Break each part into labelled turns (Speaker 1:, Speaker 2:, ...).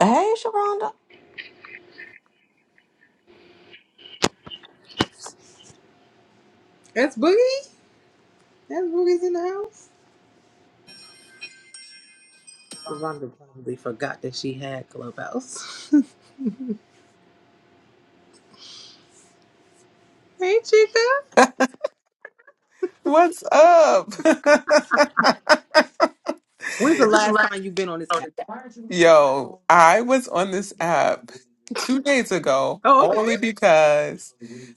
Speaker 1: Hey, Sharonda.
Speaker 2: That's Boogie. That's Boogie's in the house. Rhonda probably forgot that she had Clubhouse. hey, Chica.
Speaker 3: What's up?
Speaker 2: When's the last time you've been on this app?
Speaker 3: Yo, I was on this app two days ago
Speaker 2: Oh, okay.
Speaker 3: only because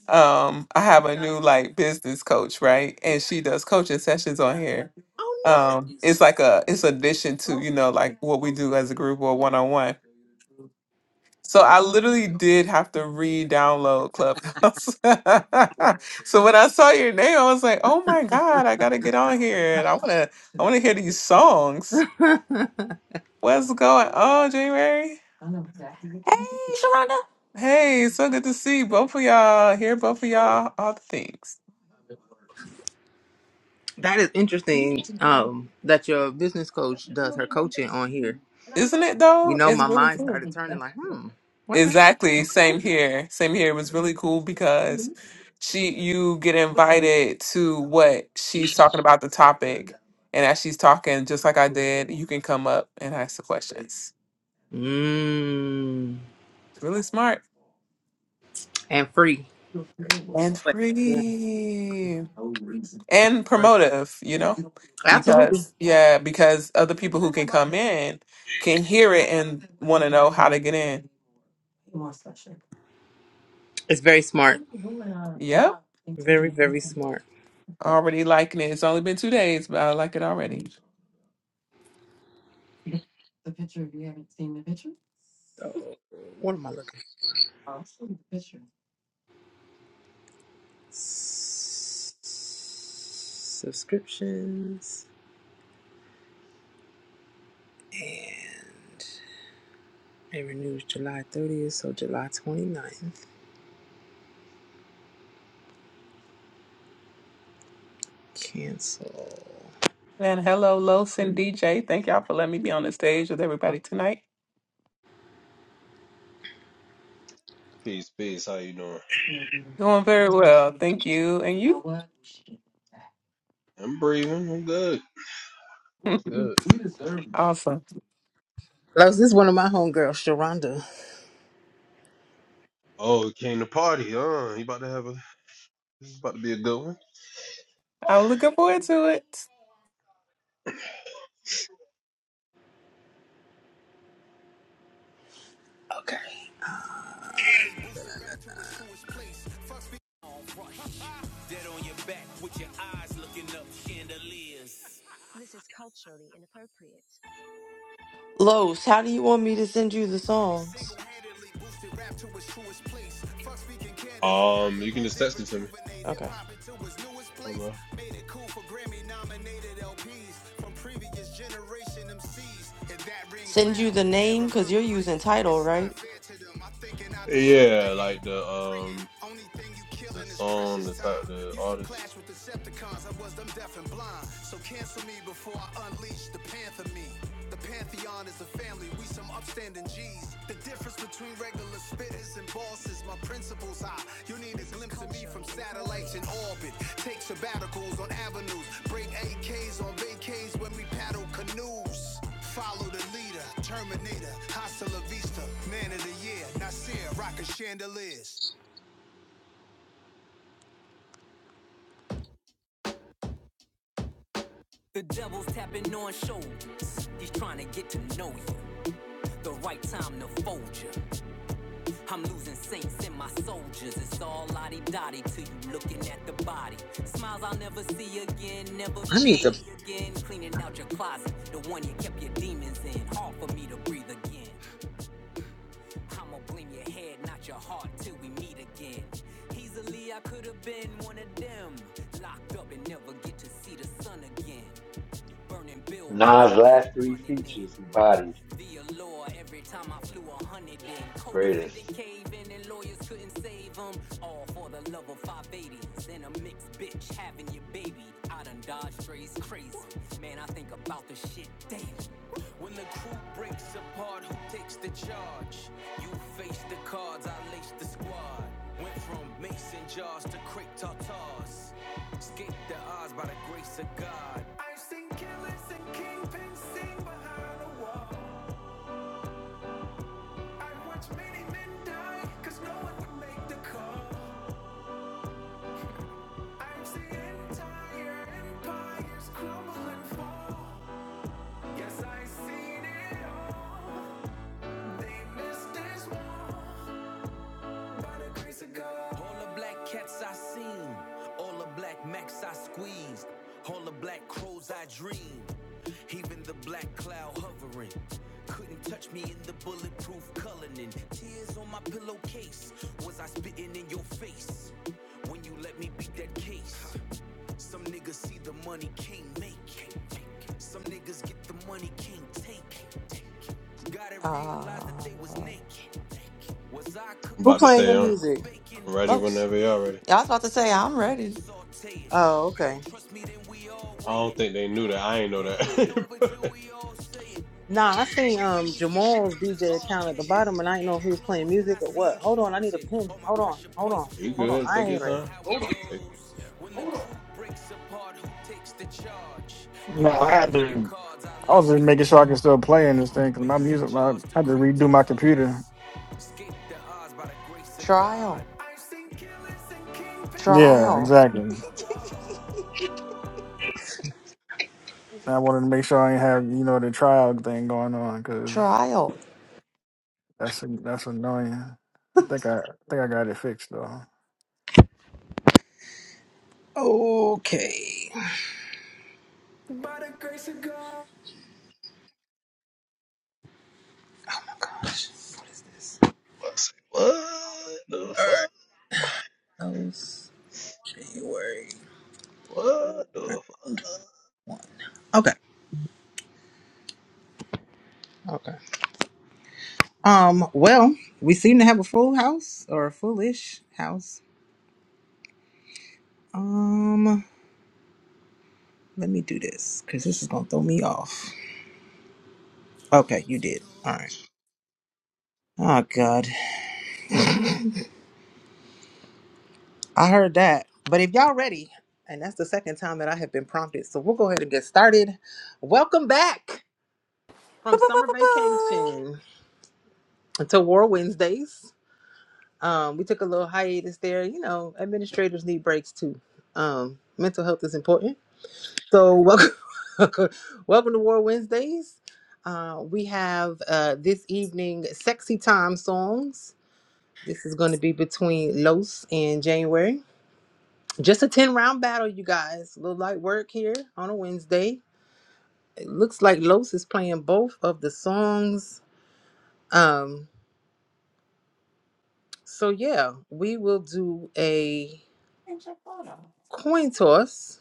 Speaker 3: um I have a new like business coach, right? And she does coaching sessions on here.
Speaker 2: Oh,
Speaker 3: Um it's
Speaker 2: nice.
Speaker 3: like a it's addition to, you know, like what we do as a group or one on one. So
Speaker 2: Okay.
Speaker 3: I literally did have to re-download Clubhouse. so when I saw your name, I was like, oh my God, I gotta get on here and I wanna I wanna hear these songs. What's going on, January!
Speaker 1: Hey, Sharonda.
Speaker 3: Hey, so good to see both of y'all. Hear both of y'all. All the things,
Speaker 2: that is interesting. Um, that your business coach does her coaching on here.
Speaker 3: isn't it?
Speaker 2: You
Speaker 3: Though
Speaker 2: know,
Speaker 3: it's
Speaker 2: my
Speaker 3: really
Speaker 2: mind
Speaker 3: cool.
Speaker 2: started turning like, hmm, wait a minute.
Speaker 3: Exactly. Same here. Same here. It was really cool because she, you get invited to what she's talking about the topic, and as she's talking, just like I did, you can come up and ask the questions.
Speaker 2: Mm,
Speaker 3: It's really smart
Speaker 2: and free.
Speaker 3: and
Speaker 2: Well, yeah, free.
Speaker 3: free.
Speaker 2: And
Speaker 3: and
Speaker 2: free.
Speaker 3: promotive, you know,
Speaker 2: Absolutely.
Speaker 3: because yeah, because other people who can come in can hear it and want to know how to get in.
Speaker 2: It's very smart.
Speaker 3: Yep,
Speaker 2: Very, very smart.
Speaker 3: already liking it. It's only been two days, but I like it already.
Speaker 2: So, what am I looking? subscriptions and it renews July 30th, so July twenty ninth, Cancel.
Speaker 3: And hello, Los and DJ. Thank y'all for letting me be on the stage with everybody tonight.
Speaker 4: Peace, peace. How you doing?
Speaker 3: Doing very well, thank you. And you?
Speaker 4: I'm breathing. I'm good. Good.
Speaker 3: awesome.
Speaker 2: Los, this is one of my homegirls, Sharonda.
Speaker 4: Oh, it came to party. Huh? You about to have a. This is about to be a good one.
Speaker 3: I'm looking forward to it.
Speaker 2: Okay.
Speaker 1: Los, how do you want me to send you the songs?
Speaker 4: Um, you can just text it to me.
Speaker 1: Okay.
Speaker 4: Um, uh,
Speaker 1: Send you the name because you're using title, right?
Speaker 4: yeah, like the um the song, the type, the artist.
Speaker 2: I need to.
Speaker 5: Nas' last three features he bodied. Greatest.
Speaker 6: no Yes,
Speaker 1: Uh,
Speaker 4: I'm
Speaker 2: Who
Speaker 4: about to
Speaker 2: playing
Speaker 4: say
Speaker 2: your
Speaker 4: um,
Speaker 2: music?
Speaker 4: I'm ready
Speaker 1: Los.
Speaker 4: whenever y'all ready.
Speaker 1: Yeah, I was about to say, I'm ready.
Speaker 2: Oh, okay.
Speaker 4: I don't think they knew that. I ain't know that.
Speaker 2: Nah, I seen um Jamal's DJ account at the bottom, and I didn't know if he was playing music or what. Hold on, I need a pin. Hold on, hold on,
Speaker 4: you
Speaker 2: hold on.
Speaker 4: good?
Speaker 2: I
Speaker 4: Take your
Speaker 2: ain't ready.
Speaker 4: time.
Speaker 2: Hold on.
Speaker 4: Take.
Speaker 7: No, I had to. I was just making sure I can still play in this thing because my music. I had to redo my computer.
Speaker 1: Trial.
Speaker 7: Yeah,
Speaker 1: Trial.
Speaker 7: exactly. I wanted to make sure I ain't have you know the trial thing going on because
Speaker 1: Trial. All
Speaker 7: that's that's annoying. I think I, I think I got it fixed though.
Speaker 2: Okay. Gosh, what is this? All
Speaker 4: I say, What the
Speaker 2: right.
Speaker 4: fuck?
Speaker 2: Los. January
Speaker 4: What the fuck?
Speaker 2: one. Okay. Okay. Um. Well, we seem to have a full house or a foolish house. Um. Let me do this because this is gonna throw me off. Okay,
Speaker 8: Close
Speaker 2: you
Speaker 8: the
Speaker 2: did. All
Speaker 8: door.
Speaker 2: right. Oh God. I heard that. But if y'all ready, and that's the second time that I have been prompted, so we'll go ahead and get started. Welcome back from summer vacation to War Wednesdays. Um, we took a little hiatus there. You know, administrators need breaks too. Um, mental health is important. So welcome, welcome to War Wednesdays. Uh, we have uh, this evening sexy time songs. This is going to be between Los and January. Just a ten round battle, you guys. A little light work here on a Wednesday. It looks like Los is playing both of the songs. Um, so yeah, we will do a coin toss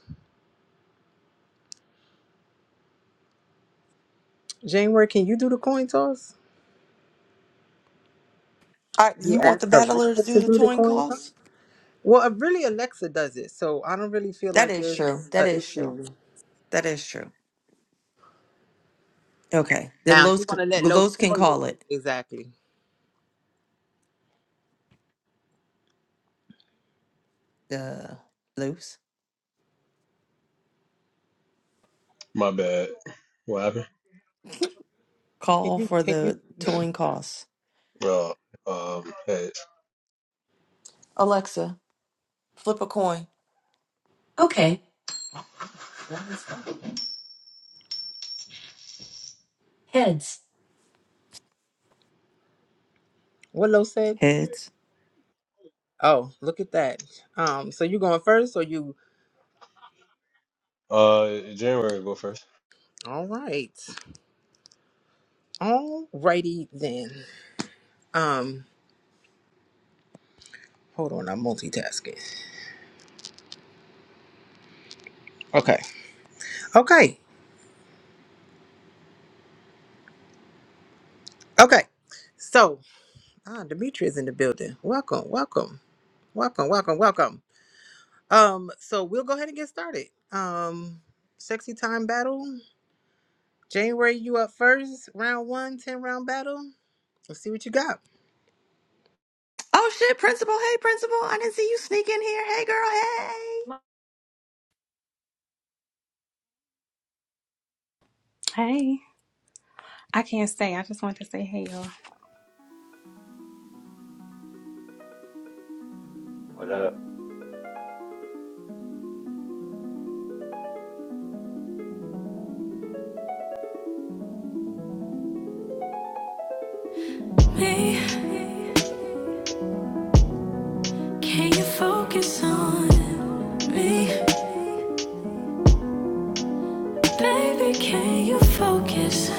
Speaker 2: January, can you do the coin toss?
Speaker 1: right,
Speaker 2: Can you
Speaker 1: you want
Speaker 2: ask
Speaker 1: the battler to
Speaker 2: Alexa
Speaker 1: do
Speaker 2: to
Speaker 1: the
Speaker 2: do the
Speaker 1: coin
Speaker 2: coin toss?
Speaker 1: calls?
Speaker 2: Well, uh, really, Alexa does it, so I don't really feel
Speaker 1: That
Speaker 2: like
Speaker 1: is true.
Speaker 2: there's
Speaker 1: That
Speaker 2: an
Speaker 1: is true.
Speaker 2: issue.
Speaker 1: That is true. Okay. Then
Speaker 2: Now, you
Speaker 1: Los, c-
Speaker 2: want to let Lo
Speaker 1: Los can
Speaker 2: spoil it
Speaker 1: call it.
Speaker 2: exactly?
Speaker 1: Uh, Los.
Speaker 4: My bad. What happened?
Speaker 2: Can
Speaker 1: Call
Speaker 2: you?
Speaker 1: for
Speaker 2: Can you?
Speaker 1: the towing costs.
Speaker 4: Uh, um, hey,
Speaker 1: Alexa, flip a coin. Okay, heads.
Speaker 2: What Lo said?
Speaker 1: Heads.
Speaker 2: Oh, look at that. Um, so you going first, or you?
Speaker 4: uh, January go first.
Speaker 2: All right, all righty then. Um, hold on, I'm multitasking. Okay, okay, okay. So, ah, Demetri is in the building. Welcome, welcome, welcome, welcome, welcome. Um, so we'll go ahead and get started. Um, sexy time battle. January, you up first. Round one, 10 round battle. Let's see what you got.
Speaker 1: Oh shit, principal. Hey, principal. I didn't see you sneak in here. Hey, girl. Hey.
Speaker 9: Hey, I can't stay. I just want to say hey, y'all.
Speaker 6: Me, can you focus on me? Baby, can you focus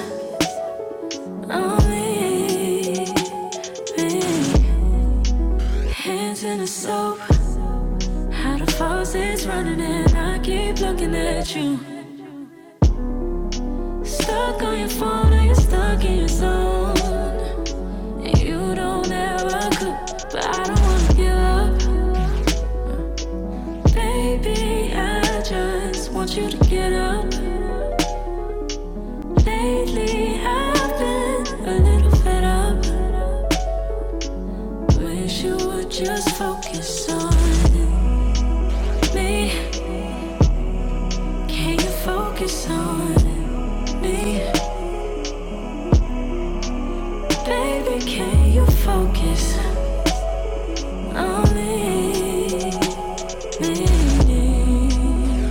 Speaker 6: on me? me? Hands in the soap. How the faucet's running and I keep looking at you. Stuck on your phone or you're stuck in your zone. You don't ever cook, but I don't wanna give up. Baby, I just want you to get up. Lately, I've been a little fed up. Wish you would just focus on me. Can you focus on me? Baby, can you focus on me? Me, me.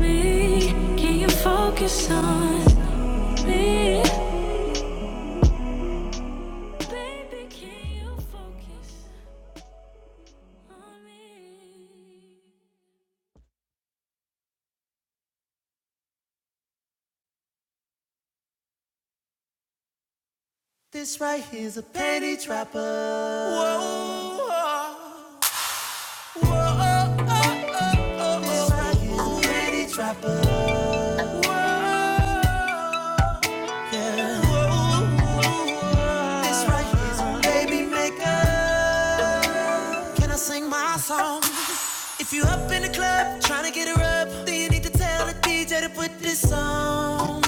Speaker 6: me. Can you focus on me? Baby, can you focus on me? This right here's a penny trapper. Whoa. Whoa, oh, oh, oh, oh, oh. Why you ready, dropper? Whoa, yeah. Whoa, whoa. This right here's a baby maker. Can I sing my song? If you up in the club, trying to get her up, then you need to tell the DJ to put this on.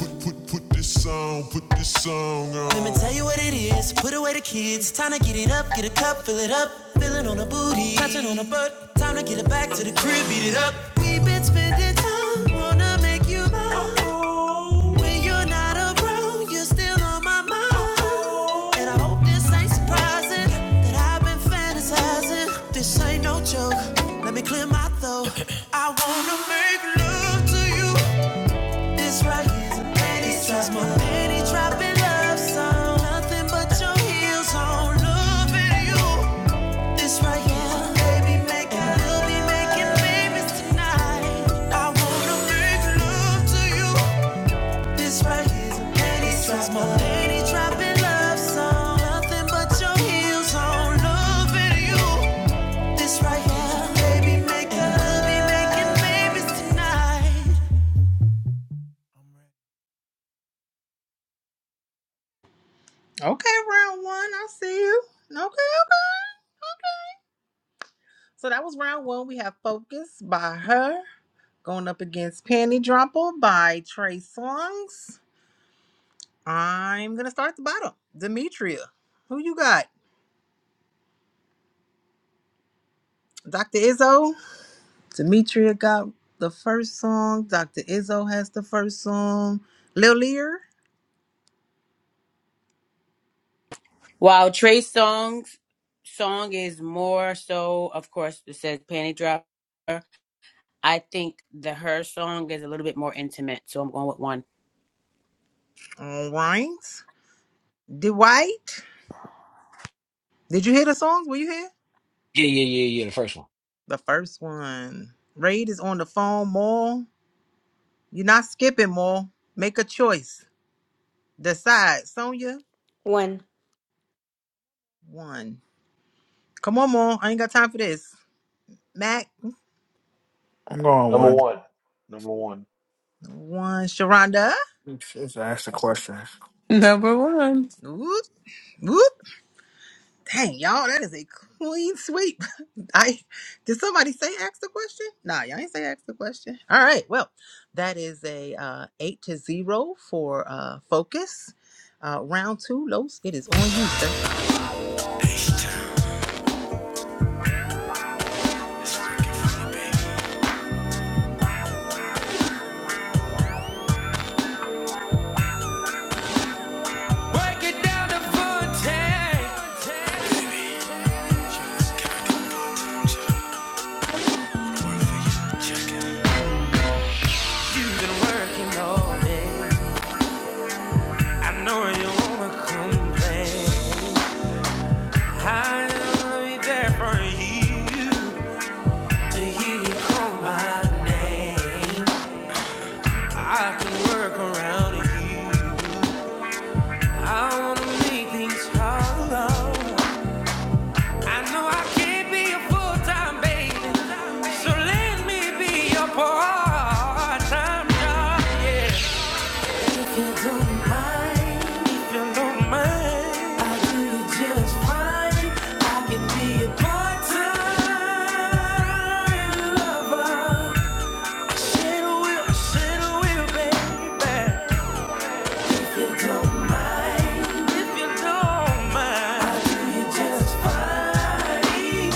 Speaker 6: Let me tell you what it is. Put away the kids. Time to get it up. Get a cup, fill it up. Feeling on a booty. Touching on a butt. Time to get it back to the crib. Beat it up. We've been spending time. Wanna make you mine. When you're not around, you're still on my mind. And I hope this ain't surprising that I've been fantasizing. This ain't no joke. Let me clear my throat. I wanna make love to you. This right here's a penny drop. My penny dropping love song. Nothing but your heels on. Loving you. This right here, baby, make and we'll be making babies tonight. I wanna make love to you. This right here's a penny drop. My penny dropping love song. Nothing but your heels on. Loving you. This right here, baby, make and we'll be making babies tonight.
Speaker 2: Okay, round one. I see you. Okay, okay. So that was round one. We have Focus by her going up against Panty Dropper by Trey Songs. I'm gonna start at the bottom. Demetria. Who you got? Dr. Izzo. Demetria got the first song. Dr. Izzo has the first song. Lil Lear.
Speaker 10: While Trey Songz song is more so, of course, it says panty dropper. I think the her song is a little bit more intimate, so I'm going with one.
Speaker 2: All right. Dwight, did you hear the songs? Were you here?
Speaker 11: Yeah, yeah, yeah, yeah. The first one.
Speaker 2: The first one. Raid is on the phone, Maul. You're not skipping, Maul. Make a choice. Decide. Sonya,
Speaker 12: One.
Speaker 2: one. Come on, Maul. I ain't got time for this. Mac,
Speaker 7: I'm going
Speaker 5: Number
Speaker 7: one.
Speaker 5: one. Number one.
Speaker 2: one. Sharonda,
Speaker 7: It's, it's ask the question.
Speaker 3: Number one,
Speaker 2: whoop, whoop. Dang, y'all, that is a clean sweep. I did somebody say ask the question? Nah, y'all ain't say ask the question. All right, well, that is a uh, eight to zero for uh, focus. Uh, round two, Los, it is on you, sir.
Speaker 6: We're coming. back. I'll be there for you. you call my name. I can work around you. I wanna make things hollow. I know I can't be a full-time baby. So let me be your part-time job, yeah. If you don't mind, If you don't mind, I do just fine. I can be a part-time lover. said I will, said baby. If you don't mind, If you don't I mind, do just fine.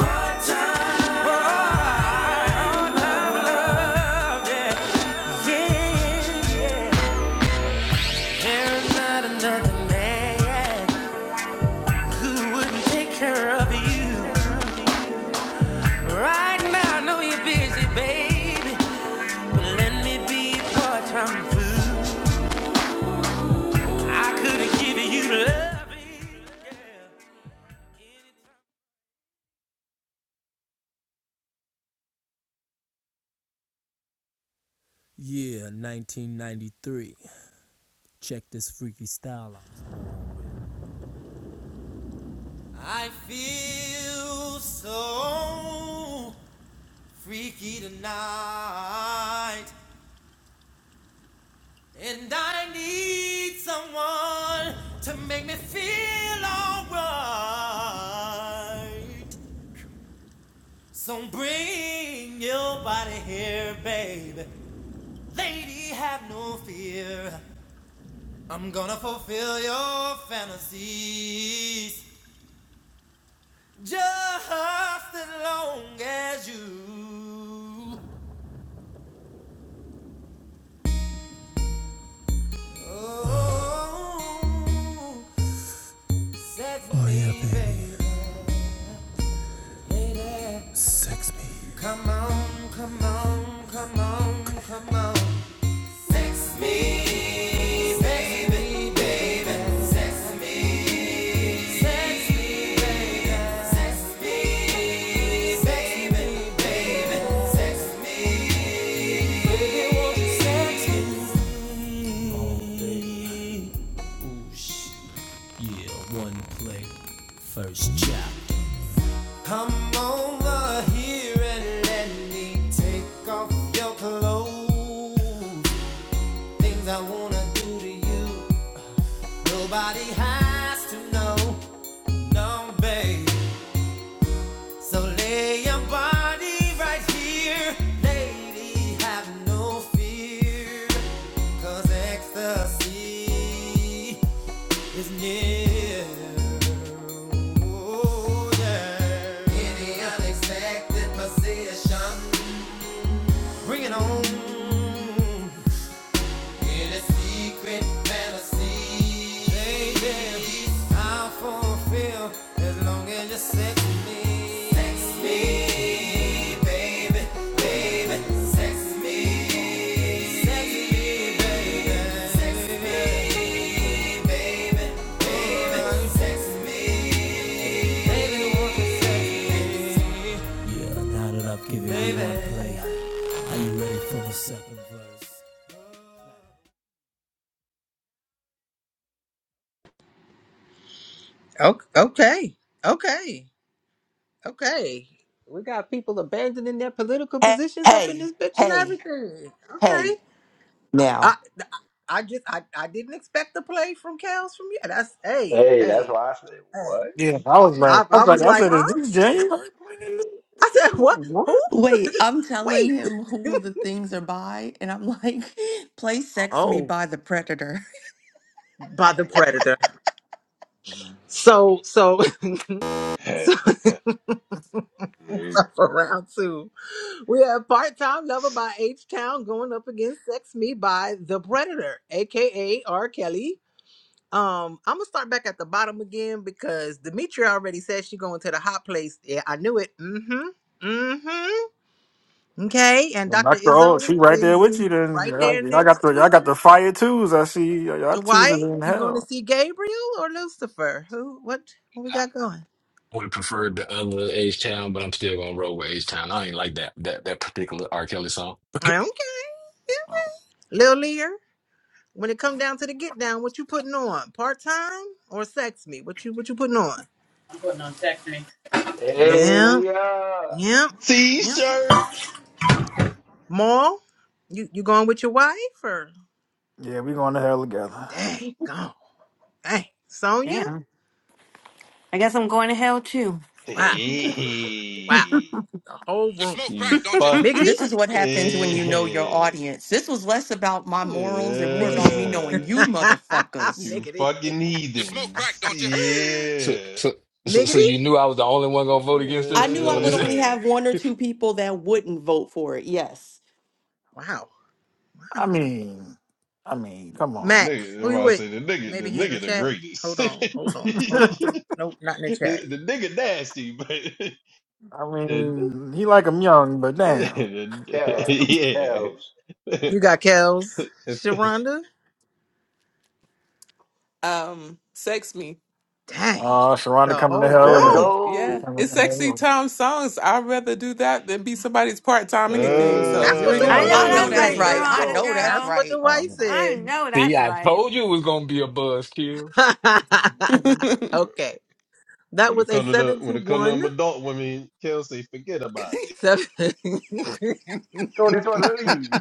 Speaker 6: Part-time lover. I feel so freaky tonight. And I need someone to make me feel alright. So bring your body here, baby. Lady, have no fear. I'm gonna fulfill your fantasies just as long as you. Oh,
Speaker 2: O- Okay, okay, okay. We got people abandoning their political
Speaker 1: Hey,
Speaker 2: positions up in
Speaker 1: hey,
Speaker 2: this bitch and
Speaker 1: hey,
Speaker 2: everything. Okay,
Speaker 1: hey.
Speaker 2: I, I
Speaker 1: Now,
Speaker 2: I just, I, I didn't expect the play from Kels from you. That's hey,
Speaker 5: Hey, that's
Speaker 2: hey,
Speaker 5: why I said
Speaker 2: hey.
Speaker 5: what?
Speaker 7: Yeah, I was like,
Speaker 2: I,
Speaker 7: I
Speaker 2: I
Speaker 7: was like,
Speaker 2: was
Speaker 7: I
Speaker 2: like,
Speaker 7: said,
Speaker 2: huh?
Speaker 7: is this January? playing this?
Speaker 2: I said, what?
Speaker 7: What?
Speaker 2: Who?
Speaker 1: Wait, I'm telling
Speaker 2: Wait.
Speaker 1: him who the things are by, and I'm like, play Sex Me
Speaker 2: Oh,
Speaker 1: by the Predator.
Speaker 2: by the predator. So, so, so for round two, we have Part Time Lover by H Town going up against Sex Me by the Predator, aka R. Kelly. Um, I'm gonna start back at the bottom again because Demetria already said she going to the hot place. Yeah, I knew it. Mm-hmm. Mm-hmm. Okay, and
Speaker 7: Well,
Speaker 2: Dr.
Speaker 7: Dr. O, she
Speaker 2: Izzo
Speaker 7: right there
Speaker 2: is
Speaker 7: with you then.
Speaker 2: right
Speaker 7: I,
Speaker 2: there
Speaker 7: I got
Speaker 2: next
Speaker 7: the
Speaker 2: to
Speaker 7: I got
Speaker 2: her.
Speaker 7: the fire twos. I see y'all twos
Speaker 2: Dwight,
Speaker 7: are in
Speaker 2: you going to
Speaker 7: hell.
Speaker 2: see Gabriel or Lucifer? Who? What? What we
Speaker 11: I
Speaker 2: got going?
Speaker 11: would have preferred the other H Town, but I'm still gonna roll with H Town. I ain't like that that that particular R. Kelly song.
Speaker 2: Okay, yeah. Lil Lear. When it come down to the get down, what you putting on? Part time or sex me? What you what you putting on?
Speaker 10: I'm putting on text me,
Speaker 5: Hey,
Speaker 2: Yeah,
Speaker 5: Leon.
Speaker 2: yeah,
Speaker 8: You
Speaker 2: yeah.
Speaker 8: smoke crack,
Speaker 4: T-shirt.
Speaker 8: don't you?
Speaker 2: Maul, you you going with your wife or?
Speaker 7: Yeah, we going to hell together.
Speaker 2: Dang, gone. Hey, Sonya.
Speaker 12: Damn. I guess I'm going to hell too.
Speaker 2: Wow, wow.
Speaker 4: Hey,
Speaker 2: The whole
Speaker 8: You
Speaker 2: room.
Speaker 8: smoke
Speaker 4: you
Speaker 8: crack,
Speaker 12: I
Speaker 8: don't you?
Speaker 4: fuck.
Speaker 2: Miggity,
Speaker 1: This is what happens when you know your
Speaker 4: Hey,
Speaker 1: audience. This was less about my morals and more about me
Speaker 2: miggity,
Speaker 1: knowing
Speaker 4: yeah.
Speaker 1: you motherfuckers.
Speaker 4: You
Speaker 2: miggity,
Speaker 4: fucking
Speaker 8: You smoke crack,
Speaker 4: heathens.
Speaker 8: don't you?
Speaker 11: So,
Speaker 4: Yeah.
Speaker 11: so, so, so
Speaker 2: miggity.
Speaker 11: you knew I was the only one gonna vote against
Speaker 1: I
Speaker 11: this? Is
Speaker 1: knew
Speaker 11: that
Speaker 1: I
Speaker 11: what you
Speaker 1: would
Speaker 11: said?
Speaker 1: only
Speaker 4: yeah.
Speaker 1: have one or two people that wouldn't vote for it. Yes.
Speaker 2: Wow. wow.
Speaker 7: I mean, I mean, come
Speaker 4: The
Speaker 7: on.
Speaker 2: Mac,
Speaker 4: nigga,
Speaker 2: who you
Speaker 4: everybody
Speaker 2: with?
Speaker 4: say the nigga, the
Speaker 2: Maybe he's in the
Speaker 4: nigga the
Speaker 2: chat.
Speaker 4: greatest.
Speaker 2: Hold on, hold on, hold on. Nope, not in the chat.
Speaker 4: the nigga nasty, but
Speaker 7: I
Speaker 4: the,
Speaker 7: mean, he like him young, but damn.
Speaker 5: Cavs.
Speaker 4: the,
Speaker 5: Cavs.
Speaker 4: yeah.
Speaker 2: You got Kels, Sharonda.
Speaker 3: um, sex me.
Speaker 2: Dang,
Speaker 7: Oh, uh, Sharonda
Speaker 2: the
Speaker 7: coming to
Speaker 2: whole
Speaker 7: hell with
Speaker 5: Let's
Speaker 7: her.
Speaker 2: room.
Speaker 7: She
Speaker 3: Yeah,
Speaker 5: go.
Speaker 7: coming
Speaker 3: it's
Speaker 7: to
Speaker 3: sexy
Speaker 7: hell.
Speaker 3: time songs. I'd rather do that than be somebody's part time anything. So
Speaker 2: That's
Speaker 3: here
Speaker 2: what
Speaker 3: we
Speaker 5: Hey,
Speaker 3: go.
Speaker 12: know
Speaker 2: Dwight
Speaker 1: I
Speaker 2: was
Speaker 1: know
Speaker 12: that's
Speaker 5: hey,
Speaker 4: uh,
Speaker 1: that's
Speaker 12: right,
Speaker 1: right.
Speaker 5: let's
Speaker 2: saying.
Speaker 1: I
Speaker 12: Serana
Speaker 1: know
Speaker 5: go.
Speaker 1: that's
Speaker 2: That's
Speaker 12: girl.
Speaker 2: what
Speaker 1: right.
Speaker 2: Dwight
Speaker 7: Um,
Speaker 12: I
Speaker 2: said.
Speaker 12: know
Speaker 11: See,
Speaker 12: that's
Speaker 11: I
Speaker 12: right.
Speaker 11: told you it was gonna be a buzzkill.
Speaker 2: okay, that
Speaker 4: When it
Speaker 2: was a
Speaker 4: comes to the
Speaker 2: seven
Speaker 4: when
Speaker 2: to
Speaker 4: it comes to
Speaker 2: one.
Speaker 4: them adult women, Kelsey, forget about it.
Speaker 2: Seven.
Speaker 5: Tony Tony lead.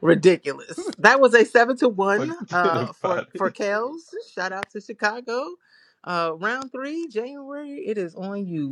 Speaker 2: Ridiculous. That was a seven to one.
Speaker 4: Forget
Speaker 2: Uh, for
Speaker 4: about
Speaker 2: for
Speaker 4: it.
Speaker 2: Kels. Shout out to Chicago. Uh, round three, January. It is on you.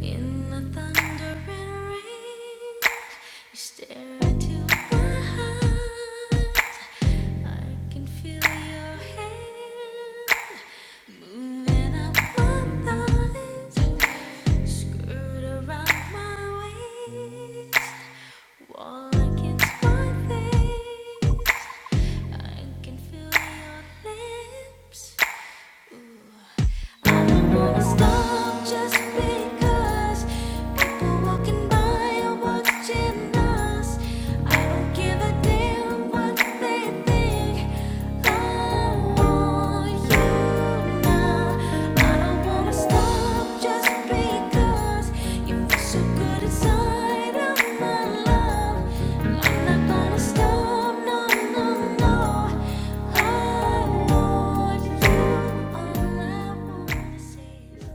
Speaker 6: In the thundering rain, you stare into my eyes. I can feel your hand moving up my thighs, skirt around my waist, wall against my face. I can feel your lips. I don't wanna stop I want you, all I wanna see.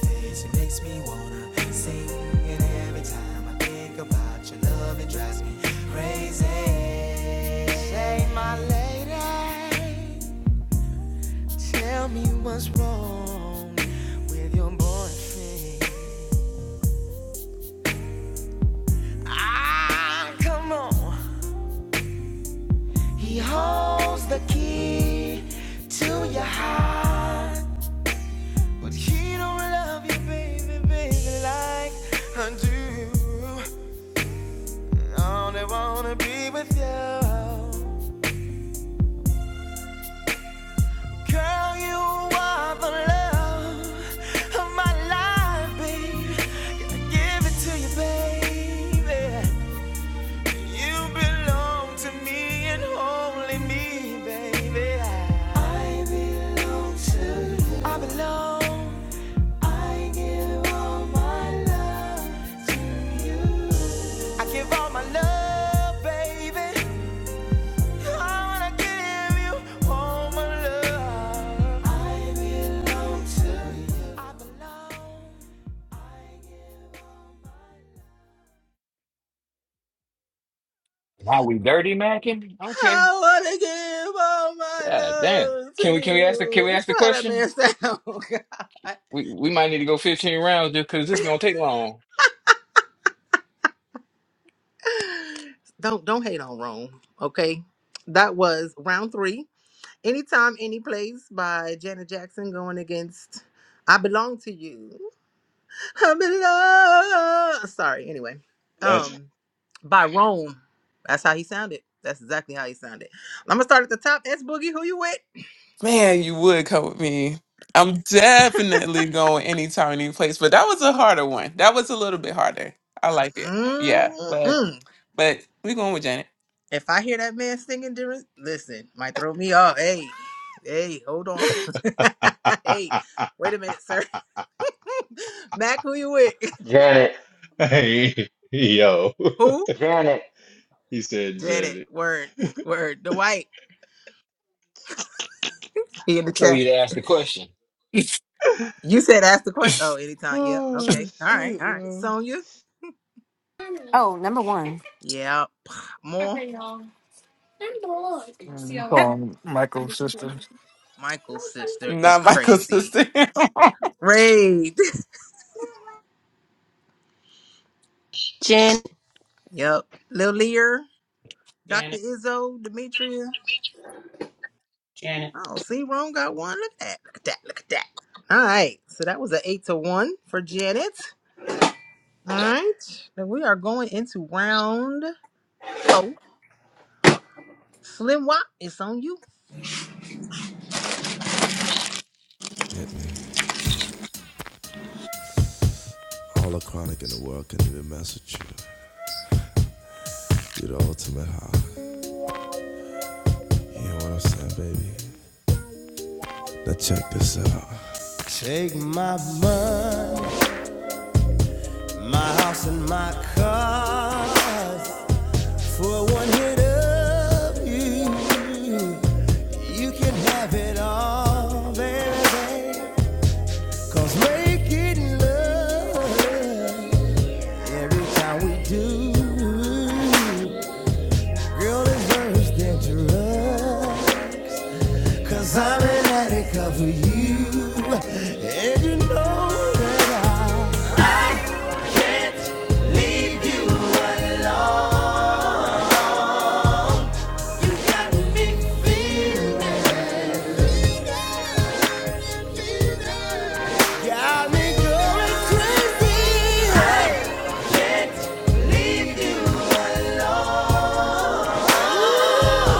Speaker 6: Days it makes me want every time I think about your love, it drives me crazy. Say, my lady, tell me what's wrong with your boyfriend. Love of my life, babe. Gotta give it to you, baby. You belong to me and only me, baby. I belong to you. I belong. I give all my love to you. I give all my love, baby. I wanna give you all my
Speaker 11: Now we dirty macking? Okay.
Speaker 2: I wanna give all my
Speaker 11: God damn.
Speaker 2: love
Speaker 11: Can
Speaker 2: to
Speaker 11: we can we ask the can
Speaker 2: you.
Speaker 11: we
Speaker 2: That's
Speaker 11: ask the
Speaker 2: why that
Speaker 11: question?
Speaker 2: man sound. God.
Speaker 11: We we might need to go 15 rounds just because this is gonna take long.
Speaker 2: Don't don't hate on Rome, okay? That was round three. Anytime, any place by Janet Jackson going against I Belong to You. I belong. Sorry, anyway.
Speaker 4: Legend.
Speaker 2: Um, by Rome. That's how he sounded. That's exactly how he sounded. I'm gonna start at the top. S Boogie. Who you with?
Speaker 3: Man, you would come with me. I'm definitely going anytime, any place. But that was a harder one. That was a little bit harder. I like it. Yeah, but
Speaker 2: Mm-mm.
Speaker 3: but we going with Janet,
Speaker 2: If I hear that man singing during, listen, might throw me off. Hey, hey, hold on. hey, wait a minute, sir. Mac, who you with?
Speaker 5: Janet.
Speaker 4: Hey, yo.
Speaker 2: Who?
Speaker 5: Janet.
Speaker 4: He said
Speaker 2: Did it.
Speaker 4: Janet.
Speaker 2: Word, word. Dwight, he in
Speaker 11: I
Speaker 2: the
Speaker 11: told you
Speaker 2: chat.
Speaker 11: to ask the question.
Speaker 2: You said ask the question. Oh, anytime. Yep.
Speaker 4: Oh
Speaker 2: Okay. All right.
Speaker 4: shit,
Speaker 2: All right.
Speaker 4: yo.
Speaker 2: Sonya.
Speaker 12: Oh, number one.
Speaker 2: Yep. More.
Speaker 12: Yep,
Speaker 7: you call him Michael's sister.
Speaker 2: Michael's sister is
Speaker 3: not Michael's
Speaker 2: crazy.
Speaker 3: sister.
Speaker 2: Raid.
Speaker 13: Jen,
Speaker 2: Yep. Lil Lear, Dr.
Speaker 10: Janet.
Speaker 2: Izzo, Demetria.
Speaker 10: Janet.
Speaker 2: Oh, see, Rome got one. Look at that. Look at that. Look at that. All right. So that was an eight to one for Janet. All right. Then we are going into round four. Slim Wop, it's on you.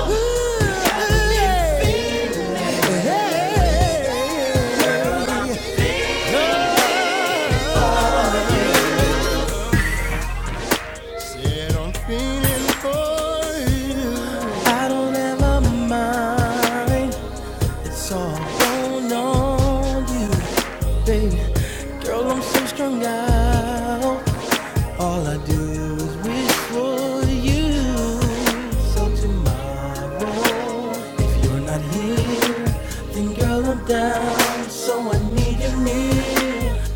Speaker 6: love. I don't ever mind, so I on you, baby. Girl, I'm so strung out. All I do is wish for you. So tomorrow, if you're not here, then girl I'm down. So I need you near.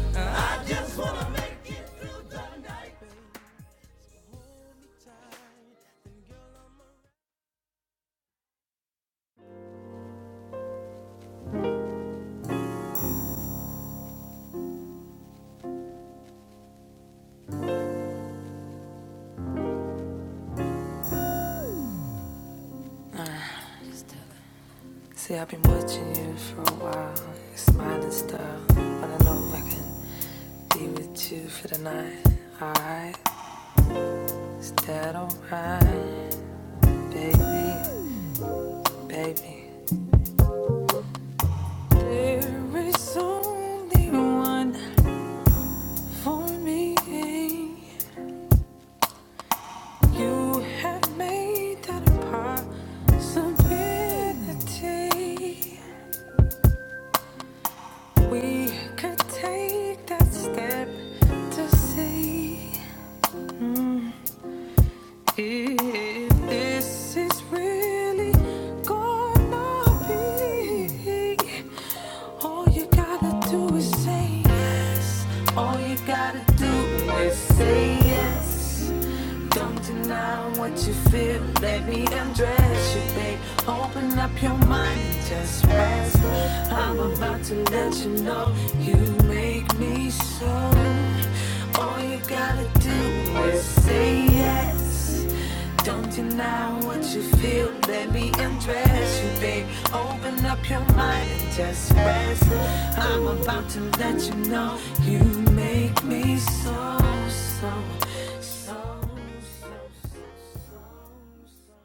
Speaker 6: There is only one for me. You have made that a possibility. We could take that step to see if this is really All you gotta do is say yes. All you gotta do is say yes. Don't deny what you feel. Let me undress you, babe. Open up your mind just rest. I'm about to let you know you make me so. All you gotta do is say yes undress. Don't deny what you feel, let me undress you, babe. Open up your mind and just rest. I'm about to let you know you make me so, so, so, so, so, so. so, so.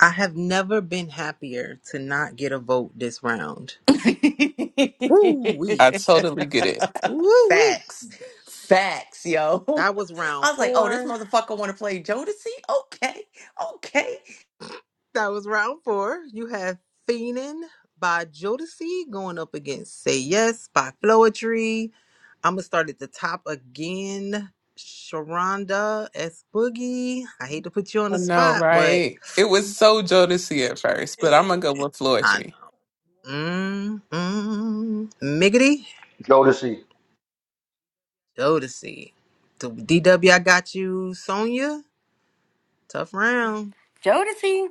Speaker 2: I have never been happier to not get a vote this round. Woo
Speaker 3: I
Speaker 2: wee.
Speaker 3: totally get it.
Speaker 2: Woo wee.
Speaker 1: Facts. Facts, yo.
Speaker 2: That was round
Speaker 1: I was like, oh, this
Speaker 2: four.
Speaker 1: motherfucker want to play Jodeci? Okay. Okay.
Speaker 2: That was round four. You have Feenin by Jodeci going up against Say Yes by Floetry. I'm going to start at the top again. Sharonda S. Boogie. I hate to put you on
Speaker 3: I
Speaker 2: the
Speaker 3: know,
Speaker 2: spot, but
Speaker 3: right? It was so Jodeci at first, but I'm gonna go with
Speaker 2: I
Speaker 3: Floetry.
Speaker 2: know. Mm, mm. Miggity.
Speaker 5: Jodeci.
Speaker 2: Jodeci. The DW, I got you. Sonia. Tough round.
Speaker 12: Jodeci.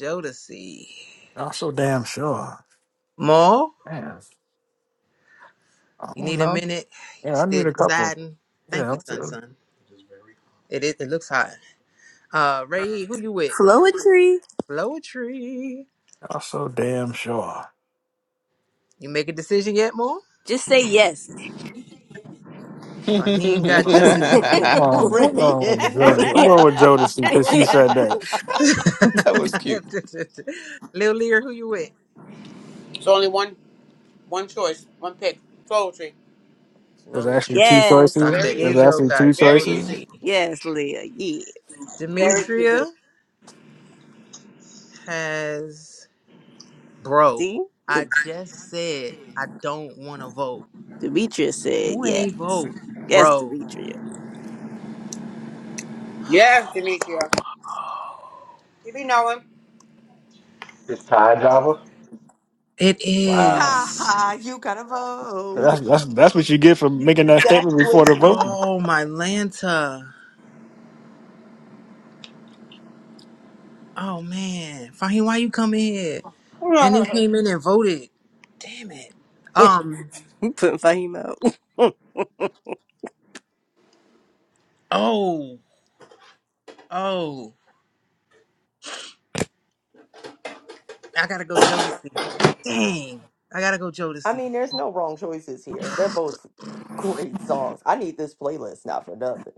Speaker 2: Jodeci.
Speaker 7: I'm so damn sure.
Speaker 2: Maul.
Speaker 7: man. I
Speaker 2: You
Speaker 7: don't
Speaker 2: need a
Speaker 7: know.
Speaker 2: minute. You
Speaker 7: Yeah, I
Speaker 2: still
Speaker 7: need a couple.
Speaker 2: deciding. Thank
Speaker 7: Yeah,
Speaker 2: you,
Speaker 7: I'm
Speaker 2: Sun
Speaker 7: so,
Speaker 2: Sun. It is. It looks hot. Uh, Ray, who you with? Blow tree.
Speaker 7: I'm so damn sure.
Speaker 2: You make a decision yet, Mo?
Speaker 13: just say yes.
Speaker 2: Raheem got
Speaker 7: Uh, Oh,
Speaker 2: Jodeci.
Speaker 3: that
Speaker 7: no,
Speaker 1: Radiance.
Speaker 7: Jodeci. I'm going with
Speaker 1: ha
Speaker 7: Jodeci because she said that.
Speaker 3: was cute.
Speaker 2: Lil Lear, who you with?
Speaker 10: It's only one, one choice, one pick. Poetry.
Speaker 7: There's
Speaker 2: Blow
Speaker 7: actually two
Speaker 2: tree.
Speaker 13: yes,
Speaker 7: choices.
Speaker 2: Dr.
Speaker 13: Leah.
Speaker 7: There's
Speaker 2: Izzo
Speaker 7: actually
Speaker 2: got
Speaker 7: two choices.
Speaker 2: Jodeci.
Speaker 13: Yes, Leah. Yeah.
Speaker 2: Demetria has bro.
Speaker 13: See? De-
Speaker 2: I just said I don't want to vote.
Speaker 13: Demetria said
Speaker 2: Who
Speaker 13: yes.
Speaker 2: ain't vote,
Speaker 13: Yes,
Speaker 2: bro?
Speaker 13: Demetria.
Speaker 10: Yeah, you be knowing.
Speaker 5: It's Ty Java.
Speaker 2: It
Speaker 5: Wow.
Speaker 2: is.
Speaker 1: ha, you gotta vote.
Speaker 7: That's that's that's what you get for making that statement before
Speaker 1: Exactly.
Speaker 7: the voting.
Speaker 2: Oh my Lanta. Oh man, Fahim, why you come in here? And then came in and voted. Damn it. Um.
Speaker 13: You putting Fahim out.
Speaker 2: Oh. Oh. I gotta go Jodeci. Dang. I gotta go
Speaker 1: I
Speaker 2: Jodeci.
Speaker 1: mean, there's no wrong choices here. They're both great songs. I need this playlist now for nothing.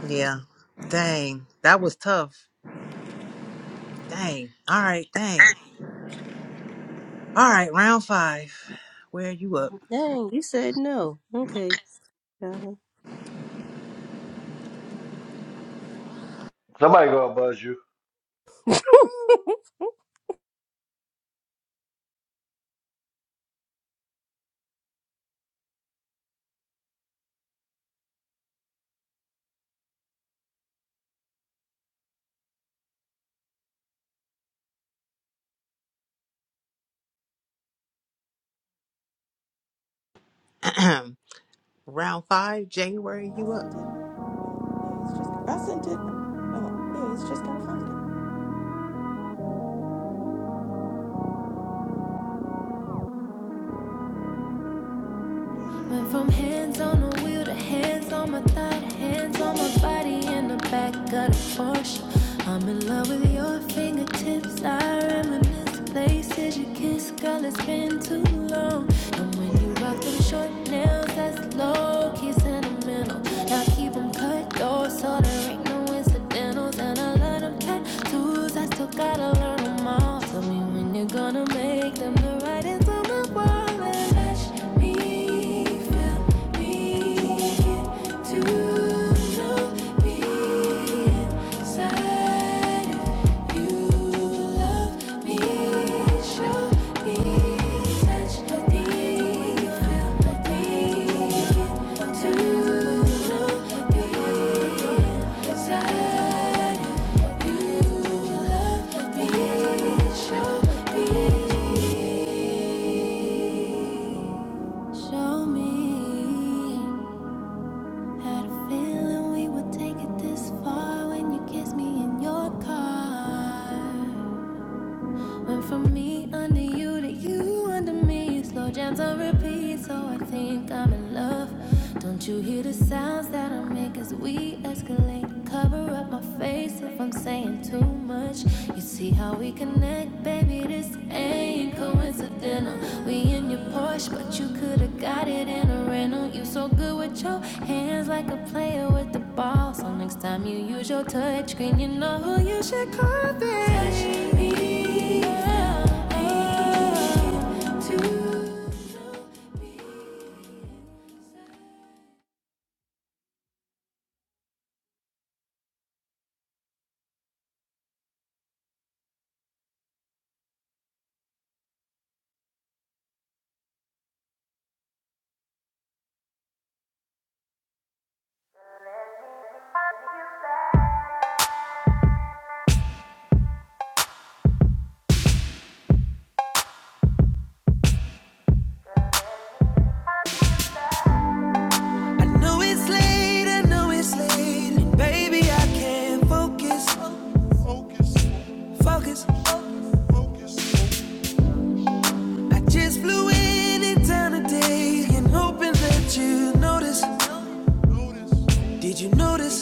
Speaker 2: Yeah. Dang. That was tough. Dang. All right. Dang. All right. Round five. Where are you up?
Speaker 13: Dang, you said no. Okay. Stella.
Speaker 5: Somebody gonna buzz you.
Speaker 2: round five. January. You up?
Speaker 1: I sent it. Oh, yeah, he's just gotta find it.
Speaker 6: Went from hands on the wheel to hands on my thigh, to hands on my body and the back of the Porsche. I'm in love with your fingertips. I reminisce places you kiss, girl. It's been too long. And when you rock them short nails, that's low key sentimental. Now keep 'em cut though, so there ain't no incidentals. And I love them tattoos. I still gotta learn 'em all. Tell me when you're gonna make them the right into my world and let me feel me to know me inside of you love me, show me, touch me, feel me to know me inside. of you. Show me. Had a feeling we would take it this far when you kissed me in your car. Went from me under you to you under me. Slow jams on repeat, so I think I'm in love. Don't you hear the sounds that I make as we escalate? Cover up my face if I'm saying too much. You see how we connect, baby? This ain't coincidental. We in your Porsche, but you could've got it in a rental. You so good with your hands, like a player with the ball. So next time you use your touchscreen, you know who you should call. Babe. Touch me. oh, to yeah, I know it's late, I know it's late. and Baby, I can't focus, focus. I just flew in in town today and hoping that you notice. Did you notice?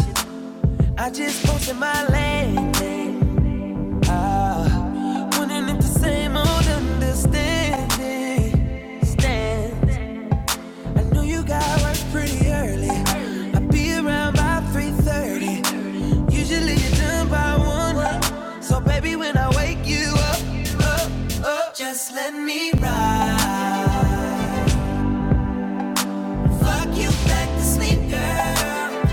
Speaker 6: I just posted my landing. Wondering if the same old understanding stands. I know you got work pretty early. I'll be around by 3:30. Usually you're done by one. So baby, when I wake you up, up, up, just let me ride. Fuck you back to sleep, girl.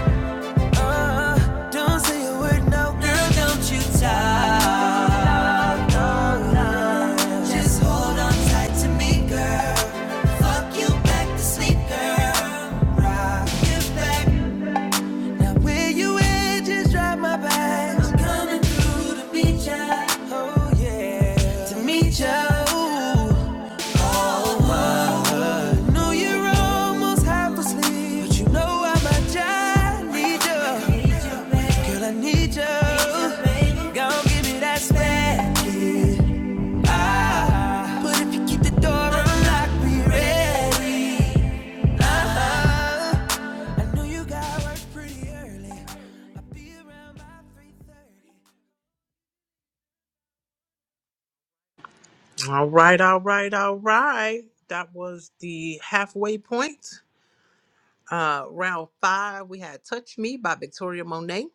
Speaker 6: Uh, don't say a word, no, girl, don't you talk. Just hold on tight to me, girl. Fuck you back to sleep, girl. Rock you back. Now where you at, just drive my back. I'm coming through to meet ya. Oh yeah. To meet ya. I know you're almost half asleep, but you know I'm a giant need ya.
Speaker 2: All right. All right. All right. That was the halfway point. Uh, round five, we had Touch Me by Victoria Monet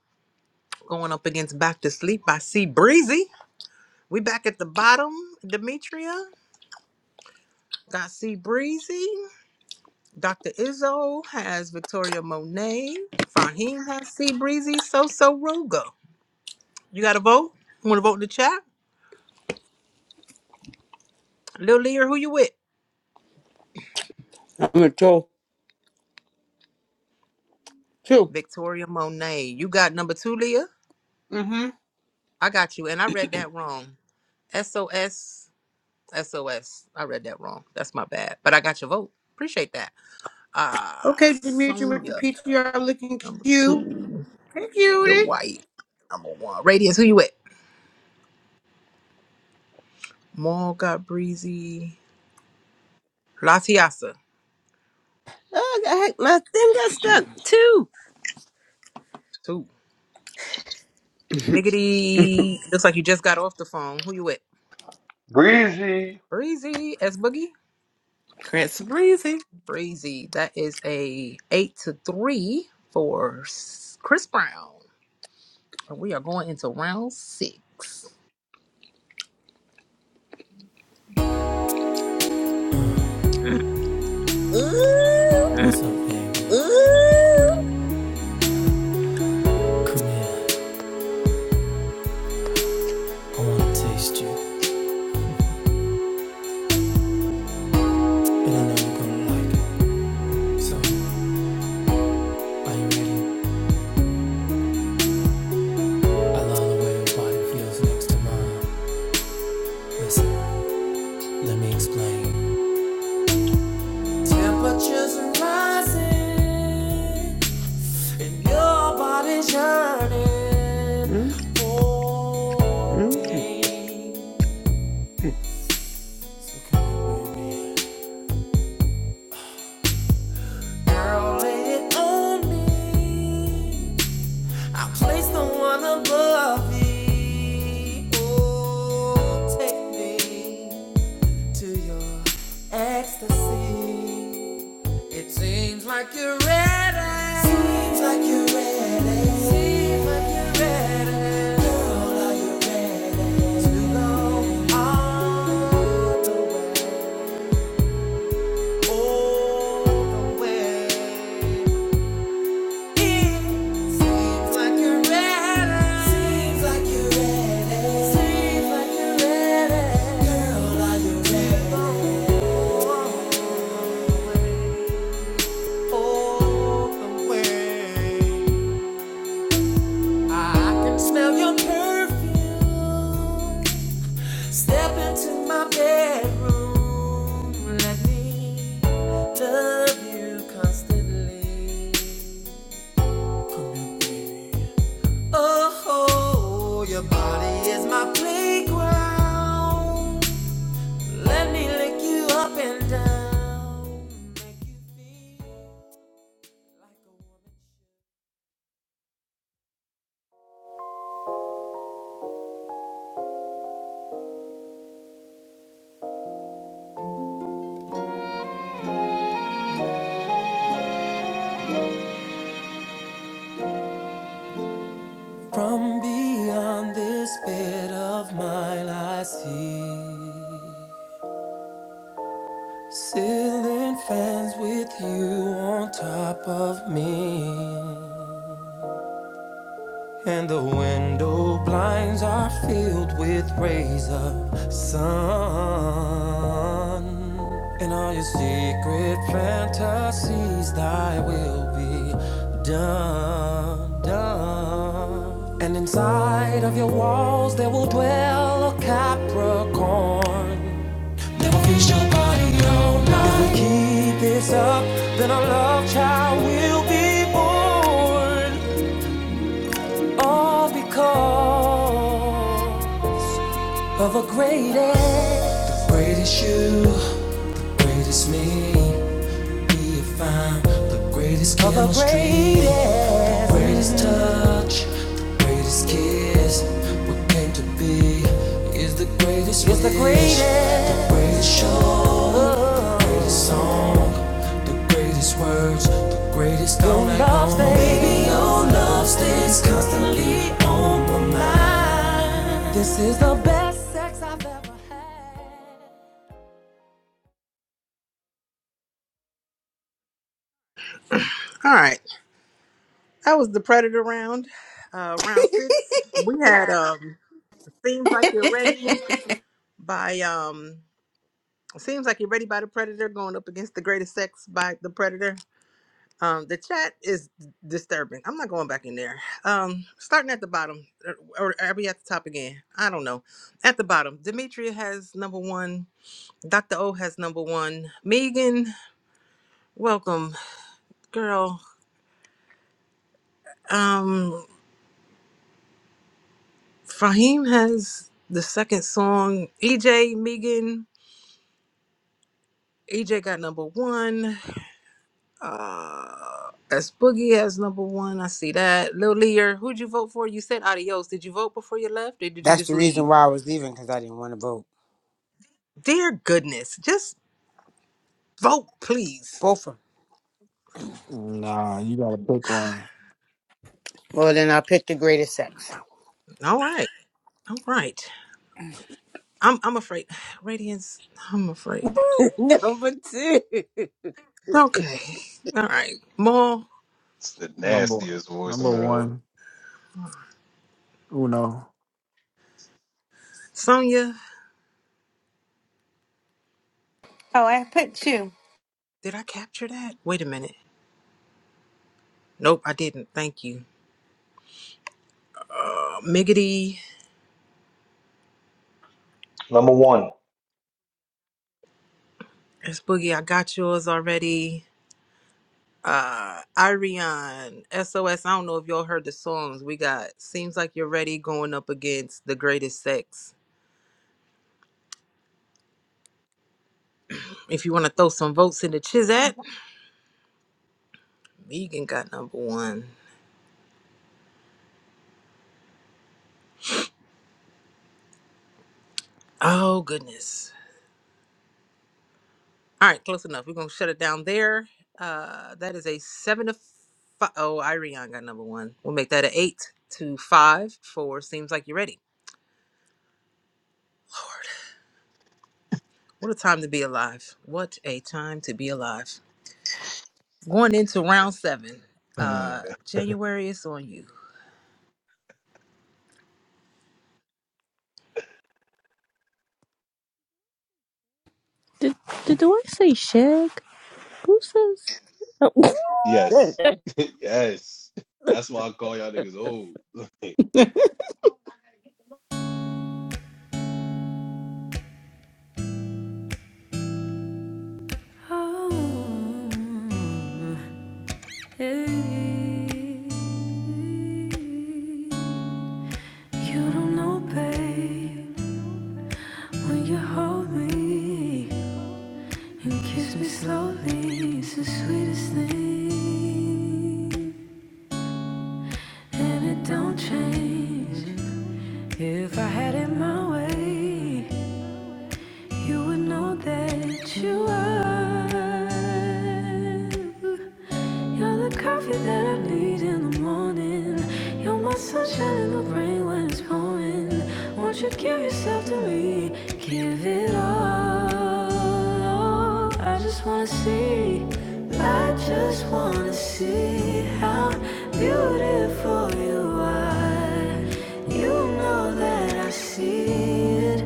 Speaker 2: going up against Back to Sleep by C Breezy. We back at the bottom, Demetria got C Breezy. Dr. Izzo has Victoria Monet. Fahim has C Breezy. So so Ruga. You got to vote? You Want to vote in the chat? Lil Lear, who you with?
Speaker 10: I'm gonna tell two.
Speaker 2: Victoria Monet. You got number two, Leah?
Speaker 10: Mm-hmm.
Speaker 2: I got you. And I read that wrong. S O S S O S. I read that wrong. That's my bad. But I got your vote. Appreciate that. Ah,
Speaker 10: Okay, Demetri with the
Speaker 2: Sonya,
Speaker 10: PTR looking
Speaker 2: number
Speaker 10: cute.
Speaker 2: two.
Speaker 10: Hey, cutie.
Speaker 2: Dwight, number one. Radiance, who you at? Maul got breezy. Latiasa,
Speaker 13: Oh, I had- my thing got stuck. Two.
Speaker 2: two. Miggity, looks like you just got off the phone. Who you at?
Speaker 5: Breezy.
Speaker 2: Breezy, S Boogie.
Speaker 3: Chris Breezy.
Speaker 2: Breezy, that is a eight to three for S- Chris Brown. And We are going into round six. Mm.
Speaker 6: What's up, baby?
Speaker 13: Ooh,
Speaker 6: Come here. I wanna taste you, and I know you're gonna like it. So, are you ready? I love the way your body feels next to mine. Listen, let me explain. Temperatures are rising, and your body's yearning for me. So come here, baby. Girl, lay it on me. Place the one above me. Oh, take me to your ecstasy. It seems like you're ready. Seems like you're ready. Seems like you're ready. Girl, are you ready to go all the way? All the way. Let me love you constantly. Oh, your body is my playground. Let me lick you up and down. From beyond this bed of mine, I see ceiling fans with you on top of me. And the window blinds are filled with rays of sun. And all your secret fantasies, thy will be done, done. And inside of your walls, there will dwell a Capricorn. They will feast your body all night. If we keep this up, then our love child will be born of a great. age. Greatest you, greatest me. Be if I'm the greatest oh, the chemistry, the greatest. touch, the greatest kiss. What came to be is the greatest. Is the wish. greatest. The greatest show, the greatest song, the greatest words, the greatest. Your all night love long. stays- love stays constantly on.
Speaker 2: All right, that was the Predator round. Uh, round six, we had um, "Seems Like You're Ready" by um Seems like you're ready by the predator going up against the greatest sex by the predator. Um, the chat is disturbing. I'm not going back in there. Um, starting at the bottom, or, or are we at the top again? I don't know. At the bottom, Demetria has number one. Dr. O has number one. Megan, welcome, girl. Um, Fahim has the second song. EJ, Megan, EJ got number one. Uh, as Boogie as number one, I see that. Lil Lear, who'd you vote for? You said adios. Did you vote before you left, or did you
Speaker 10: That's
Speaker 2: just
Speaker 10: the reason
Speaker 2: leave?
Speaker 10: why I was leaving because I didn't want to vote.
Speaker 2: Dear goodness, just vote, please.
Speaker 10: Both of them.
Speaker 7: Nah, you gotta pick one.
Speaker 10: Well, then I picked the greatest sex.
Speaker 2: All right, all right. I'm I'm afraid. Radiance, I'm afraid.
Speaker 13: number two.
Speaker 2: Okay, all right. Maul,
Speaker 4: It's the
Speaker 7: Number
Speaker 4: nastiest
Speaker 7: number
Speaker 4: voicemail.
Speaker 7: one, Uno
Speaker 2: Sonia,
Speaker 12: oh, I put two.
Speaker 2: did I capture that? Wait a minute. Nope, I didn't. Thank you. Uh, Miggity,
Speaker 5: Number one.
Speaker 2: as Boogie, I got yours already. uh Arion SOS. don't know if y'all heard the songs. We got Seems Like You're Ready going up against The Greatest Sex. If you want to throw some votes in the Chizat, Megan got number one. Oh goodness. All right, close enough. We're gonna shut it down there. Uh that is a seven to five. Oh, Arion got number one. We'll make that an eight to five for Seems Like You're Ready. Lord, what a time to be alive. What a time to be alive. Going into round seven. Uh January is on you.
Speaker 13: Did, did do I say shag? Who says? Oh,
Speaker 4: yes. yes. That's why I call y'all niggas old. I
Speaker 6: my- Hey, you don't know, babe, when you hold me and kiss me slowly, it's the sweetest thing, and it don't change. If I had it my way, you would know that you are. You're the coffee that I need in the morning. You're my sunshine in the rain when it's pouring. Won't you give yourself to me? Give it all. I just wanna see. I just wanna see how beautiful you are. You know that I see it.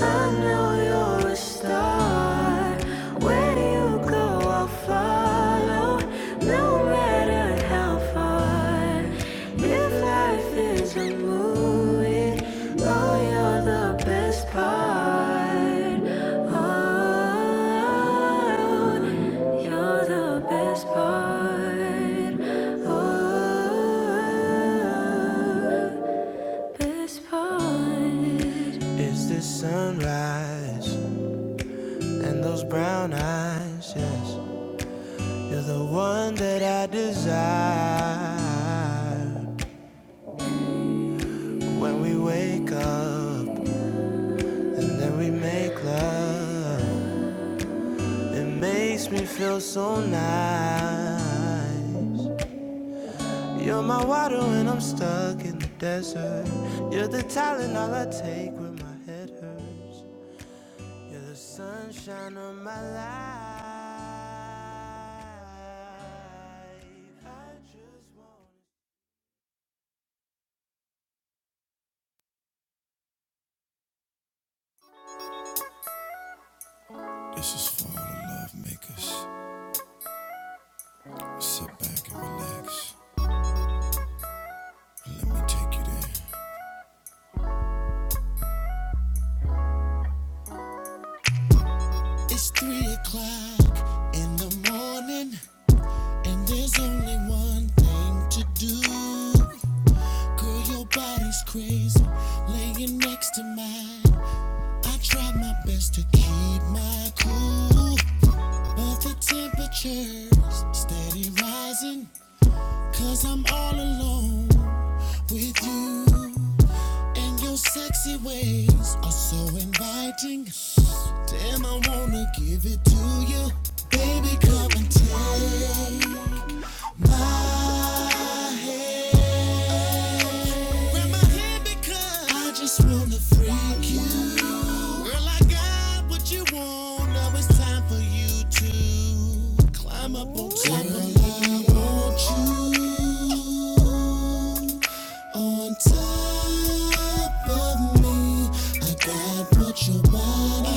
Speaker 6: I know you're a star. Where you go, I'll follow, no matter how far. If life is a movie, oh, you're the best part. Oh, you're the best part. Oh, best part. Is this sunrise? And those brown eyes, yes, you're the one that I desire. When we wake up and then we make love, it makes me feel so nice. You're my water when I'm stuck in the desert. You're the talent all I take when my head hurts. You're the sunshine of my life. It's three o'clock in the morning. And there's only one thing to do. Girl, your body's crazy, laying next to mine. I try my best to keep my cool, but the temperature's steady rising. i I'm all alone with you, and your sexy ways are so inviting. Damn, I wanna give it to you. Baby, come and take my my I just wanna freak you. Girl, I got what you want. Now it's time for you to climb up on top of me. Girl, I want you on top of me. I got what your body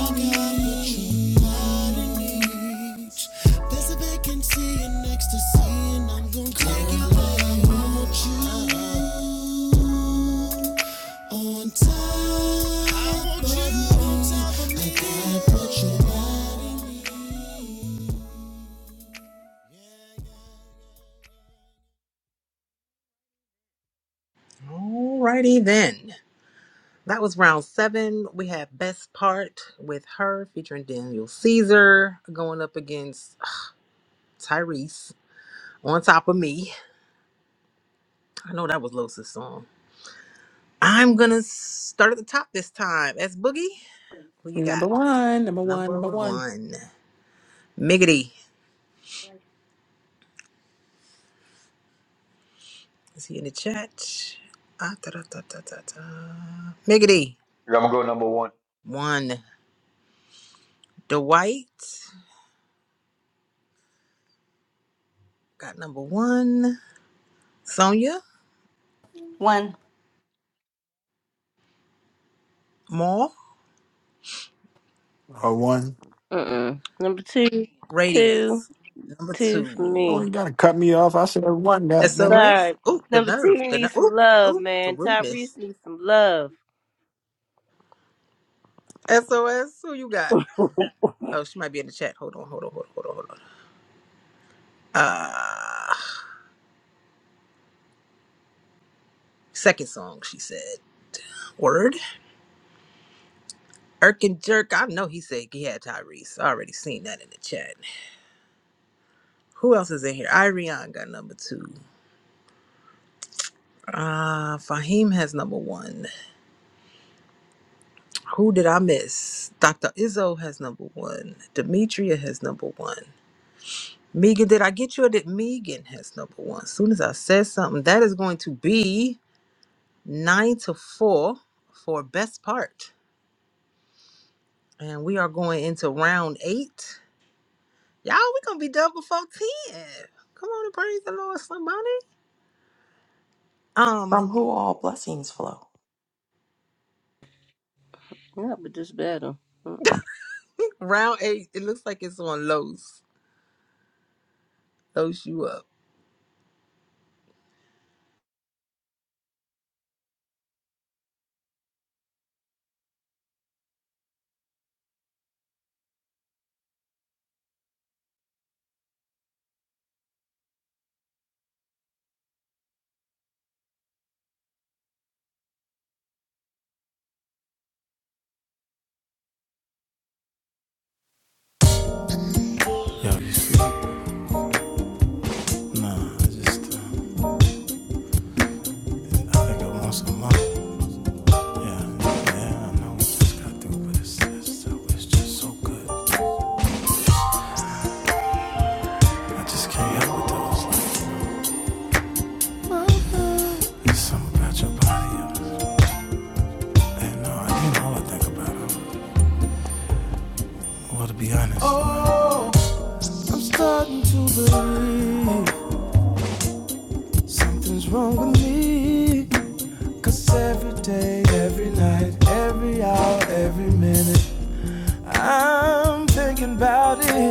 Speaker 6: needs. There's a vacancy in ecstasy, and I'm gonna take you where I want
Speaker 2: Alrighty then. That was round seven. We have Best Part with her featuring Daniel Caesar going up against Tyrese on top of me. I know that was Losa's song. I'm gonna start at the top this time. That's Boogie. Who you
Speaker 3: Number
Speaker 2: got?
Speaker 3: one, number one,
Speaker 2: Number
Speaker 3: number one.
Speaker 2: one. Miggity. Is he in the chat? Ah, da, da, da, da, da, da. Miggity.
Speaker 5: I'm gonna go number one.
Speaker 2: One. Dwight. Got number one, Sonia
Speaker 12: One.
Speaker 2: Maul,
Speaker 7: or one.
Speaker 13: Uh-uh. Number two. Two.
Speaker 2: Radiance. Number
Speaker 13: Two for
Speaker 2: two,
Speaker 7: Oh,
Speaker 13: me.
Speaker 7: you gotta cut me off. I said one. Goddamn.
Speaker 13: Sorry.
Speaker 2: SOS. Ooh, the
Speaker 13: Number two
Speaker 2: nerve. The ner-
Speaker 13: needs some
Speaker 2: ooh,
Speaker 13: love,
Speaker 2: ooh, the
Speaker 13: man. Tyrese
Speaker 2: rudeness.
Speaker 13: needs some love.
Speaker 2: SOS. Who you got? Oh, she might be in the chat. Hold on, hold on, hold on, hold on, hold on. Uh, second song, she said. Word. Irk and Jerk. I know he said he had Tyrese. I already seen that in the chat. Who else is in here? Irion got number two. Uh, Fahim has number one. Who did I miss? Dr. Izzo has number one. Demetria has number one. Megan, did I get you or did Megan has number one? As soon as I said something, that is going to be nine to four for best part. And we are going into round eight. Y'all, we gonna be done before 10. Come on and praise the Lord, somebody.
Speaker 1: From
Speaker 2: Um,
Speaker 1: who all blessings flow.
Speaker 13: Not with this battle. Mm-mm.
Speaker 2: round eight, it looks like it's on Lowe's. Lowe's you up.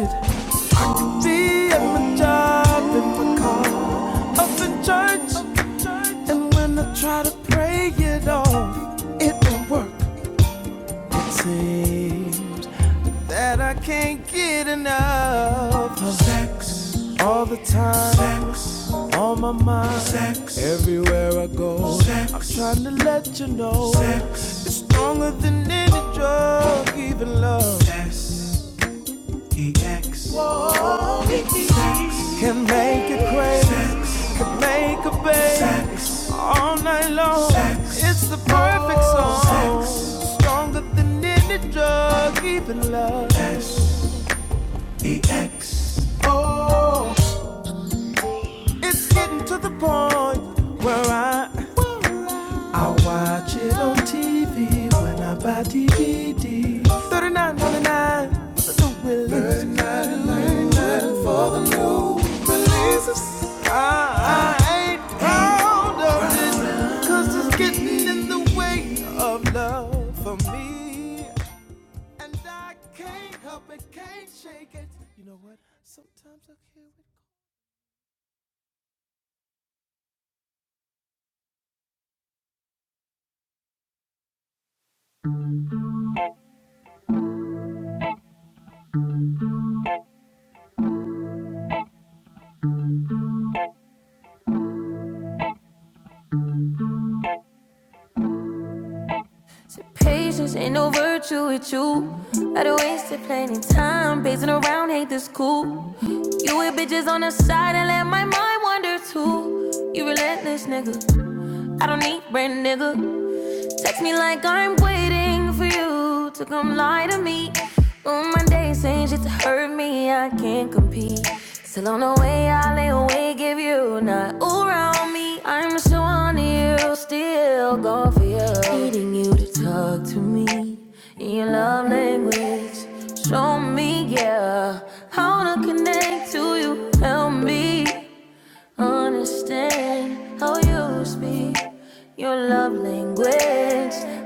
Speaker 6: you. at my job and my cause. Up in church, and when I try to pray it off, it won't work. Seems that I can't get enough all the time on my mind. Sex, sex, it's not even love Sex. can make it crazy, sex. make a baby, sex. all night long. Sex. It's the perfect song, sex. stronger than any drug, even love. Sex. Oh. It's getting to the point where I I watch it on TV when I buy DVD. Thirty-nine ninety-nine for the Willis. $39.99 for the new releases. I, I ain't proud of this, 'cause it's getting in the way of love for me. And I can't help it, can't shake it. You know what? Sometimes I hear it. So patience ain't no virtue with you. I would have wasted plenty time pacing around, hate this cool. You with bitches on the side and let my mind wander too. You relentless nigga. I don't need brand nigga. Text me like I'm waiting for you to come lie to me. On Monday, saying shit to hurt me, I can't compete. Still on the way, I lay awake give you not around me. I'm so on you, still go for you. Needing you to talk to me in your love language. Show me, yeah, how to connect to you. Help me understand how you speak your love language.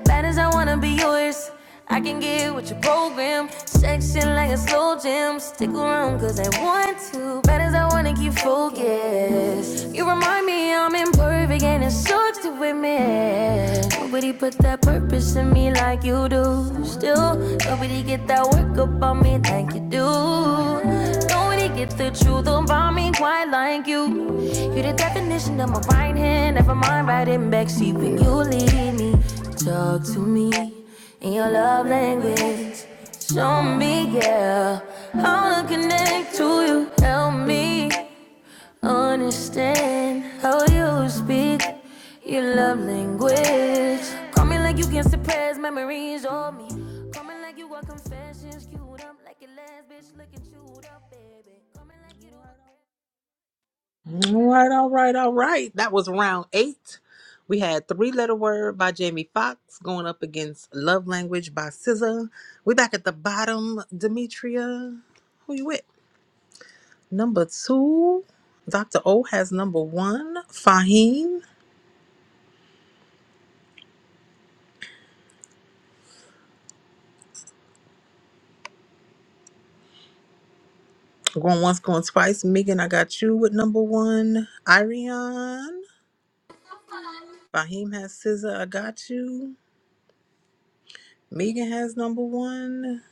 Speaker 6: Bad as I wanna be yours, I can get with your program. Section like a slow jam. Stick around cause I want to. Bad as I wanna keep focused. You remind me I'm imperfect and it sucks to admit. Nobody put that purpose in me like you do. Still, nobody get that work up on me like you do nobody get the truth about me quite like you. You're the definition of my right hand, never mind riding backseat when you lead me. Talk to me in your love language. Show me, yeah, how to connect to you. Help me Understand how you speak your love language. Call me like you can suppress memories of me. Call me like you want confessions queued up like your last bitch looking chewed up, baby. Call me like you
Speaker 2: All right, all right, all right. That was round eight. We had Three Letter Word by Jamie Foxx going up against Love Language by SZA. We back at the bottom, Demetria. Who you with? Number two, Dr. O has number one, Fahim. Going once, going twice. Megan, I got you with number one, Irion. Fahim has SZA, I got you. Megan has number one,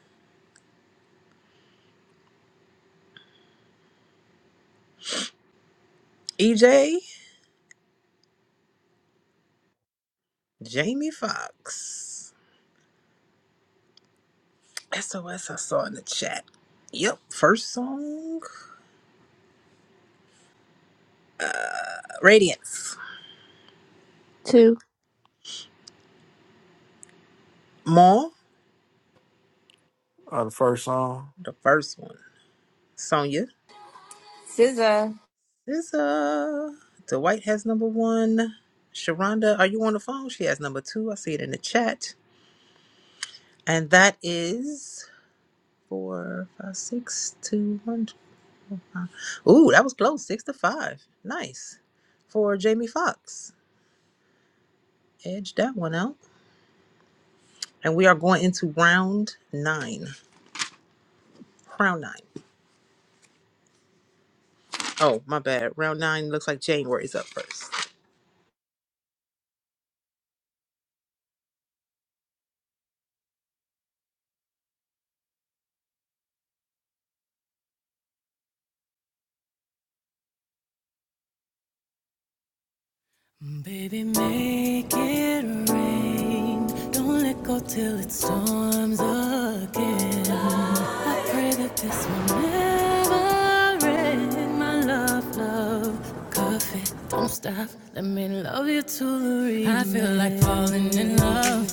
Speaker 2: EJ, Jamie Foxx. SOS I saw in the chat. Yep, first song. Uh Radiance.
Speaker 13: Two.
Speaker 2: Maul,
Speaker 7: Oh, the first song.
Speaker 2: the first one. Sonya.
Speaker 12: SZA.
Speaker 2: SZA. Dwight has number one. Sharonda, are you on the phone? She has number two. I see it in the chat. And that is four, five, six, two, one. Ooh, that was close. Six to five. Nice. For Jamie Foxx. Edge that one out. And we are going into round nine. Round nine. Oh, my bad. Round nine looks like January's up first.
Speaker 6: want arms again. I pray that this will never end. My love, love, coffee. Don't stop. Let me love you to the remix. I feel like falling in love.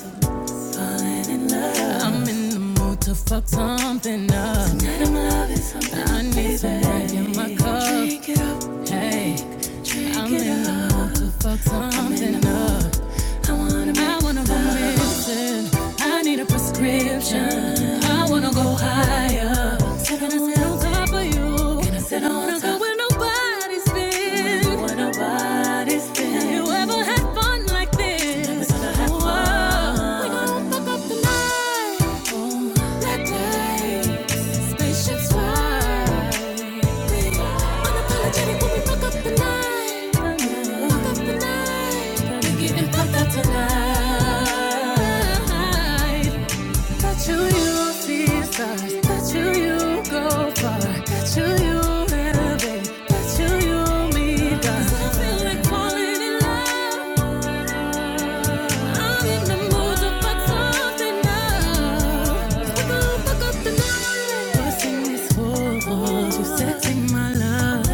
Speaker 6: falling in love. I'm in the mood to fuck something up. Tonight I'm loving something. I need some drink in my cup. Drink it up. Hey, drink I'm it in up. the mood to fuck something up. I wanna be I wanna go missing. I need a prescription. I wanna go higher. So Can I sit on top of you? Can I sit on wanna go top? nobody's been? Where nobody's been. Have had fun like this? We gonna fuck up the night. Oh, that Spaceships fly. Unapologetic when we rock up the night. Rock up the night. We getting pumped tonight. Bet you you see stars. Bet you you go far. Bet you you elevate. Bet you you meet us. I feel like falling in love. I'm in the mood to fuck something up. Fuck fuck up the night. What's in this for? Too sexy, my love.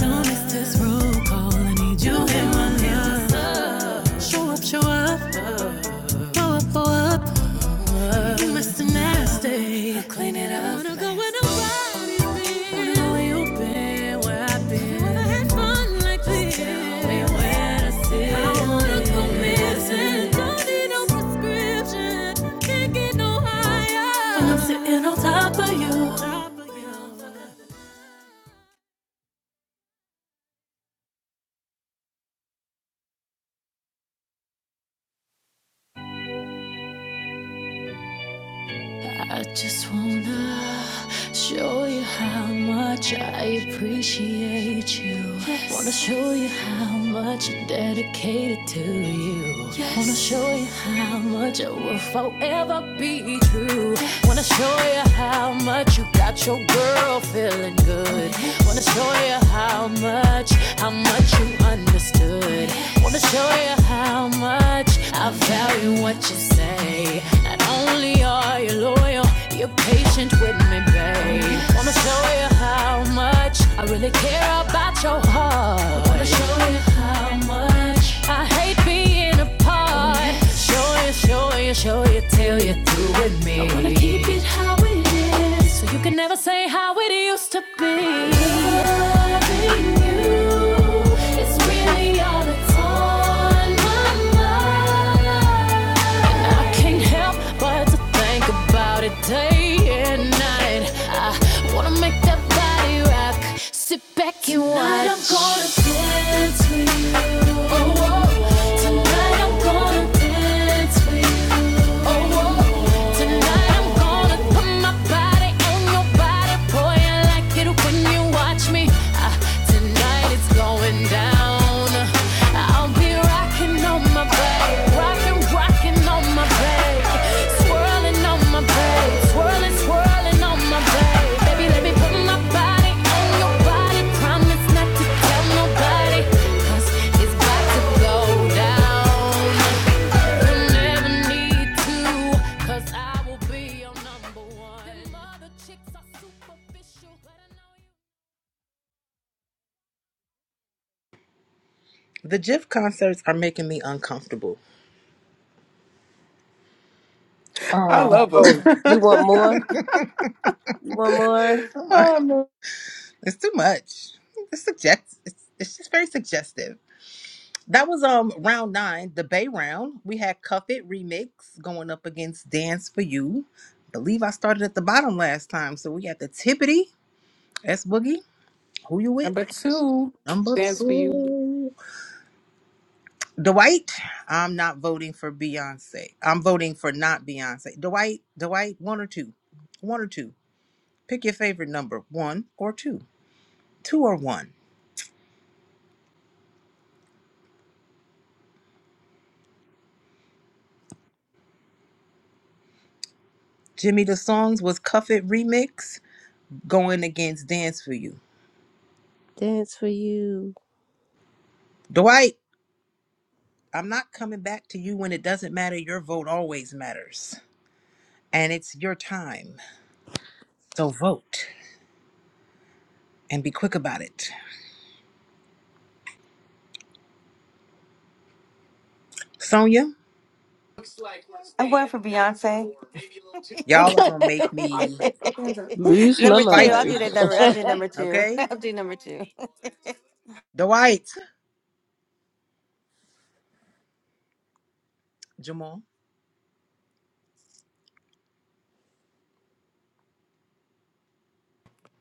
Speaker 6: Don't miss this roll call. I need you in my love. Show up, show up, blow up, blow up up. You messed and nasty. I'll clean it up. Wanna go where nobody's been. Wanna know where you been, where I've been. You ever had fun like this? Tell me where to sit. I don't wanna go missing. Don't need no prescription. Can't get no higher. And I'm sitting on Top of you. I just wanna show you how much I appreciate you. Yes. Wanna show you how much I'm dedicated to you. Yes. Wanna show you how much I will forever be true. Yes. Wanna show you how much you got your girl feeling good. Yes. Wanna show you how much, how much you understood good. Wanna show you how much I value what you say. Not only are you loyal, you're patient with me, babe. Wanna show you how much I really care about your heart. Wanna show you how much I hate being apart. Show you, show you, show you till you are through with me. I wanna keep it how it is. So you can never say how it used to be. Loving you is really all that's on my mind. and I can't help but to think about it day and night. I wanna make that body rock. Sit back and watch. Tonight I'm gonna dance with you. Oh, oh, oh. Tonight I'm gonna dance with you. Tonight I'm gonna put my body on your body, boy. I like it when you watch me. Ah, tonight it's going down. I'll be rocking on my back, rocking, rocking on my back, swirling on my back, swirling, swirling on my back. Baby, let me put my body on your body. Promise not to tell nobody, 'cause it's to go down. You'll never need to, 'cause I will be your number one. Them
Speaker 2: The GIF concerts are making me uncomfortable.
Speaker 3: I
Speaker 2: Um,
Speaker 3: love him.
Speaker 13: Oh, you want more? You want more?
Speaker 2: too much.
Speaker 3: Oh, no.
Speaker 2: It's too much. It's suggest. It's, it's just very suggestive. That was um round nine, the Bay round. We had Cuff It remix going up against Dance for You. Believe I started at the bottom last time, so we got the Tippity S Boogie. Who you with?
Speaker 3: Number two,
Speaker 2: Number
Speaker 3: stands for you.
Speaker 2: two. Dwight, I'm not voting for Beyonce. I'm voting for not Beyonce. Dwight, Dwight, one or two. One or two. Pick your favorite number, one or two. Two or one. Jimmy the Songs was Cuff It Remix going against Dance for You.
Speaker 13: Dance for you.
Speaker 2: Dwight, I'm not coming back to you when it doesn't matter. Your vote always matters. And it's your time. So vote and be quick about it. Sonia,
Speaker 12: I'm going for Beyonce.
Speaker 2: y'all are
Speaker 1: God
Speaker 2: going to make me
Speaker 13: Lose my
Speaker 12: number two.
Speaker 2: fight
Speaker 12: I'll
Speaker 13: mind.
Speaker 12: do
Speaker 2: you,
Speaker 12: that number. I'll do number two.
Speaker 2: okay?
Speaker 12: I'll do number two.
Speaker 2: Dwight, Jamal,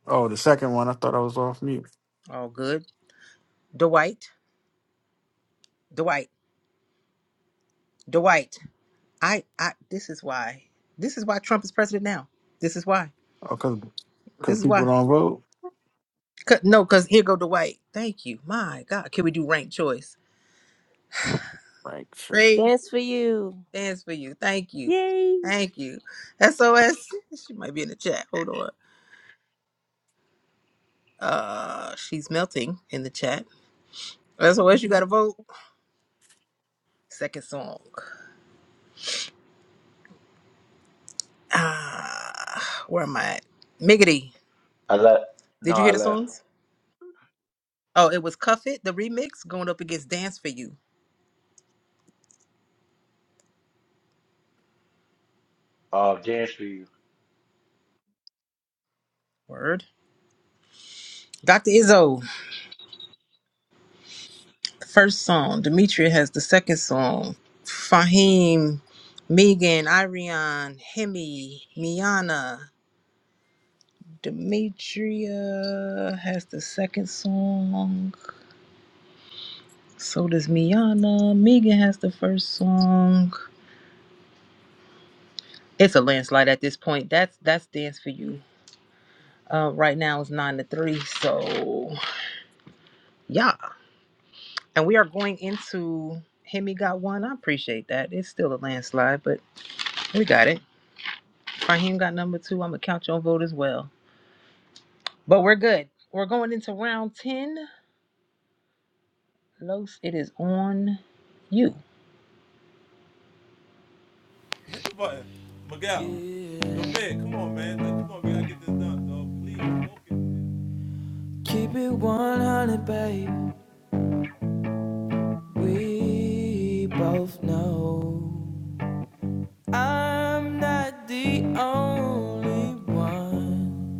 Speaker 7: Oh, the second one. I thought I was off mute.
Speaker 2: all good. Dwight, Dwight, Dwight. I, I. This is why. This is why Trump is president now. This is why.
Speaker 7: Oh, cause 'cause
Speaker 2: This is
Speaker 7: people
Speaker 2: why.
Speaker 7: don't vote.
Speaker 2: 'Cause- no, because here go Dwight. Thank you. My God, can we do ranked choice?
Speaker 7: Frank. Sure.
Speaker 2: Ray
Speaker 13: Dance for you.
Speaker 2: stands for you. Thank you.
Speaker 13: Yay.
Speaker 2: Thank you. SOS. She might be in the chat. Hold on. Uh, she's melting in the chat. SOS. You got to vote. Second song. Ah, where am I? At? Miggity.
Speaker 5: I left.
Speaker 2: Did
Speaker 5: No,
Speaker 2: you hear
Speaker 5: I
Speaker 2: the
Speaker 5: left.
Speaker 2: songs? Oh, it was Cuff It, the remix, going up against Dance for You.
Speaker 5: Uh, dance for you.
Speaker 2: Word. Dr. Izzo, the first song. Demetria has the second song. Fahim, Megan, Irion, Hemi, Miana. Demetria has the second song. So does Miana. Megan has the first song. It's a landslide at this point. That's that's dance for you. Uh, right now it's nine to three. So yeah, and we are going into Hemi got one. I appreciate that. It's still a landslide, but we got it. Raheem got number two. I'm gonna count your vote as well. But we're good. We're going into round ten. Los, it is on you.
Speaker 6: Keep it 100, babe. We both know I'm not the only one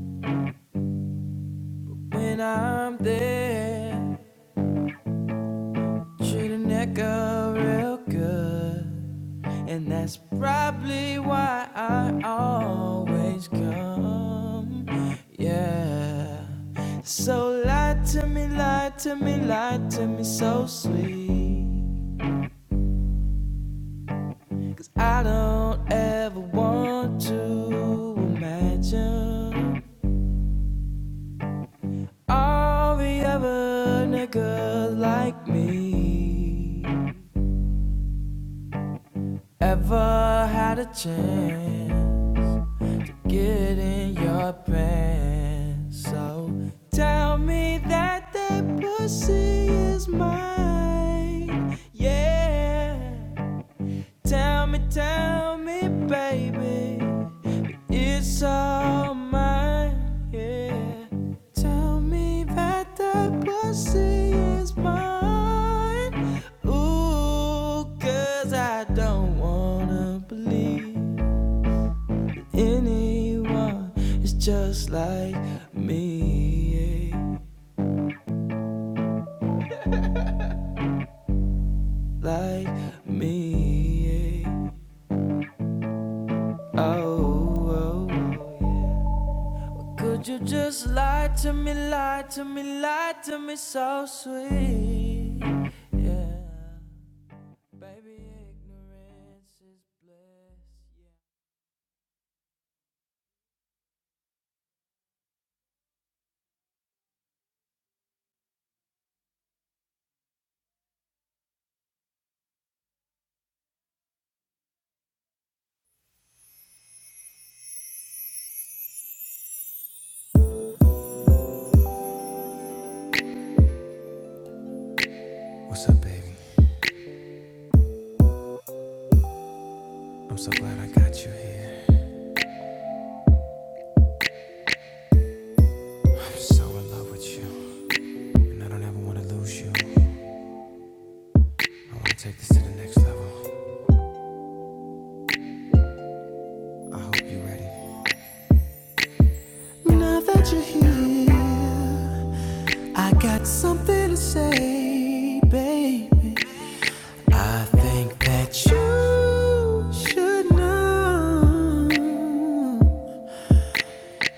Speaker 6: when I'm there. Treat a nigga real good, and that's probably why I always come. Yeah. So lie to me, lie to me, lie to me so sweet. 'Cause I don't ever want to imagine all the other niggas like me ever had a chance. to get in your pants. So tell me that that pussy is mine. Yeah. Tell me, tell me, baby, it's all mine. Yeah. Tell me that that pussy is mine. Ooh, 'cause I don't wanna believe anyone is just like me, yeah. like me. yeah. Oh, oh, oh, yeah. could you just lie to me, lie to me, lie to me so sweet? Yeah, baby, ignorance is bliss.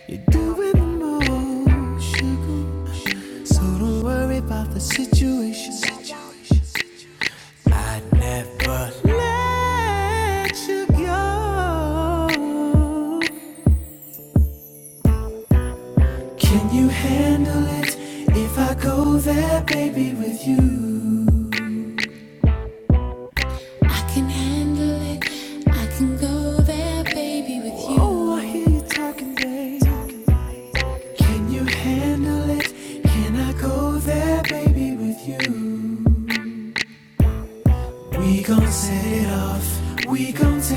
Speaker 6: Yeah. You're doing the most, sugar. So don't worry about the situation. I would never let you go. Can you handle it if I go there, baby, with you?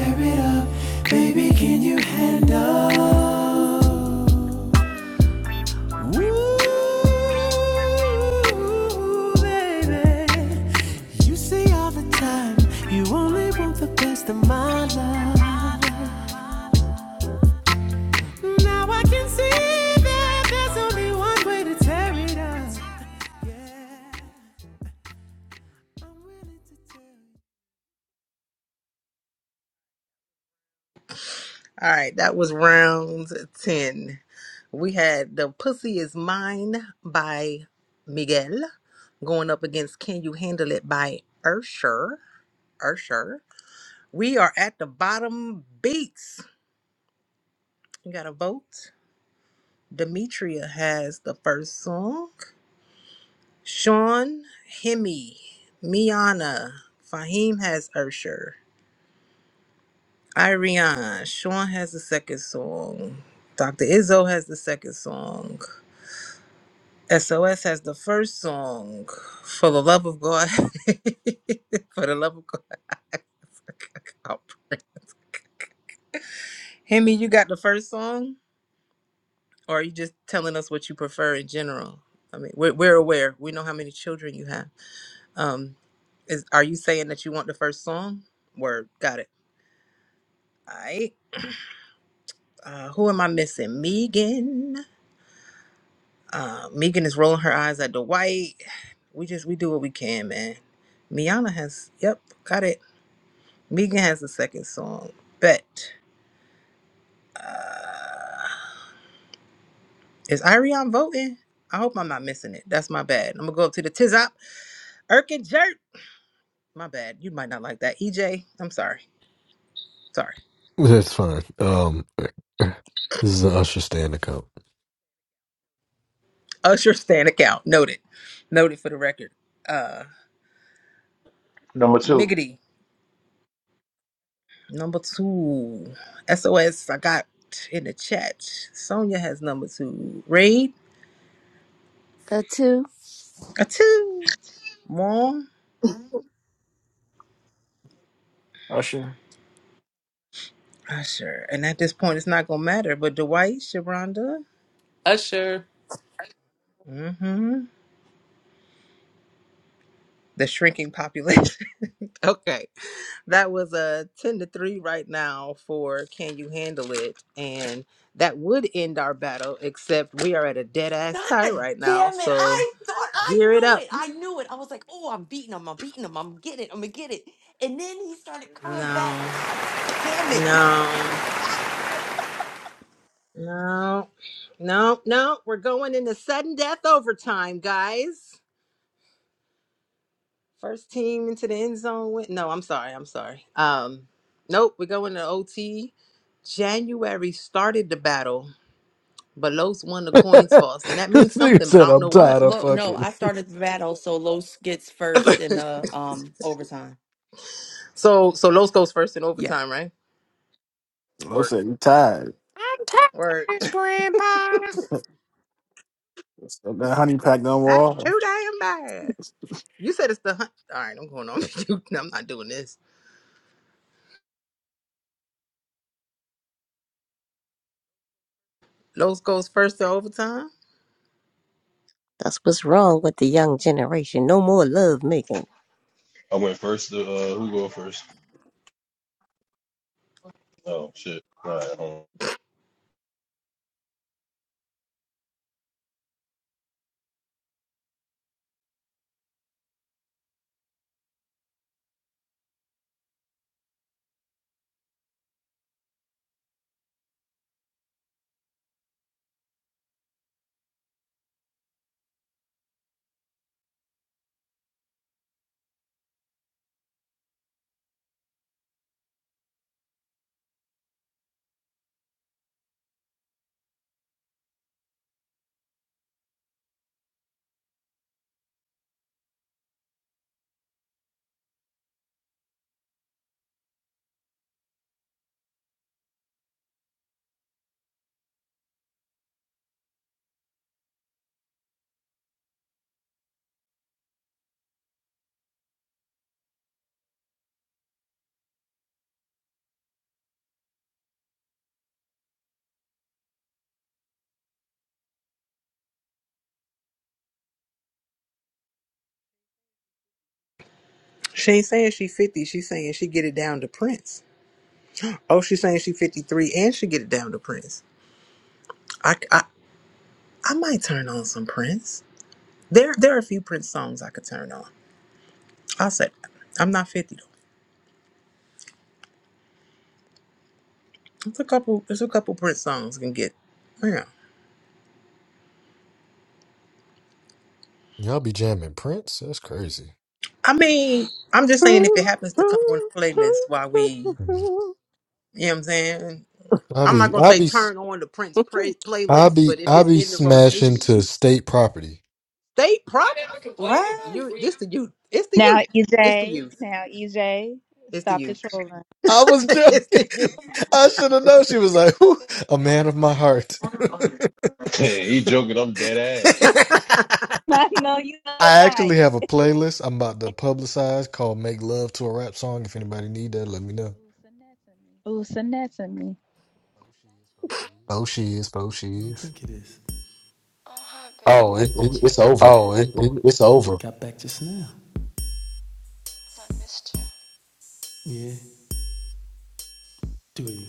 Speaker 6: Tear it up. Ooh, baby. You say all the time you only want the best of my love. Now I can see that there's only one way to tear it up. i
Speaker 2: All right, that was round 10. We had The Pussy Is Mine by Miguel going up against Can You Handle It by Ursher. Ursher. We are at the bottom beats. You got a vote. Demetria has the first song. Sean, Hemi, Miana, Fahim has Ursher, Irian, Sean has the second song, Dr. Izzo has the second song, SOS has the first song, For the Love of God, For the Love of God. Hemi, you got the first song, or are you just telling us what you prefer in general? I mean, we're, we're aware. We know how many children you have. Um, is are you saying that you want the first song? Word, got it. All right. Uh, who am I missing? Megan. Uh, Megan is rolling her eyes at Dwight. We just we do what we can, man. Miana has yep, got it. Megan has the second song. Bet. Uh, is Irion voting? I hope I'm not missing it. That's my bad. I'm gonna go up to the Tizop. Erkin Jerk. My bad. You might not like that. EJ. I'm sorry. Sorry.
Speaker 14: That's fine. Um, this is an Usher stand account.
Speaker 2: Usher stand account. Noted. Noted for the record. Uh
Speaker 5: Number two.
Speaker 2: Miggity, number two. SOS, I got in the chat. Sonia has number two. Raid,
Speaker 13: A two.
Speaker 2: a two. Mom,
Speaker 7: Usher.
Speaker 2: Usher. And at this point, it's not going to matter. But Dwight, Sharonda,
Speaker 3: Usher.
Speaker 2: mm-hmm. the shrinking population. okay. That was a 10 to 3 right now for Can You Handle It? And that would end our battle, except we are at a dead ass tie right now.
Speaker 1: Damn it.
Speaker 2: So.
Speaker 1: I thought I
Speaker 2: Gear it
Speaker 1: knew
Speaker 2: up.
Speaker 1: it. I knew it. I was like, oh, I'm beating him. I'm beating him. I'm getting it. I'm going to get it. And then he started coming back.
Speaker 2: No,
Speaker 1: God damn it.
Speaker 2: no,
Speaker 1: Fuck.
Speaker 2: no, no, no. We're going into sudden death overtime, guys. First team into the end zone. Win. No, I'm sorry. I'm sorry. Um, nope. We're going to OT. January started the battle, but Los won the
Speaker 14: this
Speaker 2: coin toss, and that means
Speaker 14: nigga
Speaker 2: something, but I
Speaker 14: said,
Speaker 2: don't
Speaker 14: "I'm
Speaker 2: know what.
Speaker 14: tired of
Speaker 1: Lo- no,
Speaker 14: fucking."
Speaker 1: I started the battle. So Los gets first in the um, overtime.
Speaker 2: so, so Los goes first in
Speaker 1: Yeah.
Speaker 2: overtime, right?
Speaker 7: Lil
Speaker 2: Word,
Speaker 7: said you tired.
Speaker 14: I'm tired of
Speaker 2: word.
Speaker 14: this, Grandpa.
Speaker 7: So that honey pack done
Speaker 2: That's
Speaker 7: wall.
Speaker 2: too damn bad. You said it's the hunt. All right, I'm going on. I'm not doing this. Those goes first to overtime.
Speaker 13: That's what's wrong with the young generation. No more love making.
Speaker 4: went first to uh who go first? Oh shit. All right, hold
Speaker 2: She ain't saying she fifty. She's saying she get it down to Prince. Oh, she's saying she fifty three and she get it down to Prince. I, I I might turn on some Prince. There there are a few Prince songs I could turn on. I'll say that. I'm not fifty though. It's a couple. There's a couple Prince songs can get. Yeah.
Speaker 14: Y'all be jamming Prince. That's crazy.
Speaker 2: I mean, I'm just saying if it happens to come on the playlist while we, you know what I'm saying.
Speaker 14: I
Speaker 2: I'm
Speaker 14: be,
Speaker 2: not gonna
Speaker 14: I
Speaker 2: say
Speaker 14: be,
Speaker 2: turn on the Prince play-
Speaker 14: I
Speaker 2: playlist,
Speaker 14: be,
Speaker 2: but if
Speaker 14: I
Speaker 2: it's
Speaker 14: be
Speaker 2: in the
Speaker 14: smashing
Speaker 2: rotation,
Speaker 14: to state property.
Speaker 2: they probably.
Speaker 12: what?
Speaker 2: You, this the youth. It's the
Speaker 15: Now,
Speaker 2: youth. It's the
Speaker 15: EJ,
Speaker 2: youth.
Speaker 15: now, EJ,
Speaker 2: It's the
Speaker 15: stop the
Speaker 2: youth.
Speaker 15: trolling.
Speaker 14: I was
Speaker 2: it's the
Speaker 14: joking.
Speaker 2: youth.
Speaker 14: I should have known.
Speaker 2: It's
Speaker 14: She
Speaker 2: the-
Speaker 14: was like, "Whew, "A man of my heart."
Speaker 4: on. he joking, I'm dead
Speaker 15: I know you look
Speaker 14: I actually
Speaker 15: lying.
Speaker 14: have a playlist I'm about to publicize called "Make Love to a Rap Song." If anybody need that, let me know.
Speaker 15: Ooh, send that to me.
Speaker 14: Oh, she is. Oh, she
Speaker 6: you
Speaker 14: is.
Speaker 6: think it is?
Speaker 14: Oh, it, it, it's over.
Speaker 6: Got back just now. I missed you. Yeah, do you?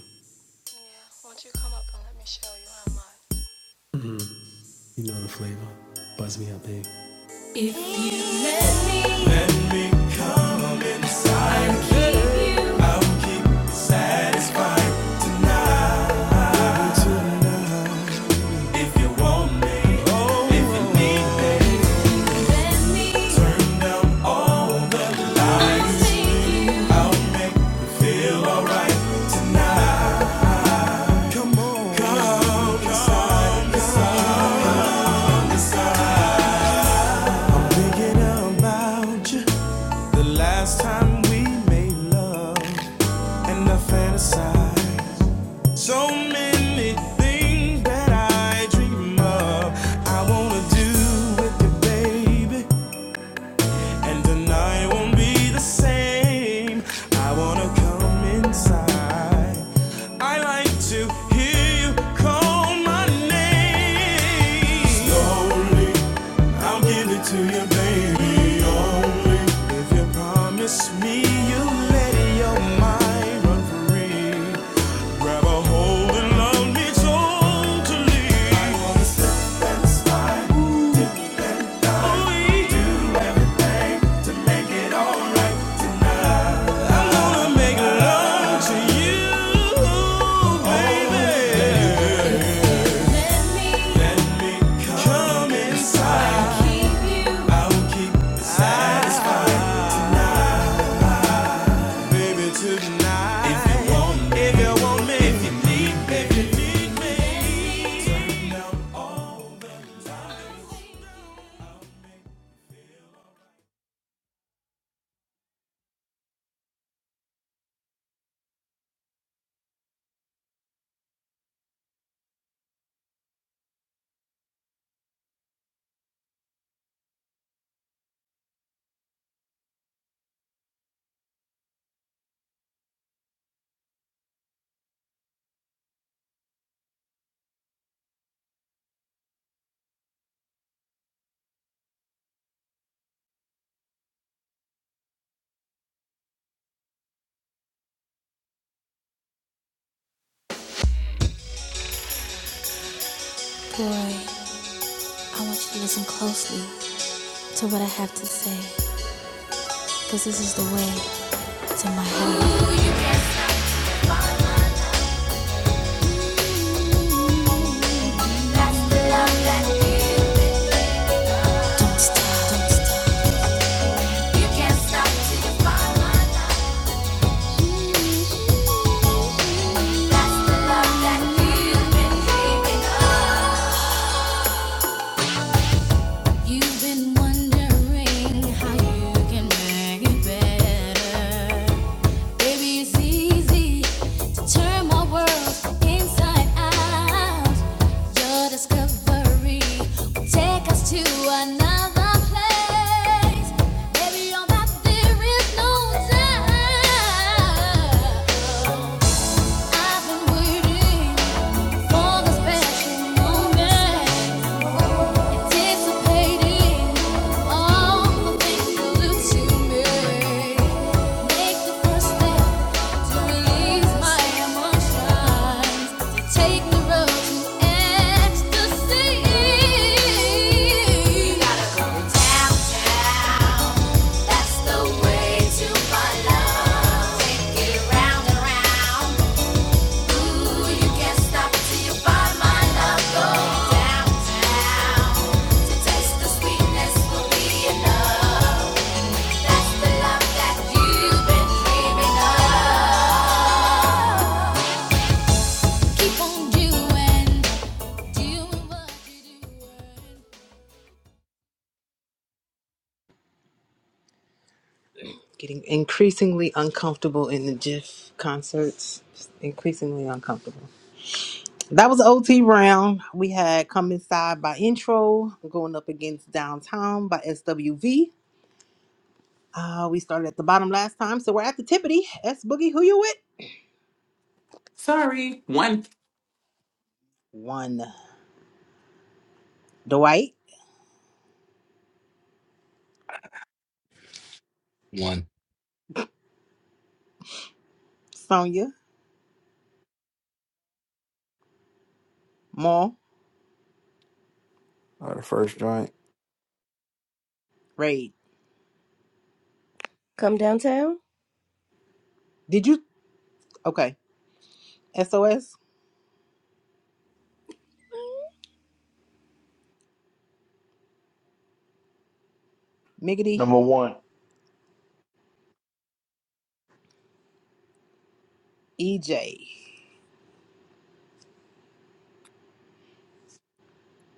Speaker 6: You know the flavor. Buzz me up, babe. Tell about you the last time we made love and I fantasized so many things that I dream of I wanna do with you baby and tonight won't be the same I wanna come inside I like to hear you call my name slowly I'll give it to you, baby, only if you promise me you'll let your mind run free. Grab a hold and love me totally. I wanna slip and slide, dip down, do it all. I Wanna make love to you, baby. Let me Come inside, I'll keep satisfied. baby, tonight. If you want me, if you want me, if you need me. Boy, I want you to listen closely to what I have to say, because this is the way my heart beats. You've been wondering how you can make it better. Baby, it's easy to turn my world inside out. Your discovery will take us to another place. Baby, on that there is no doubt. I've been waiting for the special moment. Take the road to ecstasy. You gotta go downtown. That's the way to my love. Take it round and round. Keep on doing, doing what you do.
Speaker 2: Getting increasingly uncomfortable in the GIF concerts. Just increasingly uncomfortable. That was the OT round. We had Come Inside by Intro, going up against Downtown by SWV. Uh, we started at the bottom last time, so we're at the tippity. S Boogie, who you with?
Speaker 3: Sorry. One.
Speaker 2: One. Dwight,
Speaker 11: One.
Speaker 2: Sonia, Maul,
Speaker 7: Oh, the first joint.
Speaker 2: Raid.
Speaker 13: Come downtown.
Speaker 2: Did you? Okay. SOS, Miggity.
Speaker 5: Number one.
Speaker 2: EJ.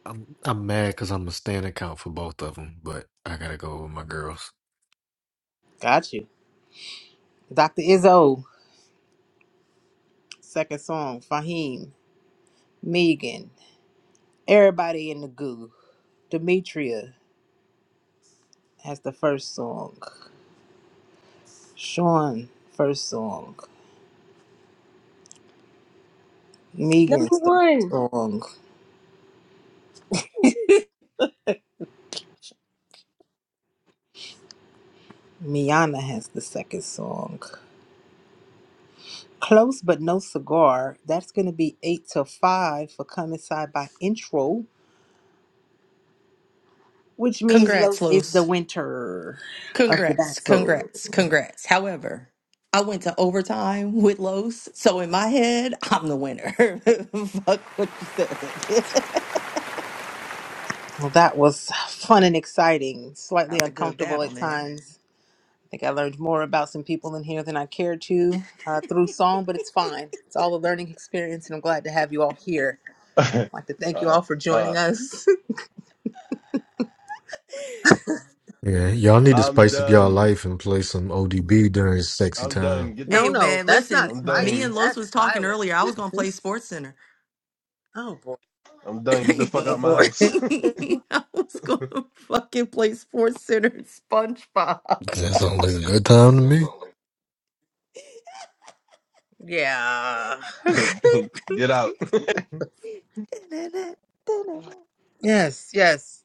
Speaker 14: I'm I'm mad because I'm a stand account for both of them, but I gotta go with my girls.
Speaker 2: Got you. Dr. Izzo. Second song. Fahim. Megan. Everybody in the goo. Demetria has the first song. Sean, first song. Megan,
Speaker 13: Number
Speaker 2: second
Speaker 13: one.
Speaker 2: song. Miana has the second song. Close but no cigar. That's gonna be eight to five for come inside by intro, which means
Speaker 1: Congrats,
Speaker 2: Los is
Speaker 1: Los.
Speaker 2: the winter of the
Speaker 1: Congrats, congrats,
Speaker 2: battle.
Speaker 1: congrats. However, I went to overtime with Los, so in my head, I'm the winner. Fuck what you said. that
Speaker 2: Well, that was fun and exciting, slightly
Speaker 1: was a good
Speaker 2: uncomfortable
Speaker 1: battle,
Speaker 2: at
Speaker 1: man.
Speaker 2: times. I think I learned more about some people in here than I cared to uh, through song, but it's fine. It's all a learning experience, and I'm glad to have you all here.
Speaker 4: ass.
Speaker 2: I'd like to thank you
Speaker 4: uh,
Speaker 2: all for
Speaker 4: uh,
Speaker 2: joining us.
Speaker 14: Yeah, y'all need to
Speaker 4: I'm
Speaker 14: spice up y'all
Speaker 4: done.
Speaker 14: life and play some ODB during sexy
Speaker 4: I'm
Speaker 14: time.
Speaker 4: done. Get the
Speaker 2: no,
Speaker 1: Hey
Speaker 2: no,
Speaker 1: man,
Speaker 2: that's
Speaker 1: listen,
Speaker 2: not
Speaker 4: I'm
Speaker 1: me
Speaker 2: spice.
Speaker 4: done.
Speaker 1: and Los
Speaker 2: That's
Speaker 1: was talking
Speaker 2: violence.
Speaker 1: earlier. I was gonna play Sports Center.
Speaker 2: Oh, boy.
Speaker 4: I'm done. Get the fuck
Speaker 2: Oh,
Speaker 1: I
Speaker 4: out my
Speaker 2: boy.
Speaker 4: house.
Speaker 1: was gonna fucking play Sports Center and SpongeBob.
Speaker 14: That sounds like a good time to me.
Speaker 2: yeah.
Speaker 4: get out.
Speaker 2: yes, yes.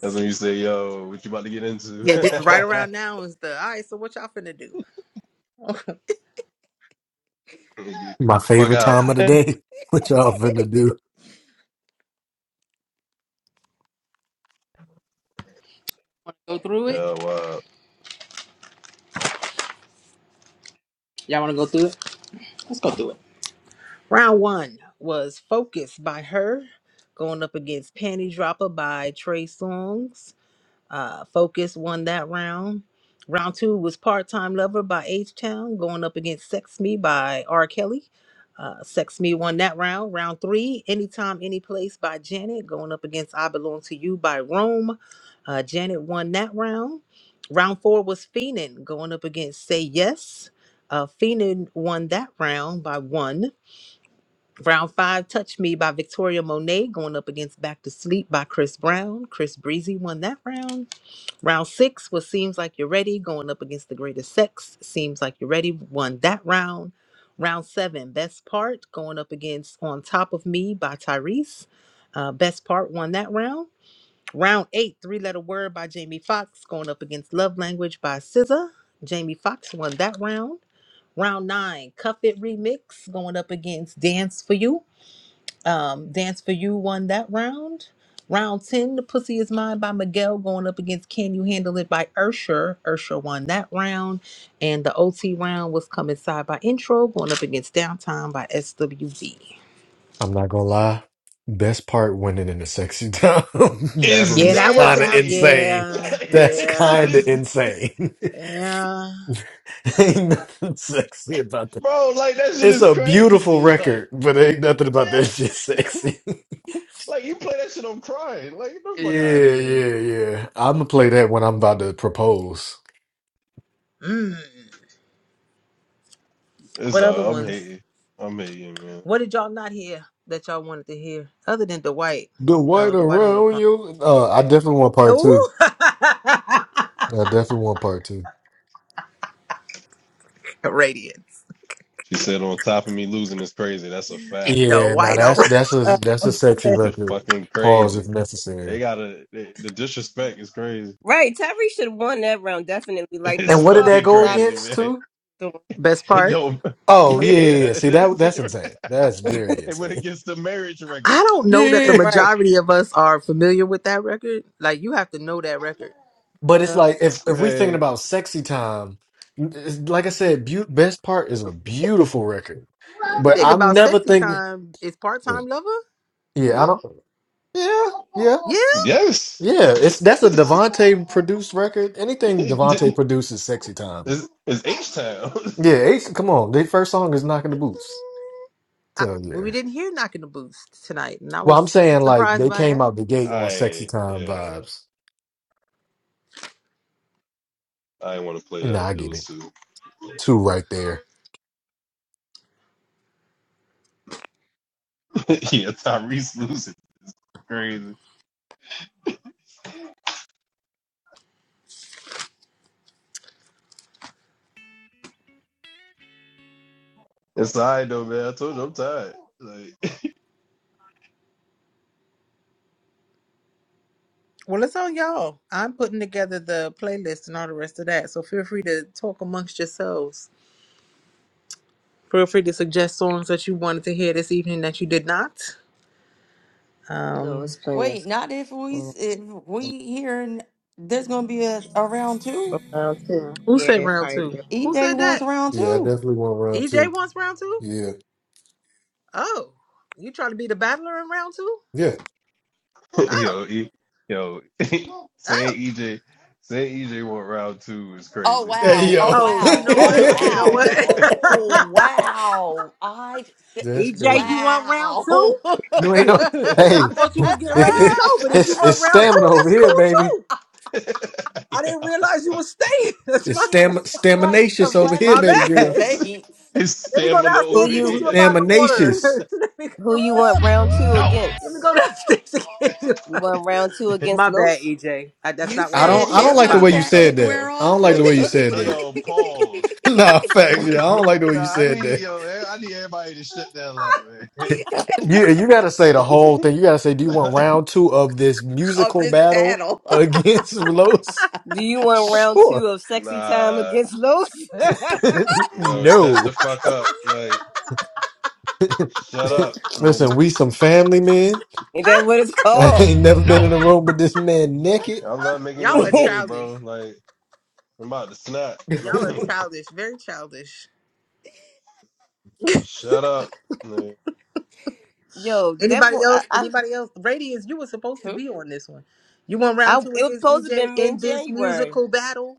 Speaker 4: That's when you say, yo, what you about to get into?
Speaker 2: Yeah, di- right
Speaker 4: get,
Speaker 2: around now is the, all right, so what y'all finna do? want
Speaker 14: My
Speaker 4: the fuck
Speaker 14: favorite
Speaker 4: out.
Speaker 14: time of the day. What y'all finna do?
Speaker 2: to go through
Speaker 4: Yo,
Speaker 2: it?
Speaker 4: wow.
Speaker 2: Y'all want to go through it? Let's go through it. Round one was Focus by her, going up against Panty Dropper by Trey Songz. Uh, Focus won that round. Round two was Part Time Lover by H Town, going up against Sex Me by R. Kelly. Uh, Sex Me won that round. Round three, Anytime, Any Place by Janet, going up against I Belong to You by Rome. Uh, Janet won that round. Round four was Feenin, going up against Say Yes. Uh, Feenan won that round by one. Round five, Touch Me by Victoria Monet, going up against Back to Sleep by Chris Brown. Chris Breezy won that round. Round six was Seems Like You're Ready, going up against The Greatest Sex. Seems Like You're Ready won that round. Round seven, Best Part, going up against On Top of Me by Tyrese. Uh, Best Part won that round. Round eight, Three Letter Word by Jamie Foxx, going up against Love Language by SZA. Jamie Foxx won that round. Round nine, Cuff It Remix, going up against Dance for You. Um, Dance for You won that round. Round 10, The Pussy Is Mine by Miguel going up against Can You Handle It by Ursher. Ursher won that round. And the OT round was Come Inside by Intro going up against Downtime by SWV.
Speaker 14: I'm not gonna lie. Best part winning in the sexy time battle
Speaker 4: It's
Speaker 2: Yeah,
Speaker 14: is
Speaker 2: that was
Speaker 14: kind of
Speaker 2: out.
Speaker 4: nasty.
Speaker 14: insane.
Speaker 2: Yeah,
Speaker 4: Like,
Speaker 14: That's
Speaker 4: this shit
Speaker 14: kind
Speaker 2: yeah,
Speaker 14: of insane.
Speaker 2: yeah.
Speaker 14: Ain't nothing sexy about that.
Speaker 4: bro, like, that shit
Speaker 14: It's
Speaker 4: is
Speaker 14: a beautiful
Speaker 4: crazy.
Speaker 14: record,
Speaker 4: Like,
Speaker 14: but ain't nothing about that
Speaker 4: yeah,
Speaker 14: shit sexy.
Speaker 4: like, you play that shit, I'm crying. Like, get the fuck out of
Speaker 14: yeah,
Speaker 4: here.
Speaker 14: yeah, yeah. I'm gonna play that when I'm about to propose.
Speaker 2: Mm.
Speaker 4: It's,
Speaker 2: What other
Speaker 4: uh, I'm
Speaker 2: ones?
Speaker 4: hating. I'm hating, man.
Speaker 2: What did y'all not hear that y'all wanted to hear other than Dwight?
Speaker 14: The white
Speaker 2: Oh, Dwight on the
Speaker 14: around
Speaker 2: phone.
Speaker 14: you. Uh, I definitely want part
Speaker 2: Ooh,
Speaker 14: two. I definitely want part two.
Speaker 2: radiance.
Speaker 4: She said, on top of me losing is crazy. That's a fact.
Speaker 2: The
Speaker 14: Yeah, now
Speaker 2: white.
Speaker 14: that's
Speaker 2: around.
Speaker 14: that's a
Speaker 13: Uh,
Speaker 14: that's a sexy
Speaker 4: It's a
Speaker 14: record.
Speaker 4: fucking
Speaker 14: Pause
Speaker 4: crazy.
Speaker 14: if
Speaker 4: They
Speaker 14: necessary.
Speaker 4: gotta, they, the disrespect is crazy.
Speaker 13: Right, Tyree should have won that round definitely. Like
Speaker 4: It's
Speaker 14: And
Speaker 13: best
Speaker 14: what did
Speaker 13: part,
Speaker 14: that
Speaker 4: fucking
Speaker 14: go
Speaker 13: not
Speaker 4: crazy,
Speaker 14: against
Speaker 4: man.
Speaker 14: too?
Speaker 13: doing
Speaker 2: Best
Speaker 4: It
Speaker 2: part?
Speaker 4: don't.
Speaker 14: Oh yeah, yeah. yeah.
Speaker 4: Yeah,
Speaker 14: See that
Speaker 4: that's it.
Speaker 14: that's insane. That's very
Speaker 4: And when It
Speaker 14: insane.
Speaker 4: gets to marriage record,
Speaker 2: I don't know that
Speaker 14: Yeah.
Speaker 2: the
Speaker 13: right.
Speaker 2: majority of us are familiar with that record. Like you have to know that record.
Speaker 14: But it's
Speaker 13: Huh?
Speaker 14: like if if we thinking
Speaker 4: man.
Speaker 14: about sexy time, it's, like I said, beau best part is a beautiful record.
Speaker 2: If you
Speaker 14: But
Speaker 2: think
Speaker 14: I'm
Speaker 2: about
Speaker 14: never
Speaker 2: "Sexy
Speaker 14: thinking.
Speaker 2: Time," it's "Part Time Lover"? Mm?
Speaker 14: Yeah, I don't. Yeah, yeah,
Speaker 2: Yeah.
Speaker 4: Yes,
Speaker 14: yeah. It's that's a
Speaker 4: it's,
Speaker 14: Devontae produced record. Anything Devontae produces, sexy time.
Speaker 4: it's H Town.
Speaker 14: Yeah, Ace, come on. Their first song is knocking the boots.
Speaker 2: I,
Speaker 14: So
Speaker 2: well, we
Speaker 14: yeah.
Speaker 2: didn't hear "Knocking the Boots" tonight, and I
Speaker 14: Well, I'm
Speaker 2: was
Speaker 14: saying like
Speaker 2: surprised
Speaker 14: they
Speaker 2: by
Speaker 14: came
Speaker 2: that.
Speaker 14: out the gate on sexy
Speaker 4: I
Speaker 14: time
Speaker 4: yeah,
Speaker 14: vibes.
Speaker 4: I didn't want to play
Speaker 14: Nah,
Speaker 4: that.
Speaker 14: I
Speaker 4: It
Speaker 14: get it.
Speaker 4: was too.
Speaker 14: Two right there.
Speaker 4: yeah, Tyrese losing crazy. It's all right though, man. I told you I'm tired. Like
Speaker 2: Well, it's on y'all. I'm putting together the playlist and all the rest of that. So feel free to talk amongst yourselves. Feel free to suggest songs that you wanted to hear this evening that you did not.
Speaker 13: There's
Speaker 2: Um,
Speaker 13: always plenty of
Speaker 1: Wait, not if we
Speaker 13: something.
Speaker 1: if we here and there's gonna be a, a round
Speaker 13: for
Speaker 1: two.
Speaker 13: round two.
Speaker 2: who said
Speaker 13: Yeah,
Speaker 2: round
Speaker 13: probably.
Speaker 2: two? Who said
Speaker 1: EJ
Speaker 2: that?
Speaker 1: wants round
Speaker 14: Yeah, I
Speaker 1: two.
Speaker 14: definitely want round two.
Speaker 2: EJ wants round two.
Speaker 14: Yeah.
Speaker 2: Oh, you trying to be the battler in round two?
Speaker 14: Yeah.
Speaker 2: Oh,
Speaker 4: yo, e, yo,
Speaker 2: oh,
Speaker 4: saying EJ, saying EJ want round two is
Speaker 1: Oh
Speaker 4: crazy.
Speaker 14: Hey
Speaker 1: wow!
Speaker 14: yo,
Speaker 1: Oh
Speaker 2: oh! You
Speaker 1: wow!
Speaker 2: know
Speaker 1: Oh
Speaker 2: what? You know
Speaker 1: wow!
Speaker 2: what?
Speaker 1: Oh wow! I
Speaker 14: that's
Speaker 2: EJ,
Speaker 14: crazy.
Speaker 2: you want round
Speaker 1: wow!
Speaker 2: two?
Speaker 14: You ain't know.
Speaker 2: I
Speaker 14: Hey,
Speaker 2: thought you was getting ready
Speaker 8: No,
Speaker 2: to go, but if you
Speaker 14: it's
Speaker 2: want
Speaker 14: it's
Speaker 2: round
Speaker 14: stamina
Speaker 2: two,
Speaker 14: over
Speaker 2: that's
Speaker 14: here, baby.
Speaker 2: cool too. I didn't realize you was staying. That's
Speaker 14: It's
Speaker 2: my
Speaker 14: stam
Speaker 1: Jesus Christ
Speaker 14: staminacious
Speaker 1: of
Speaker 14: over
Speaker 1: Latter
Speaker 14: here,
Speaker 2: my
Speaker 14: baby
Speaker 1: Day
Speaker 2: bad.
Speaker 14: girl.
Speaker 2: Let
Speaker 1: Saints!
Speaker 4: His
Speaker 2: me go
Speaker 4: stamina
Speaker 13: Who
Speaker 4: over
Speaker 2: downstairs to get you
Speaker 13: you
Speaker 2: a
Speaker 4: here.
Speaker 2: bottle of
Speaker 14: Staminacious.
Speaker 2: water. let me
Speaker 13: who
Speaker 2: go.
Speaker 13: you want round two
Speaker 8: no,
Speaker 2: Let me go
Speaker 13: against?
Speaker 2: downstairs to get you.
Speaker 13: You want round two
Speaker 2: My
Speaker 13: against
Speaker 2: bad,
Speaker 13: Los?
Speaker 2: EJ. that's
Speaker 1: You
Speaker 2: not what
Speaker 14: I
Speaker 2: I
Speaker 4: Yo,
Speaker 2: meant.
Speaker 1: said
Speaker 14: don't I don't
Speaker 1: his
Speaker 4: shut
Speaker 14: like
Speaker 4: the
Speaker 14: the
Speaker 1: honey
Speaker 14: way you
Speaker 2: Apologies.
Speaker 4: fuck
Speaker 1: pat
Speaker 4: up,
Speaker 14: said
Speaker 1: didn't
Speaker 14: that.
Speaker 4: yo.
Speaker 1: wear
Speaker 14: I don't
Speaker 1: off
Speaker 14: like the
Speaker 4: Yo,
Speaker 2: Sid.
Speaker 14: way you
Speaker 4: shut the
Speaker 14: said
Speaker 2: My-
Speaker 4: hey,
Speaker 14: that.
Speaker 4: yo pause.
Speaker 14: nah,
Speaker 4: I
Speaker 14: facts. Yeah, I don't
Speaker 4: need
Speaker 14: like the way you
Speaker 4: nah, I
Speaker 14: said
Speaker 4: need
Speaker 14: that.
Speaker 4: yo, I need everybody to shut the hell up,
Speaker 14: You you gotta say the whole thing. You gotta say, do you want
Speaker 4: man.
Speaker 14: round two of this
Speaker 1: of
Speaker 14: musical
Speaker 1: this
Speaker 14: battle
Speaker 1: battle.
Speaker 14: against Los?
Speaker 13: Do you want round
Speaker 14: Sure.
Speaker 13: two of sexy time
Speaker 4: nah,
Speaker 13: against Los?
Speaker 4: no, shut the
Speaker 14: no.
Speaker 4: fuck up, like shut up,
Speaker 14: Listen,
Speaker 4: nigga.
Speaker 14: we some family men.
Speaker 13: Is that what it's
Speaker 14: I
Speaker 13: called?
Speaker 14: ain't never been
Speaker 8: no.
Speaker 14: in a room with this man naked.
Speaker 4: I'm not making
Speaker 2: Y'all are
Speaker 4: niggas gay,
Speaker 2: childish.
Speaker 4: bro. Like, I'm about to snap.
Speaker 2: Y'all are childish. Very childish.
Speaker 4: shut up. Like,
Speaker 13: Yo,
Speaker 2: Anybody
Speaker 13: devil. I,
Speaker 2: else?
Speaker 13: I,
Speaker 2: Anybody else? Radiance, you were supposed to
Speaker 13: hmm?
Speaker 2: be on this one. You want
Speaker 13: I
Speaker 2: round two
Speaker 13: it was
Speaker 2: against
Speaker 13: supposed to have
Speaker 2: EJ
Speaker 13: been
Speaker 2: in
Speaker 13: mid
Speaker 2: this
Speaker 13: January.
Speaker 2: musical battle?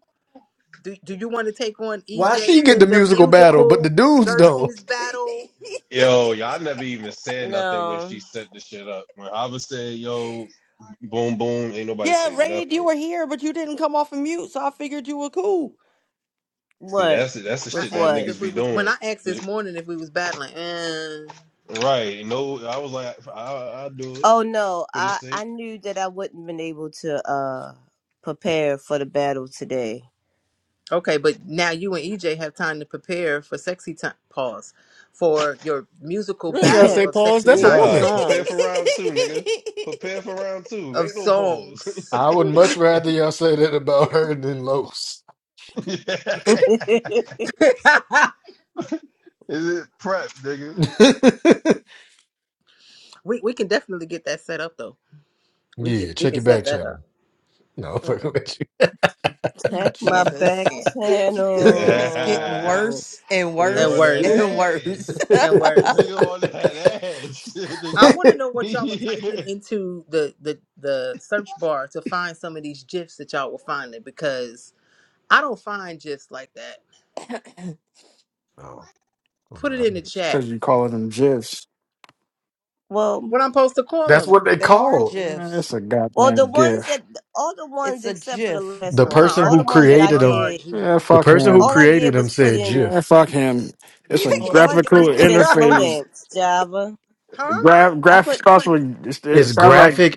Speaker 2: Do, do you want to take on
Speaker 14: Why
Speaker 2: EJ
Speaker 14: she get
Speaker 2: in
Speaker 14: the
Speaker 2: the
Speaker 14: musical battle, but the
Speaker 2: musical
Speaker 14: dudes don't?
Speaker 2: versus battle?
Speaker 4: yo, y'all never even said nothing when
Speaker 13: No.
Speaker 4: she set the shit up. When Hava said, yo, boom, boom, ain't nobody
Speaker 1: Yeah,
Speaker 4: say
Speaker 1: Raid, you
Speaker 4: nothing.
Speaker 1: were here, but you didn't come off of mute, so I figured you were cool.
Speaker 4: See,
Speaker 13: What?
Speaker 4: that's that's the
Speaker 2: I
Speaker 13: With
Speaker 4: shit that
Speaker 2: asked
Speaker 13: what?
Speaker 2: if
Speaker 4: niggas
Speaker 2: we
Speaker 4: be
Speaker 2: was when
Speaker 4: doing.
Speaker 2: I asked this morning if we was battling. eh.
Speaker 4: Right. No, I was like, I, I'll do it
Speaker 13: Oh no,
Speaker 4: for this
Speaker 13: I
Speaker 4: sake.
Speaker 13: I knew that I wouldn't been able to uh prepare for the battle today.
Speaker 2: Okay, but now you and EJ have time to prepare for sexy time. Pause for your musical
Speaker 14: You ain't gotta say
Speaker 2: battle of
Speaker 14: pause.
Speaker 2: sexy
Speaker 14: That's a
Speaker 13: Me-
Speaker 2: time
Speaker 4: Nah,
Speaker 14: woman.
Speaker 4: prepare for
Speaker 2: songs
Speaker 4: round two, nigga. Prepare for round two.
Speaker 2: of
Speaker 4: Ain't no pause.
Speaker 2: songs.
Speaker 14: I would much rather y'all say that about her than Los.
Speaker 4: Is it prep, nigga?
Speaker 2: we we can definitely get that set up though. We can
Speaker 14: yeah,
Speaker 2: we
Speaker 14: check
Speaker 2: can
Speaker 14: your
Speaker 2: set
Speaker 14: back
Speaker 2: that up.
Speaker 14: channel. No, I'm
Speaker 1: oh,
Speaker 14: fucking with
Speaker 2: I
Speaker 13: Check my
Speaker 2: can't. I
Speaker 13: back
Speaker 1: Jesus.
Speaker 2: can't.
Speaker 1: This
Speaker 2: I
Speaker 1: is
Speaker 2: can't.
Speaker 1: just getting
Speaker 13: channel.
Speaker 1: worse and
Speaker 4: He
Speaker 2: And
Speaker 4: on
Speaker 1: worse
Speaker 4: that
Speaker 2: worse.
Speaker 1: and
Speaker 4: ass.
Speaker 1: worse.
Speaker 2: And
Speaker 4: He
Speaker 2: worse.
Speaker 4: on
Speaker 14: you.
Speaker 4: that ass.
Speaker 2: I
Speaker 4: nigga.
Speaker 2: want to know what y'all are typing
Speaker 4: yeah.
Speaker 2: into the, the the search bar to find some of these gifs that y'all were finding because I don't find gifs like that.
Speaker 14: Oh, all
Speaker 2: Put it
Speaker 14: right.
Speaker 2: in the
Speaker 7: It's
Speaker 2: chat.
Speaker 7: cause you calling them gifs.
Speaker 13: Well,
Speaker 2: What I'm supposed to call
Speaker 14: That's
Speaker 2: them?
Speaker 14: what they
Speaker 1: they are
Speaker 14: called
Speaker 7: Man, it's
Speaker 1: GIFs.
Speaker 7: a
Speaker 13: well, the
Speaker 7: goddamn
Speaker 13: ones that
Speaker 7: gift.
Speaker 13: all the
Speaker 1: It's
Speaker 13: ones
Speaker 1: a
Speaker 13: except for the
Speaker 1: GIF.
Speaker 13: last
Speaker 14: the
Speaker 2: I'm
Speaker 13: one,
Speaker 2: not
Speaker 14: person
Speaker 13: all
Speaker 14: who
Speaker 13: the
Speaker 2: arguing with
Speaker 13: ones
Speaker 2: you
Speaker 13: that I
Speaker 2: over
Speaker 14: created
Speaker 2: a
Speaker 14: them.
Speaker 2: hard
Speaker 13: did,
Speaker 2: G.
Speaker 7: Yeah,
Speaker 14: The
Speaker 7: fuck
Speaker 14: person who
Speaker 13: all
Speaker 7: him.
Speaker 13: I
Speaker 14: created
Speaker 13: did
Speaker 14: them
Speaker 13: was put
Speaker 14: said
Speaker 13: in,
Speaker 7: Man,
Speaker 14: GIF.
Speaker 7: fuck him. It's a
Speaker 13: all I did
Speaker 7: graphical
Speaker 13: was put in slow
Speaker 2: huh?
Speaker 7: interface.
Speaker 13: dance Java.
Speaker 7: Gra-
Speaker 13: I
Speaker 7: graphics
Speaker 13: put
Speaker 7: starts with it it
Speaker 14: is
Speaker 7: sounds like
Speaker 14: graphic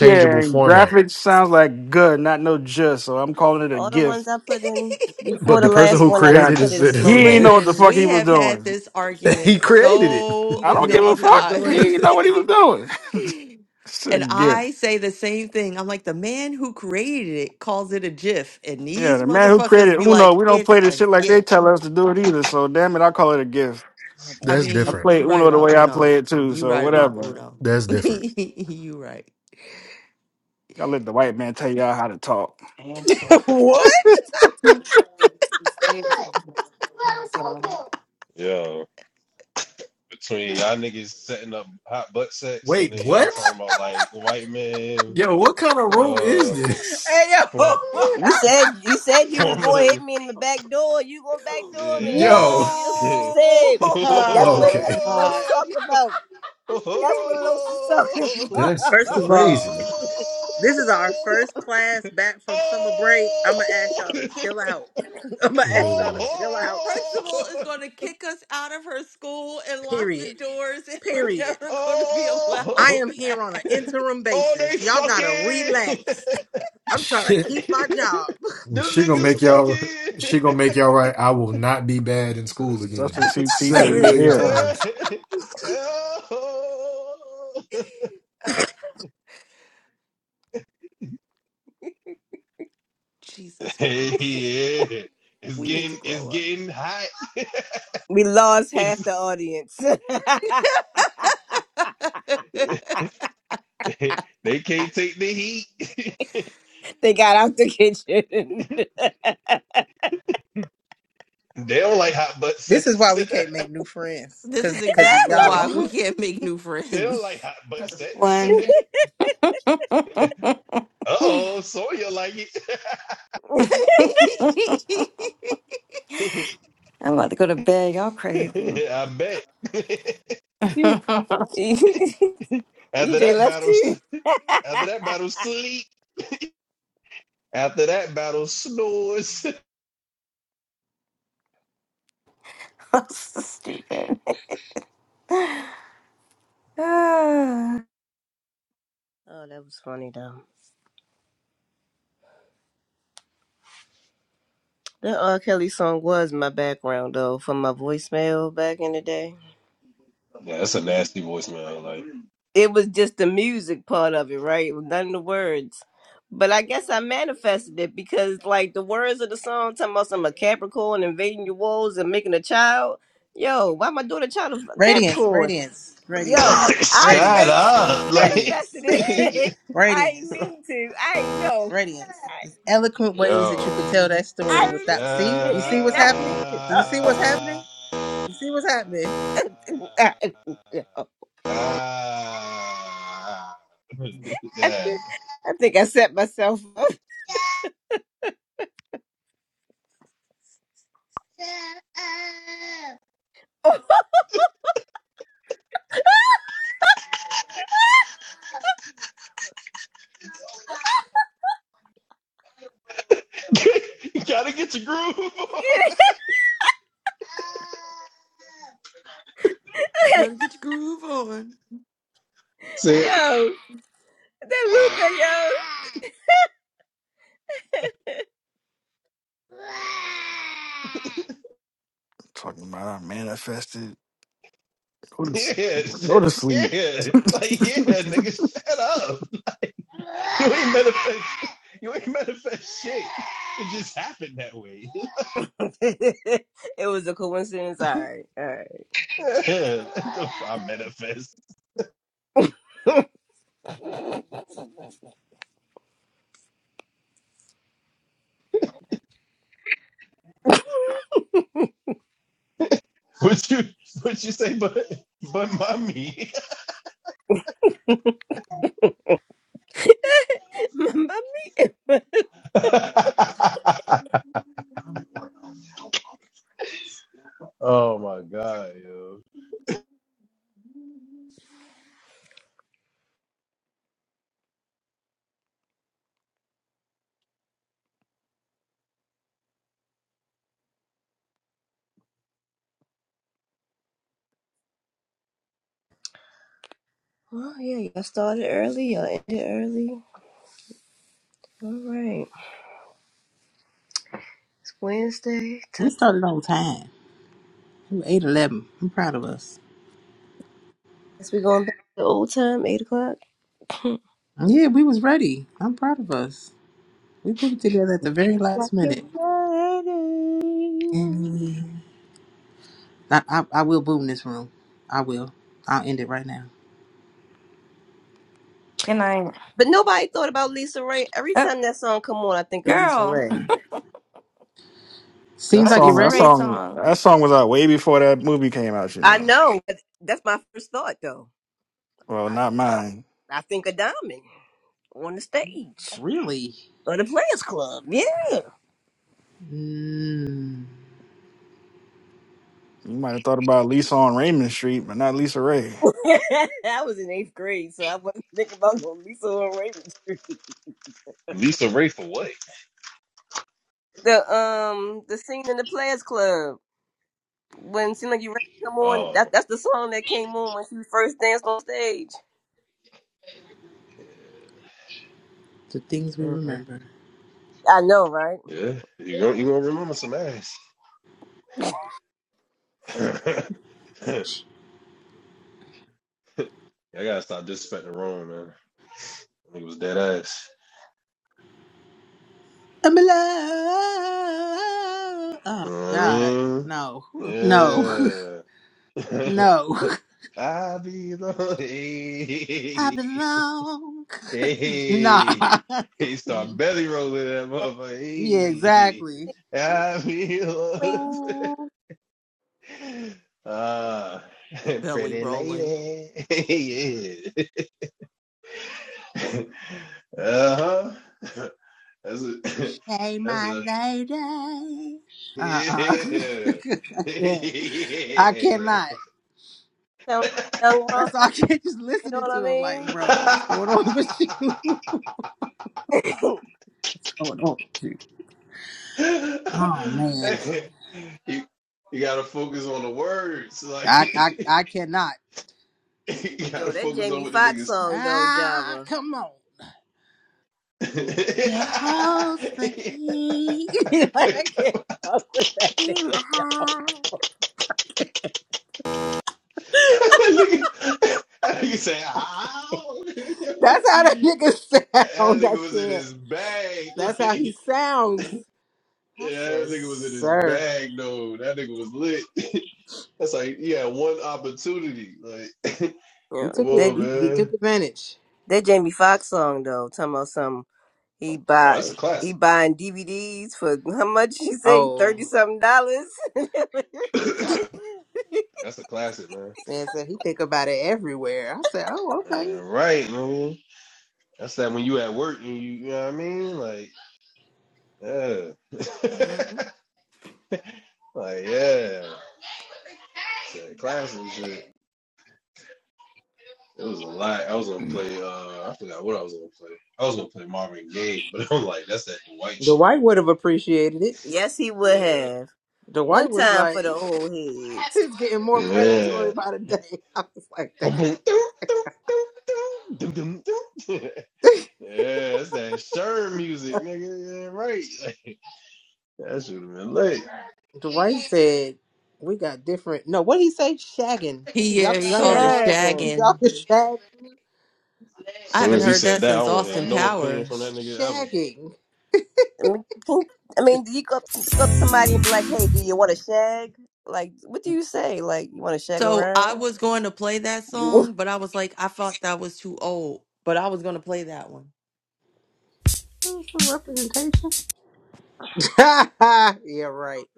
Speaker 7: yeah, and
Speaker 14: format,
Speaker 7: graphics sounds like good, not no just. So I'm calling it a
Speaker 13: all the ones
Speaker 7: gift.
Speaker 13: I put in before
Speaker 14: but
Speaker 13: the
Speaker 14: the person
Speaker 13: last
Speaker 14: who
Speaker 13: one. I just
Speaker 7: God,
Speaker 14: created it
Speaker 13: put in
Speaker 14: said it's
Speaker 13: slow
Speaker 14: a
Speaker 7: he ain't
Speaker 14: GIF.
Speaker 7: know what
Speaker 13: dance.
Speaker 7: the
Speaker 1: Listen,
Speaker 7: fuck
Speaker 1: we
Speaker 7: he was
Speaker 1: have had
Speaker 7: doing.
Speaker 1: this
Speaker 14: he
Speaker 1: argument
Speaker 14: created
Speaker 2: You
Speaker 1: so
Speaker 7: I
Speaker 2: didn't
Speaker 7: don't
Speaker 14: it.
Speaker 2: know
Speaker 7: give
Speaker 1: many
Speaker 7: a
Speaker 2: what he was
Speaker 7: fuck.
Speaker 2: doing?
Speaker 7: He ain't
Speaker 1: times.
Speaker 7: know what he was doing. it's a
Speaker 1: And
Speaker 7: gift.
Speaker 1: I say the same thing. I'm like, the man who created it calls it a GIF. And
Speaker 7: Yeah,
Speaker 1: these
Speaker 7: the man who
Speaker 1: motherfuckers
Speaker 7: created
Speaker 1: be
Speaker 7: Uno,
Speaker 1: like,
Speaker 7: we don't
Speaker 1: it's
Speaker 7: play this
Speaker 1: a
Speaker 7: shit like they
Speaker 1: GIF.
Speaker 7: tell us to do it either. So damn it, I call it a gift.
Speaker 2: Oh
Speaker 1: I
Speaker 2: boy.
Speaker 14: That's
Speaker 7: I
Speaker 1: mean,
Speaker 14: different.
Speaker 7: play
Speaker 1: you right
Speaker 7: Uno the
Speaker 1: about
Speaker 7: way I
Speaker 1: Uno.
Speaker 7: play it too.
Speaker 1: You
Speaker 7: So
Speaker 1: right about
Speaker 7: whatever.
Speaker 1: Uno.
Speaker 14: That's different.
Speaker 1: you right.
Speaker 7: Y'all let the white man tell y'all how to talk.
Speaker 2: what?
Speaker 4: Yo, between y'all niggas setting up hot butt sex and
Speaker 14: Wait,
Speaker 4: then y'all
Speaker 14: what?
Speaker 4: talking about like white man
Speaker 14: Yo, what kind of room is
Speaker 4: uh
Speaker 14: this?
Speaker 2: Hey yo.
Speaker 4: for,
Speaker 13: You said you said you was gonna
Speaker 4: formula.
Speaker 13: hit me in the back door. You gonna backdoor me?
Speaker 4: Yeah.
Speaker 1: Whoa!
Speaker 13: I
Speaker 14: Yo,
Speaker 13: don't know. That's what you
Speaker 4: Yeah.
Speaker 13: said. That's what
Speaker 2: oh
Speaker 14: okay,
Speaker 13: that's what Los
Speaker 2: God.
Speaker 13: talk about.
Speaker 4: Oh,
Speaker 13: That's what Los is talking
Speaker 4: oh, oh,
Speaker 14: that's
Speaker 2: First
Speaker 13: about.
Speaker 2: of all.
Speaker 14: crazy.
Speaker 2: This is our first class back from summer break. I'm gonna ask y'all to
Speaker 4: oh,
Speaker 2: chill out. I'm gonna
Speaker 4: oh,
Speaker 2: ask y'all
Speaker 14: Man.
Speaker 2: to chill out.
Speaker 4: oh,
Speaker 1: Principal is
Speaker 4: oh.
Speaker 1: going to kick us out of her school and lock the
Speaker 2: Period.
Speaker 1: doors, and we're
Speaker 2: Period.
Speaker 1: never going to be allowed
Speaker 2: I
Speaker 4: Oh,
Speaker 2: am here on an
Speaker 1: back.
Speaker 2: interim
Speaker 4: oh,
Speaker 2: basis.
Speaker 4: they
Speaker 2: Y'all gotta
Speaker 4: fucking.
Speaker 2: relax. I'm trying to
Speaker 14: Shit,
Speaker 2: keep my job.
Speaker 4: Them
Speaker 14: she gonna
Speaker 4: niggas
Speaker 14: make y'all. She
Speaker 4: fucking.
Speaker 14: gonna make y'all right. I will not be bad in school again.
Speaker 7: Substitute teacher
Speaker 14: Seven
Speaker 7: is
Speaker 14: million
Speaker 2: Listen,
Speaker 7: here.
Speaker 4: yeah.
Speaker 14: times.
Speaker 4: Oh.
Speaker 1: Jesus
Speaker 4: Hey,
Speaker 1: Christ.
Speaker 4: yeah. It's
Speaker 1: We need
Speaker 4: getting
Speaker 1: to
Speaker 4: it's
Speaker 1: grow
Speaker 4: getting hot.
Speaker 13: we lost half
Speaker 4: It's,
Speaker 13: the audience.
Speaker 1: up.
Speaker 4: they can't take the heat.
Speaker 13: they got out the kitchen.
Speaker 4: They don't like hot butt
Speaker 2: this is
Speaker 4: sex.
Speaker 2: why we can't make new friends,
Speaker 1: This is
Speaker 2: cause cause of
Speaker 1: exactly
Speaker 4: they
Speaker 1: why we
Speaker 2: y'all.
Speaker 1: can't make new
Speaker 4: they don't
Speaker 1: friends.
Speaker 4: like hot butt sex.
Speaker 12: One.
Speaker 4: Uh oh, Sawyer like it.
Speaker 12: I'm about to go to bed. Y'all crazy.
Speaker 4: I bet.
Speaker 12: That's
Speaker 4: After
Speaker 13: EJ
Speaker 4: that
Speaker 13: left
Speaker 4: battle,
Speaker 13: too. oh,
Speaker 4: After that battle, sleep. After that battle, snores.
Speaker 12: so stupid. Ah,
Speaker 13: that was funny though. That R. Kelly song was my background though for my voicemail back in the day.
Speaker 4: Yeah, that's a nasty voicemail. Like,
Speaker 13: it was just the music part of it, right? It was None of the words. But I guess I manifested it because like the words of the song talking about some a Capricorn invading your walls and making a child. Yo, why am I doing a child of
Speaker 2: Radiance,
Speaker 13: Capricorn?
Speaker 2: radiance,
Speaker 13: Yo,
Speaker 2: radiance,
Speaker 13: I
Speaker 4: Shut
Speaker 13: think
Speaker 2: radiance,
Speaker 13: I
Speaker 4: up. Like,
Speaker 13: manifested
Speaker 2: radiance,
Speaker 13: it. I ain't
Speaker 2: radiance.
Speaker 13: mean to. I ain't know.
Speaker 2: Radiance. There's eloquent ways that you
Speaker 4: yo,
Speaker 2: could tell that
Speaker 13: I
Speaker 2: story
Speaker 13: I
Speaker 4: shut
Speaker 2: without. See, you see what's
Speaker 4: up.
Speaker 2: happening. Do you see what's happening? You see what's happening.
Speaker 4: Ah. Yeah.
Speaker 13: I think I set myself up.
Speaker 4: you gotta get your groove on.
Speaker 1: Gotta get your groove on.
Speaker 4: see,
Speaker 13: Yo. That Luca,
Speaker 7: Talking about I manifested. Go to, s-
Speaker 4: Yeah,
Speaker 7: go
Speaker 4: shit.
Speaker 7: to sleep.
Speaker 4: yeah, like yeah, nigga, shut up. You ain't manifest. You ain't manifest shit. It just happened that way.
Speaker 13: yo. it was a coincidence. All right, all right.
Speaker 4: Yeah, I manifest. What you what you say? But but mommy.
Speaker 13: Mamma mia.
Speaker 4: oh my god, yo.
Speaker 13: Well, yeah, y'all started early. Y'all ended early. All right. It's Wednesday.
Speaker 2: We
Speaker 13: Time.
Speaker 2: started on time. We were eight eleven. I'm proud of us.
Speaker 13: Guess we going back to the old time, eight o'clock.
Speaker 2: Yeah, we was ready. I'm proud of us. We put it together at the
Speaker 13: Eight
Speaker 2: very last
Speaker 13: o'clock, you're
Speaker 2: minute.
Speaker 13: ready.
Speaker 2: And we- I, I, I will boom this room. I will. I'll end it right now.
Speaker 12: good night.
Speaker 13: But nobody thought about Lisa Ray. Every
Speaker 12: Oh,
Speaker 13: time that song come on, I think of Lisa
Speaker 12: girl,
Speaker 13: Ray.
Speaker 7: That
Speaker 2: Seems
Speaker 12: what
Speaker 2: like you're
Speaker 7: song,
Speaker 12: Lisa
Speaker 7: that
Speaker 2: ready.
Speaker 12: Ray
Speaker 7: song,
Speaker 12: song?
Speaker 7: that song was out way before that movie came out. You
Speaker 13: I
Speaker 7: know,
Speaker 13: know. but That's my first thought, though.
Speaker 7: well,
Speaker 13: I
Speaker 7: not mine.
Speaker 13: I think of Diamond on the stage
Speaker 2: Really?
Speaker 13: or the Players Club. Yeah.
Speaker 2: Mm,
Speaker 7: You might have thought about Lisa on Raymond Street, but not Lisa Ray.
Speaker 13: I was in eighth grade, so I wasn't thinking about no Lisa on Raven Street.
Speaker 4: Lisa Ray for what?
Speaker 13: The um the scene in the Players Club when it seemed like you ready to come on.
Speaker 4: Oh
Speaker 13: That that's the song that came on when she first danced on stage.
Speaker 4: yeah.
Speaker 2: the things we
Speaker 13: Mhm.
Speaker 2: remember.
Speaker 13: I know, right?
Speaker 4: yeah. You gonna you gonna remember some ass. I gotta stop disrespecting Rome, man. It was dead ass.
Speaker 2: I'm alone. Oh
Speaker 4: You know what I
Speaker 2: God,
Speaker 4: mean?
Speaker 2: no, no,
Speaker 4: Yeah.
Speaker 2: no.
Speaker 4: I be the
Speaker 2: I
Speaker 4: hey,
Speaker 2: belong. nah.
Speaker 4: hey, hey, start belly rolling that motherfucker.
Speaker 2: yeah,
Speaker 4: Hey,
Speaker 2: exactly.
Speaker 4: I be the uh,
Speaker 1: Belly
Speaker 4: pretty
Speaker 1: rolling.
Speaker 4: lady. yeah. Uh huh. That's a,
Speaker 2: Hey,
Speaker 4: that's
Speaker 2: my
Speaker 4: a,
Speaker 2: lady. Uh-uh.
Speaker 4: yeah.
Speaker 2: I can't. I cannot.
Speaker 13: Sound like young Ron,
Speaker 2: That's all. I can't just
Speaker 13: you know
Speaker 2: listening
Speaker 13: what I
Speaker 2: to him. Like,
Speaker 13: mean?
Speaker 2: bro, what's going on with you?
Speaker 4: yeah.
Speaker 2: What's going on with you? Oh man,
Speaker 4: Hey, you, you gotta focus on the words.
Speaker 2: I I
Speaker 4: Like
Speaker 2: I cannot.
Speaker 4: you gotta
Speaker 13: Yo, that
Speaker 4: focus on
Speaker 13: Jamie
Speaker 4: what the
Speaker 13: Foxx
Speaker 4: niggas.
Speaker 13: song though,
Speaker 2: Ah,
Speaker 13: Java.
Speaker 2: come on. Your hoes the key. like, I can't fuck with that
Speaker 13: See my
Speaker 2: nigga.
Speaker 13: heart.
Speaker 4: Nigga- that nigga said, how? that
Speaker 2: That's how that nigga sound.
Speaker 4: nigga
Speaker 2: I
Speaker 4: was in
Speaker 2: can't.
Speaker 4: his bag.
Speaker 2: That's how he
Speaker 4: Like
Speaker 2: sounds. I
Speaker 4: yeah, that
Speaker 2: says,
Speaker 4: nigga was in his
Speaker 2: sir.
Speaker 4: bag No, That nigga was lit. That's like you had one opportunity. Like
Speaker 2: He
Speaker 13: Yeah,
Speaker 2: took it.
Speaker 4: whoa
Speaker 13: that
Speaker 2: He, he took
Speaker 4: man.
Speaker 2: advantage.
Speaker 13: that Jamie Foxx song though, talking about something. He
Speaker 4: Oh,
Speaker 13: buy
Speaker 4: that's a
Speaker 13: he
Speaker 4: classic.
Speaker 13: buying DVDs for how much you say thirty
Speaker 2: Oh
Speaker 13: something dollars?
Speaker 4: that's a classic, man.
Speaker 2: man, said he think about it everywhere. I said, oh okay.
Speaker 4: All right, man. That's that when you at work and you, you know what I mean? Like, yeah.
Speaker 1: Mhm.
Speaker 4: like, yeah. Said classes and shit. It was a lot. I was gonna play uh I forgot what I was gonna play. I was gonna play Marvin Gaye, but I'm like, that's that Dwight
Speaker 2: The
Speaker 4: shit.
Speaker 2: white would have appreciated it.
Speaker 13: yes, he would
Speaker 4: Yeah.
Speaker 13: have
Speaker 2: The
Speaker 13: one
Speaker 2: white was
Speaker 13: time
Speaker 2: like,
Speaker 13: for the old heads.
Speaker 2: it's getting more
Speaker 4: Yeah.
Speaker 2: predatory by the day. I was like
Speaker 4: Boom,
Speaker 2: that.
Speaker 4: Yeah, that's that Sherm music, nigga. Yeah, right. Like, that should have been late.
Speaker 2: Dwight said we got different. No, what did he say? Shagging.
Speaker 1: He, yeah,
Speaker 2: Y'all,
Speaker 1: he
Speaker 2: y'all ain't
Speaker 1: called
Speaker 2: trying to
Speaker 1: it
Speaker 2: know what
Speaker 13: Shag. 'em.
Speaker 2: Y'all
Speaker 1: shagging.
Speaker 2: can
Speaker 4: As
Speaker 1: I
Speaker 4: soon
Speaker 1: haven't
Speaker 4: as he
Speaker 1: heard
Speaker 4: said
Speaker 1: that
Speaker 4: that, I
Speaker 1: since
Speaker 4: don't want to
Speaker 1: Austin
Speaker 4: have no opinion from that
Speaker 1: Powers.
Speaker 4: nigga ever.
Speaker 2: shag, shagging.
Speaker 13: I mean, who- I
Speaker 2: Just
Speaker 13: mean, do you go up, go up to somebody and be like, "Hey, do you want to shag?" Like, what do you say? Like, you want to shag
Speaker 1: So I
Speaker 13: around?
Speaker 1: was going to play that
Speaker 13: you
Speaker 1: song, but I was like, I thought that was too old. But I was going to play that one.
Speaker 2: Oh, for representation. yeah, right.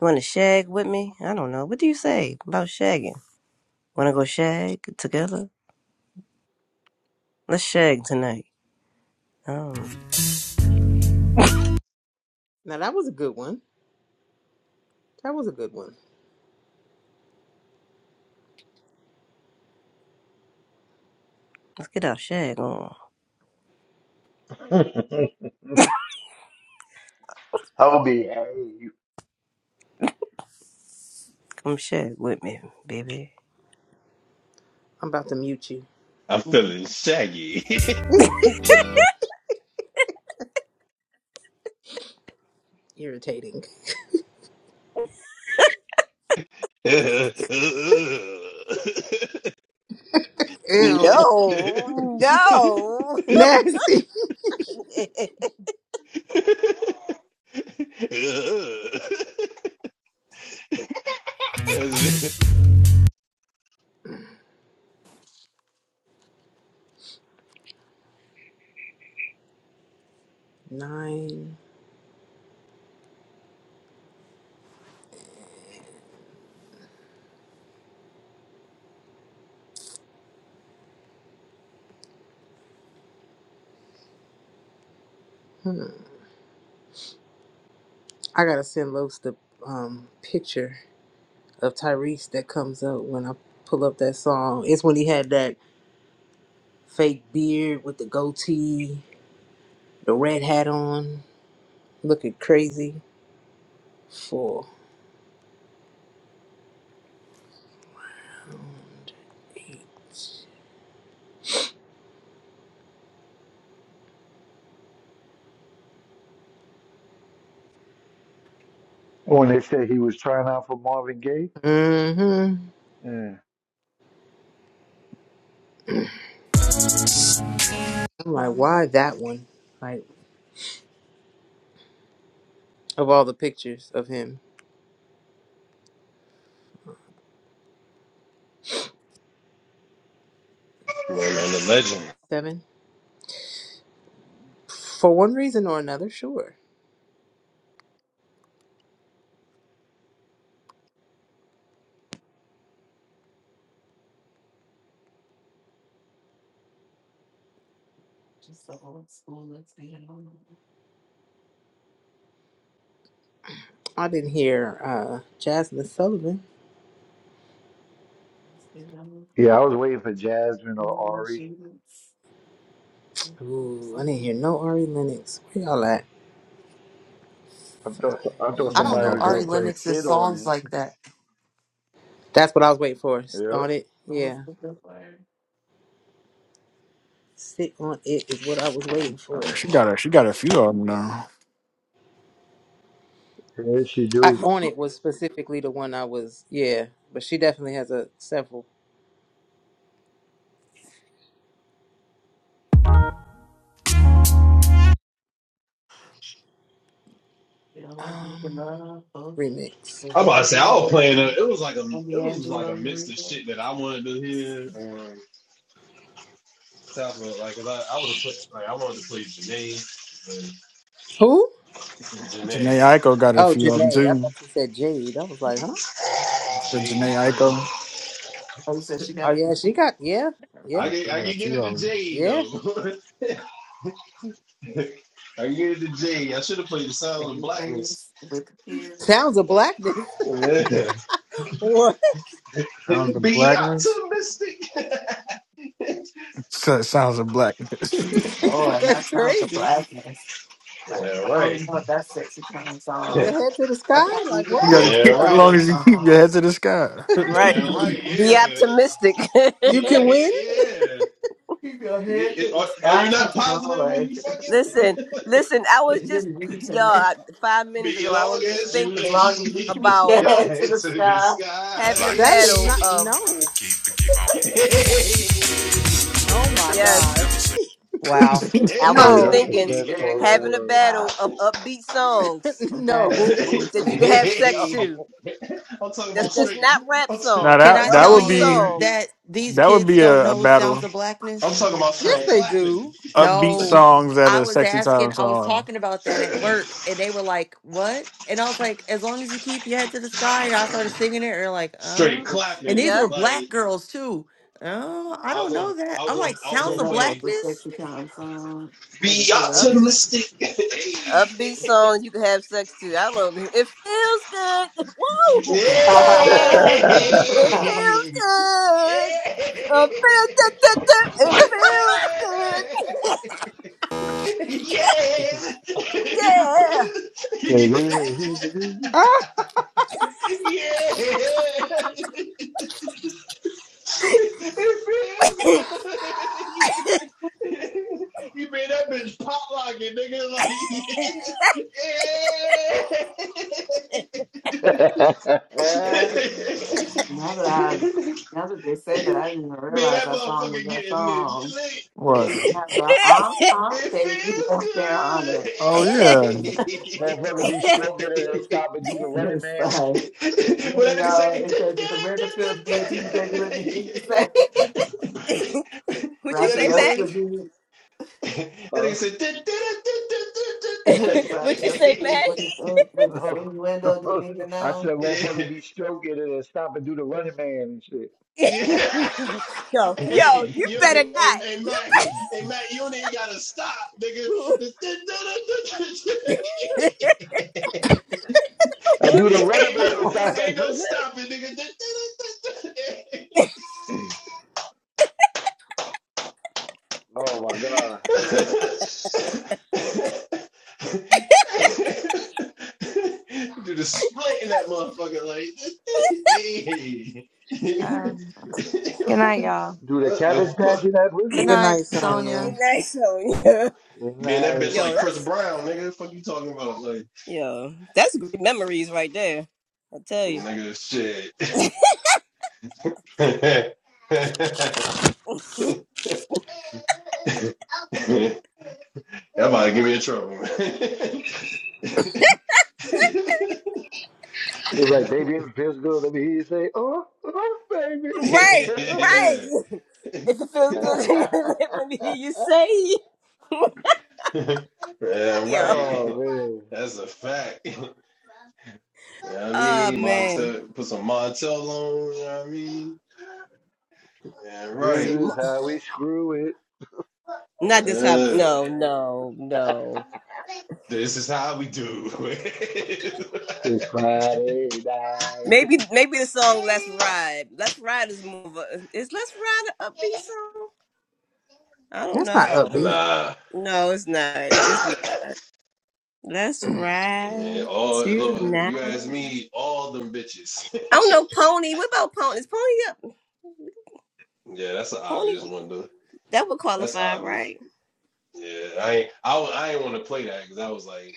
Speaker 13: want to shag with me? I don't know. What do you say about shagging? Want to go shag together? Let's shag tonight. Um,
Speaker 2: Now that was a good one. That was a good one.
Speaker 13: let's get our shag on.
Speaker 5: I would be happy
Speaker 13: Come share it with me, baby.
Speaker 2: I'm about to mute you.
Speaker 4: I'm
Speaker 7: Yeah,
Speaker 4: feeling shaggy.
Speaker 2: Irritating.
Speaker 4: Going on
Speaker 2: Ew.
Speaker 13: No, no.
Speaker 2: Nasty. Nine. Hmm. I gotta send Los the um picture of Tyrese that comes up when I pull up that song. It's when he had that fake beard with the goatee the red hat on, looking crazy. Four.
Speaker 5: when they said he was trying out for Marvin Gaye.
Speaker 2: Mm-hmm.
Speaker 5: Mm.
Speaker 2: I'm like,
Speaker 1: Huh?
Speaker 2: why that one? Like, of all the pictures of him.
Speaker 4: the legend.
Speaker 2: Seven. For one reason or another, sure. I didn't hear uh, Jasmine Sullivan.
Speaker 5: Yeah, I was waiting for Jasmine or Ari.
Speaker 2: Ooh, I didn't hear no Ari Lennox. Where y'all at?
Speaker 5: I
Speaker 2: Five.
Speaker 5: thought I thought
Speaker 1: I
Speaker 7: I
Speaker 1: don't
Speaker 5: somebody
Speaker 1: know
Speaker 7: had
Speaker 5: was
Speaker 7: that.
Speaker 5: gonna
Speaker 1: Ari
Speaker 5: play
Speaker 1: Lennox's
Speaker 5: shit
Speaker 1: songs
Speaker 5: on
Speaker 1: like that.
Speaker 2: That's what I was waiting for.
Speaker 5: it.
Speaker 2: On
Speaker 5: Yep.
Speaker 2: it,
Speaker 7: I
Speaker 2: yeah. Sit on it is what I was waiting for.
Speaker 7: mean, she got a she got a few of them now.
Speaker 5: Yes, she
Speaker 2: I
Speaker 5: do.
Speaker 2: on it was specifically the one I was, yeah. But she definitely has a several Um, remix.
Speaker 4: I'm about to say I was playing. A, it was like a it was like a mix of shit that I wanted to hear on top of like 'cause I, I would have put like I wanted to play Janae, but
Speaker 2: Who?
Speaker 7: Janae
Speaker 4: Janae
Speaker 7: Aiko got a
Speaker 2: Oh,
Speaker 7: few of them
Speaker 2: Janae. I
Speaker 7: too.
Speaker 2: thought you said Jade. I was like, huh?
Speaker 7: The
Speaker 4: Jade.
Speaker 7: Janae Aiko. Yeah, she
Speaker 2: Oh
Speaker 7: got a
Speaker 2: yeah, she got yeah, yeah,
Speaker 4: I can I can get
Speaker 7: few
Speaker 4: it to
Speaker 7: of 'em.
Speaker 4: Jade
Speaker 2: yeah.
Speaker 4: though. I gave it to Jay. I should have played the sound of blackness.
Speaker 7: Babyface with
Speaker 2: Sounds of blackness.
Speaker 4: Yeah.
Speaker 2: What?
Speaker 7: Sounds of
Speaker 4: Be
Speaker 7: blackness.
Speaker 4: optimistic.
Speaker 7: So- Sounds of blackness. Oh, and
Speaker 2: That's
Speaker 7: that sounds the
Speaker 2: crazy.
Speaker 7: blackness. Like
Speaker 4: Yeah,
Speaker 7: I
Speaker 4: right.
Speaker 7: don't know if that's sexy time
Speaker 2: Your
Speaker 7: song.
Speaker 2: head to the sky.
Speaker 7: That
Speaker 2: Like,
Speaker 7: probably
Speaker 2: what are
Speaker 7: You a
Speaker 2: we
Speaker 7: gotta
Speaker 4: Yeah,
Speaker 2: talking
Speaker 7: keep as
Speaker 4: right.
Speaker 2: about?
Speaker 7: long as
Speaker 4: That's
Speaker 7: you keep your song. head to the sky.
Speaker 13: Right.
Speaker 4: yeah, right.
Speaker 13: Be
Speaker 4: Yeah.
Speaker 13: optimistic.
Speaker 2: You
Speaker 4: Keep your
Speaker 2: can
Speaker 4: head.
Speaker 2: win.
Speaker 4: Yeah.
Speaker 7: Keep your
Speaker 4: You-
Speaker 7: head
Speaker 4: it-
Speaker 7: to
Speaker 4: Are,
Speaker 7: the
Speaker 4: are you
Speaker 7: sky,
Speaker 4: not positive when
Speaker 7: Lord.
Speaker 4: you fucking
Speaker 13: listen, listen. I was
Speaker 7: You
Speaker 13: just,
Speaker 7: just
Speaker 13: y'all,
Speaker 7: reaching it.
Speaker 13: I- five minutes
Speaker 4: be
Speaker 13: ago, I was
Speaker 4: long
Speaker 13: just
Speaker 4: as you
Speaker 7: As
Speaker 13: thinking
Speaker 7: long as you
Speaker 4: lead.
Speaker 7: keep
Speaker 13: about
Speaker 7: your
Speaker 4: your
Speaker 7: head
Speaker 4: head
Speaker 7: to the
Speaker 4: to the
Speaker 7: sky.
Speaker 8: The
Speaker 4: sky?
Speaker 13: having a
Speaker 2: That
Speaker 8: blackness.
Speaker 2: is
Speaker 13: battle
Speaker 2: not
Speaker 13: of,
Speaker 2: no.
Speaker 8: Keep it, keep on.
Speaker 4: Hey,
Speaker 2: Oh my gosh.
Speaker 13: yes,
Speaker 7: As
Speaker 1: Wow.
Speaker 13: I was
Speaker 5: Hey,
Speaker 7: long as
Speaker 13: just
Speaker 5: that's
Speaker 2: No.
Speaker 7: you
Speaker 5: the
Speaker 13: thinking
Speaker 7: keep
Speaker 5: best
Speaker 7: your
Speaker 4: hey,
Speaker 5: song
Speaker 7: head
Speaker 5: in the
Speaker 7: to
Speaker 13: having
Speaker 7: the
Speaker 13: a
Speaker 5: world.
Speaker 7: sky.
Speaker 13: battle of upbeat songs
Speaker 7: That
Speaker 2: no.
Speaker 7: is
Speaker 13: that that you
Speaker 7: crazy.
Speaker 13: can
Speaker 4: hey,
Speaker 13: have sex
Speaker 2: No.
Speaker 4: hey.
Speaker 13: to.
Speaker 4: I'm talking
Speaker 13: That's
Speaker 4: about
Speaker 13: that's
Speaker 4: straight.
Speaker 13: not rap
Speaker 4: I'm, t-
Speaker 7: now
Speaker 13: songs,
Speaker 1: Can
Speaker 13: but
Speaker 4: I'm
Speaker 7: that
Speaker 1: I
Speaker 7: that
Speaker 4: talking
Speaker 1: tell
Speaker 7: would
Speaker 13: upbeat
Speaker 4: about
Speaker 7: be
Speaker 1: you
Speaker 4: straight.
Speaker 1: that
Speaker 13: songs.
Speaker 1: these
Speaker 7: That would
Speaker 1: kids
Speaker 7: be
Speaker 1: don't
Speaker 7: a, a
Speaker 1: know Sounds
Speaker 7: battle.
Speaker 1: of Blackness?
Speaker 4: I'm talking about
Speaker 2: Yes,
Speaker 4: straight
Speaker 7: Right.
Speaker 2: they
Speaker 4: clapping.
Speaker 2: do.
Speaker 7: Upbeat
Speaker 1: No,
Speaker 7: songs at
Speaker 1: I
Speaker 7: a
Speaker 1: was
Speaker 7: sexy
Speaker 1: asking,
Speaker 7: time
Speaker 1: I was
Speaker 7: song.
Speaker 1: talking about that at work, and they were like, "What?" And I was like, "As long as you keep your head to the sky." And I started singing it, and they're like,
Speaker 4: straight
Speaker 1: "Oh," and these
Speaker 4: clapping.
Speaker 13: Yep,
Speaker 1: were black
Speaker 4: Like
Speaker 1: girls too. Oh, I
Speaker 4: I was
Speaker 1: don't
Speaker 4: gonna,
Speaker 1: know
Speaker 4: I
Speaker 1: that.
Speaker 4: was
Speaker 1: I'm
Speaker 4: gonna,
Speaker 1: like,
Speaker 4: I
Speaker 7: I
Speaker 4: was
Speaker 1: "Sounds
Speaker 4: gonna
Speaker 7: didn't
Speaker 1: of
Speaker 7: know that was
Speaker 4: play.
Speaker 7: a
Speaker 1: blackness."
Speaker 7: sexy time song. That was
Speaker 4: Be
Speaker 7: hilarious.
Speaker 13: upbeat
Speaker 4: optimistic.
Speaker 13: upbeat song you can have sex to. I love it. It feels good.
Speaker 4: Hey!
Speaker 13: Woo!
Speaker 7: now
Speaker 13: Yeah! It feels
Speaker 4: Hey! mistake.
Speaker 13: good. Uh, feel-
Speaker 4: hey,
Speaker 13: da- da- da- It feels good.
Speaker 4: yeah, yeah, yeah.
Speaker 13: Yeah!
Speaker 2: Ah,
Speaker 4: It feels good. Yeah. You made that bitch pop like it, nigga. Like, yeah.
Speaker 7: that I now that they said that, I didn't even
Speaker 4: Man,
Speaker 7: realize
Speaker 4: that
Speaker 7: that song was
Speaker 4: motherfucker
Speaker 7: that
Speaker 4: getting it
Speaker 7: song.
Speaker 4: lit.
Speaker 7: It What? even has the um um
Speaker 4: It
Speaker 7: baby
Speaker 4: feels
Speaker 7: up there
Speaker 4: good.
Speaker 7: on it. Oh yeah.
Speaker 5: Motherfucker be stroking it and stop and do the running
Speaker 7: It's
Speaker 5: man and
Speaker 7: like.
Speaker 5: shit.
Speaker 7: You
Speaker 4: when that nigga say,
Speaker 7: know, it says the Renderfield feels team He's let me hear you say
Speaker 13: Would
Speaker 4: when
Speaker 13: you
Speaker 4: that
Speaker 13: say,
Speaker 4: nigga
Speaker 7: Raphael
Speaker 4: say,
Speaker 13: Mac?
Speaker 7: could be
Speaker 4: that
Speaker 5: Huh?
Speaker 4: nigga
Speaker 13: Would you
Speaker 7: Raphael
Speaker 13: say,
Speaker 7: could be
Speaker 13: Mac?
Speaker 4: say,
Speaker 7: with his uh, with his innuendo didn't even
Speaker 5: I
Speaker 7: know.
Speaker 5: said,
Speaker 4: yeah.
Speaker 5: motherfucker be stroking it and stop and do the running man and shit.
Speaker 4: Yeah.
Speaker 13: yo,
Speaker 7: Mhm.
Speaker 13: yo,
Speaker 4: hey,
Speaker 13: you
Speaker 4: you,
Speaker 13: better
Speaker 4: hey,
Speaker 13: not.
Speaker 4: hey, Matt,
Speaker 13: You better.
Speaker 4: hey, Matt, you ain't gotta stop, nigga.
Speaker 5: I do the running
Speaker 4: ain't
Speaker 5: man
Speaker 4: no,
Speaker 2: no.
Speaker 5: inside
Speaker 4: ain't
Speaker 5: that
Speaker 4: no
Speaker 5: prison.
Speaker 4: stopping, nigga.
Speaker 5: Oh my god.
Speaker 4: Do the split in that motherfucker, like. hey.
Speaker 12: Um, good night, y'all.
Speaker 5: Do the
Speaker 4: what the
Speaker 5: cabbage patch
Speaker 4: fuck?
Speaker 5: in that
Speaker 1: Good
Speaker 2: Good
Speaker 5: prison?
Speaker 1: night,
Speaker 2: night,
Speaker 1: Sonia.
Speaker 13: You're
Speaker 2: Sonya.
Speaker 13: nice, Sonya.
Speaker 5: And
Speaker 4: Being that bitch
Speaker 5: I
Speaker 4: like
Speaker 13: Yo,
Speaker 4: Chris
Speaker 13: that's
Speaker 4: Brown, nigga. What the fuck you talking about, like.
Speaker 13: Yeah, that's great memories right there. I tell you.
Speaker 4: Nigga, shit. that
Speaker 13: Right,
Speaker 4: about to get me in trouble.
Speaker 5: it's like baby it feels good. Let me hear you say, oh, oh baby.
Speaker 13: right. If it feels good, let me hear you say. it.
Speaker 4: yeah. Yeah,
Speaker 13: Yeah.
Speaker 5: oh
Speaker 4: right.
Speaker 5: man.
Speaker 4: That's a fact. You know what I
Speaker 13: Oh
Speaker 4: mean?
Speaker 13: man.
Speaker 4: Montel, put some Montel on, you know what I mean? Yeah, right.
Speaker 13: Some-
Speaker 5: This is how we screw it.
Speaker 13: not this hop.
Speaker 4: Yeah.
Speaker 13: No, no, no.
Speaker 4: This is how we do.
Speaker 5: It's Friday night.
Speaker 13: Maybe, maybe the song "Let's Ride." "Let's Ride" is more. Of a, is "Let's Ride" a upbeat song? I don't
Speaker 2: That's not
Speaker 13: know.
Speaker 2: upbeat.
Speaker 4: nah.
Speaker 13: No, it's not. It's not. Let's
Speaker 4: yeah,
Speaker 13: ride
Speaker 4: all look,
Speaker 13: tonight.
Speaker 4: you ask me, all them bitches.
Speaker 13: I don't know, Pony. What about Pony? Is Pony up?
Speaker 4: Yeah, that's an
Speaker 13: Pony?
Speaker 4: obvious one though.
Speaker 13: That would
Speaker 4: That's
Speaker 13: qualify,
Speaker 4: obvious.
Speaker 13: right?
Speaker 4: Yeah, I ain't, I wa- I ain't want to play that because I was like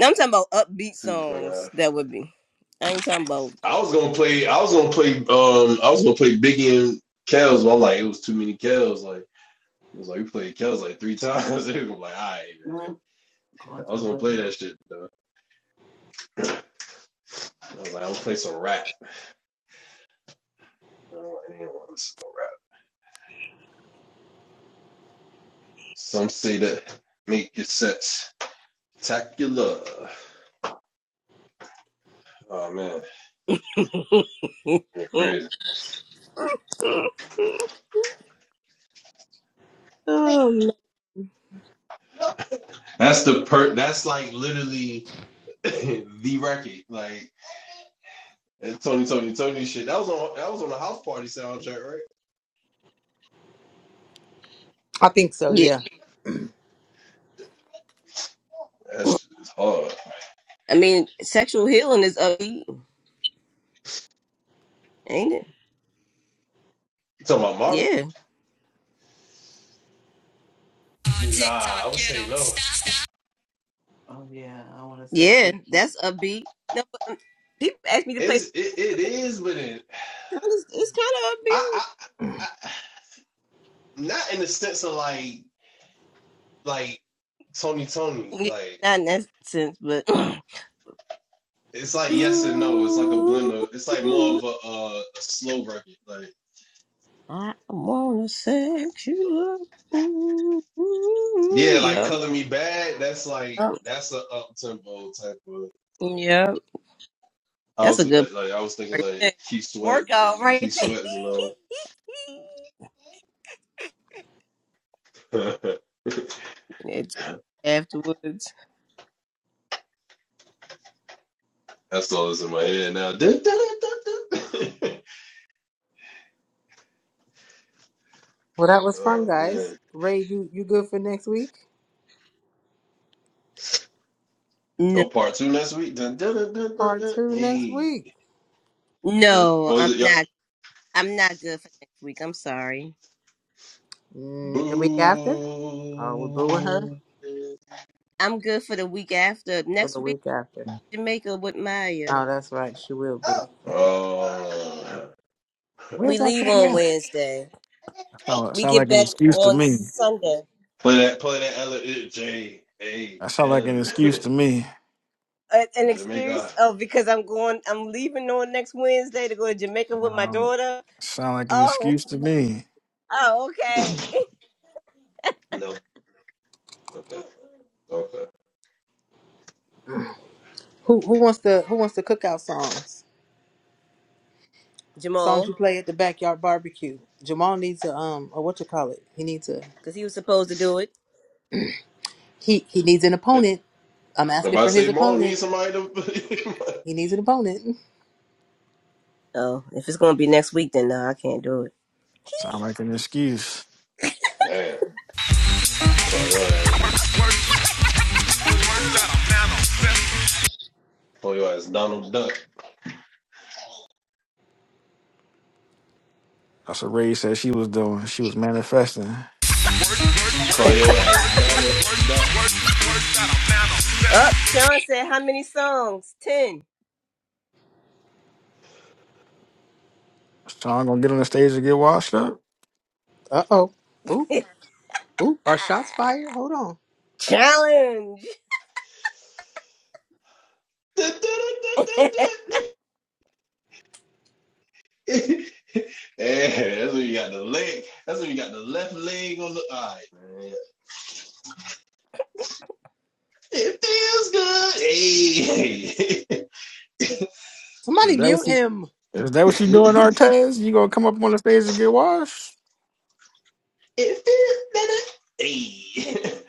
Speaker 13: I'm talking about upbeat
Speaker 4: too fucking.
Speaker 13: songs.
Speaker 4: high.
Speaker 13: That would be. I ain't talking about.
Speaker 4: I was gonna play. I was gonna play. Um, I was gonna play Biggie and Kells, but I'm like it was too many Kells. Like it was like we played Kells like three times. It was like all right, man.
Speaker 7: Going to
Speaker 4: I was
Speaker 7: the
Speaker 4: gonna play that
Speaker 7: window.
Speaker 4: shit though. I was like I'm gonna play some rap. I don't want anyone to listen to no rap. Some say that make your sets spectacular. Oh man, you're crazy.
Speaker 13: oh, man.
Speaker 4: That's the per. That's like literally the record, like that Tony, Tony, Tony shit. That was on that was on the house party soundtrack, right?
Speaker 2: I think so.
Speaker 13: yeah.
Speaker 2: yeah.
Speaker 4: That shit is hard.
Speaker 13: I mean, sexual healing is upbeat, ain't it?
Speaker 4: You talking about Marvin?
Speaker 13: Yeah,
Speaker 4: Nah, I would say no.
Speaker 7: Oh yeah, I want to
Speaker 13: yeah.
Speaker 7: sexual.
Speaker 13: That's upbeat. No, but um, people ask me to play.
Speaker 4: It's it, it is, but it,
Speaker 13: It's, it's
Speaker 4: I, I I not in the sense of like like Tony, Tony,
Speaker 13: kind of upbeat. Yeah,
Speaker 4: like.
Speaker 13: not in that sense, but.
Speaker 4: It's like yes and no. It's like a blend of. It's like more of
Speaker 13: Ooh,
Speaker 4: a, uh, a slow record. Like
Speaker 13: I wanna sex you up. Ooh, ooh,
Speaker 4: yeah, like
Speaker 13: Yup.
Speaker 4: color me bad. That's like that's an up tempo type of
Speaker 13: Yeah,
Speaker 4: I
Speaker 13: that's
Speaker 4: was
Speaker 13: a good
Speaker 4: like, like I was
Speaker 13: point
Speaker 4: thinking
Speaker 13: right
Speaker 4: like
Speaker 13: there.
Speaker 4: Keith Sweat,
Speaker 13: Workout
Speaker 4: Keith
Speaker 13: right there.
Speaker 4: Sweat is another.
Speaker 13: It's afterwards.
Speaker 4: that's all that's in my head now. Dun, dun, dun, dun, dun.
Speaker 2: Well, that was fun,
Speaker 4: oh
Speaker 2: guys.
Speaker 4: man!
Speaker 2: Ray, you, you good for next week?
Speaker 13: No,
Speaker 4: Oh, part two next week. Dun, dun, dun, dun, dun,
Speaker 2: Part
Speaker 4: dun.
Speaker 2: two next
Speaker 4: Hey,
Speaker 2: week.
Speaker 4: if,
Speaker 13: no,
Speaker 4: oh, is
Speaker 13: I'm
Speaker 4: it? Yep.
Speaker 13: not. I'm not good for next week. I'm sorry.
Speaker 2: Mm, the week after? Are we booing her?
Speaker 4: Boo.
Speaker 13: I'm good for the week after.
Speaker 2: Or
Speaker 13: Next
Speaker 2: the
Speaker 13: week,
Speaker 2: week after?
Speaker 13: Jamaica with Maya.
Speaker 2: Oh, that's right. She will be.
Speaker 4: Oh,
Speaker 2: Where's
Speaker 13: we
Speaker 2: that
Speaker 13: leave
Speaker 2: thing
Speaker 13: on
Speaker 2: at?
Speaker 13: Wednesday.
Speaker 7: That sound, like,
Speaker 13: We
Speaker 7: sound
Speaker 13: get
Speaker 7: like an
Speaker 13: back
Speaker 7: excuse to
Speaker 13: on
Speaker 7: me.
Speaker 13: Sunday.
Speaker 4: play that, play that. L J A N,
Speaker 7: That sound like an excuse to me.
Speaker 13: A- An excuse?
Speaker 4: Jamaica.
Speaker 13: Oh, because I'm going. I'm leaving on next Wednesday to go to Jamaica with my
Speaker 7: Um,
Speaker 13: daughter.
Speaker 7: sound like an
Speaker 13: Oh,
Speaker 7: excuse to me.
Speaker 13: oh, okay.
Speaker 4: No. Okay. Okay. Okay.
Speaker 2: Who who wants to who wants the cookout songs? Songs
Speaker 13: Jamal,
Speaker 2: you play at the backyard barbecue. Jamal needs a um or what you call it? He needs a
Speaker 13: because he was supposed to do it.
Speaker 2: he he needs an opponent. I'm
Speaker 4: If
Speaker 2: asking
Speaker 4: I
Speaker 2: for his
Speaker 4: say more, I
Speaker 2: opponent.
Speaker 4: need somebody to.
Speaker 2: He needs an opponent.
Speaker 13: Oh, if it's gonna be next week, then no, I can't do it.
Speaker 7: Sound like an excuse.
Speaker 4: Man, call your ass, call your ass Donald Duck.
Speaker 7: That's what Ray said she was doing. She was manifesting.
Speaker 4: Call your ass Donald Duck.
Speaker 13: Up, Sean said, "How many songs? Ten.
Speaker 7: Sean gonna get on the stage and get washed up.
Speaker 2: Uh oh. Oop oop. Are shots fired? Hold on.
Speaker 13: Challenge.
Speaker 4: yeah, that's when you got the leg. That's when you got the left leg on the eye. man. It feels good. Hey,
Speaker 7: Is
Speaker 2: Somebody
Speaker 7: that what
Speaker 2: mute
Speaker 7: she
Speaker 2: him.
Speaker 7: Is that what she doing, Artez? You gonna come up on the stage and get washed?
Speaker 4: it feels better. Hey,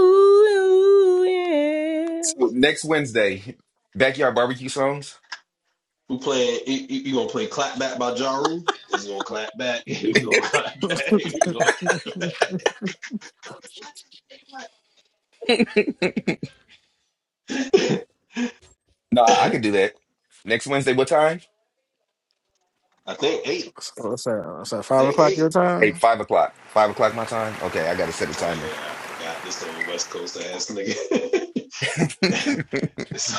Speaker 13: Ooh yeah.
Speaker 16: So next Wednesday, backyard barbecue songs.
Speaker 4: we playing. You, you- gonna play clap back by Jaru? It's gonna clap back. we gonna clap
Speaker 7: So
Speaker 4: back. We gonna-
Speaker 16: No, I could do that. Next Wednesday, what time?
Speaker 4: I think eight.
Speaker 7: it's at, it's at
Speaker 4: I
Speaker 7: five
Speaker 4: think
Speaker 7: o'clock
Speaker 4: eight.
Speaker 7: your
Speaker 16: Hey,
Speaker 7: time.
Speaker 16: five o'clock. Five o'clock my time. Okay, I gotta set a
Speaker 4: Oh
Speaker 16: timer.
Speaker 4: yeah, I forgot this old West Coast ass nigga. this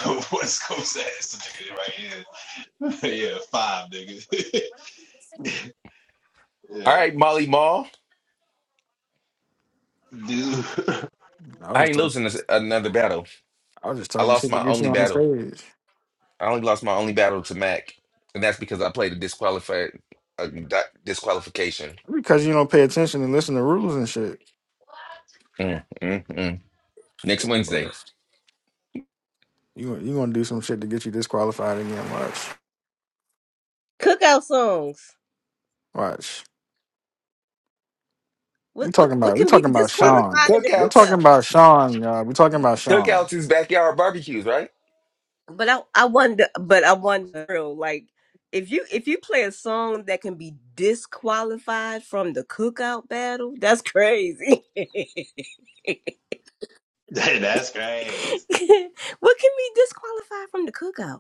Speaker 4: old West Coast ass nigga right here. yeah, five nigga.
Speaker 16: All
Speaker 4: yeah,
Speaker 16: right, Molly Mall.
Speaker 4: dude,
Speaker 7: I was
Speaker 16: I
Speaker 7: just
Speaker 16: ain't
Speaker 7: talking,
Speaker 16: losing this, another battle.
Speaker 7: I was just
Speaker 16: I
Speaker 7: talking
Speaker 16: lost
Speaker 7: shit to
Speaker 16: my
Speaker 7: get you
Speaker 16: only
Speaker 7: on the
Speaker 16: battle.
Speaker 7: stage
Speaker 16: I only lost my only battle to Mac, and that's because I played a disqualified a di- disqualification.
Speaker 7: because you don't pay attention and listen to rules and shit.
Speaker 16: Mm, mm, mm. Next Wednesday,
Speaker 7: You you gonna do some shit to get you disqualified again? Watch,
Speaker 13: Cookout songs.
Speaker 7: watch.
Speaker 13: What
Speaker 7: We
Speaker 13: what
Speaker 7: talking
Speaker 13: what
Speaker 7: about we
Speaker 13: can be
Speaker 7: talking about
Speaker 16: Cook-
Speaker 7: Sean.
Speaker 13: disqualified in the
Speaker 7: We
Speaker 16: cookouts.
Speaker 7: talking
Speaker 13: cookout?
Speaker 7: about Sean, y'all. We talking about Sean.
Speaker 16: Cookouts is backyard barbecues, right?
Speaker 13: But I I wonder. But I wonder like if you if you play a song that can be disqualified from the cookout battle, that's crazy. what
Speaker 4: that's
Speaker 13: can
Speaker 4: crazy.
Speaker 13: be disqualified from the cookout?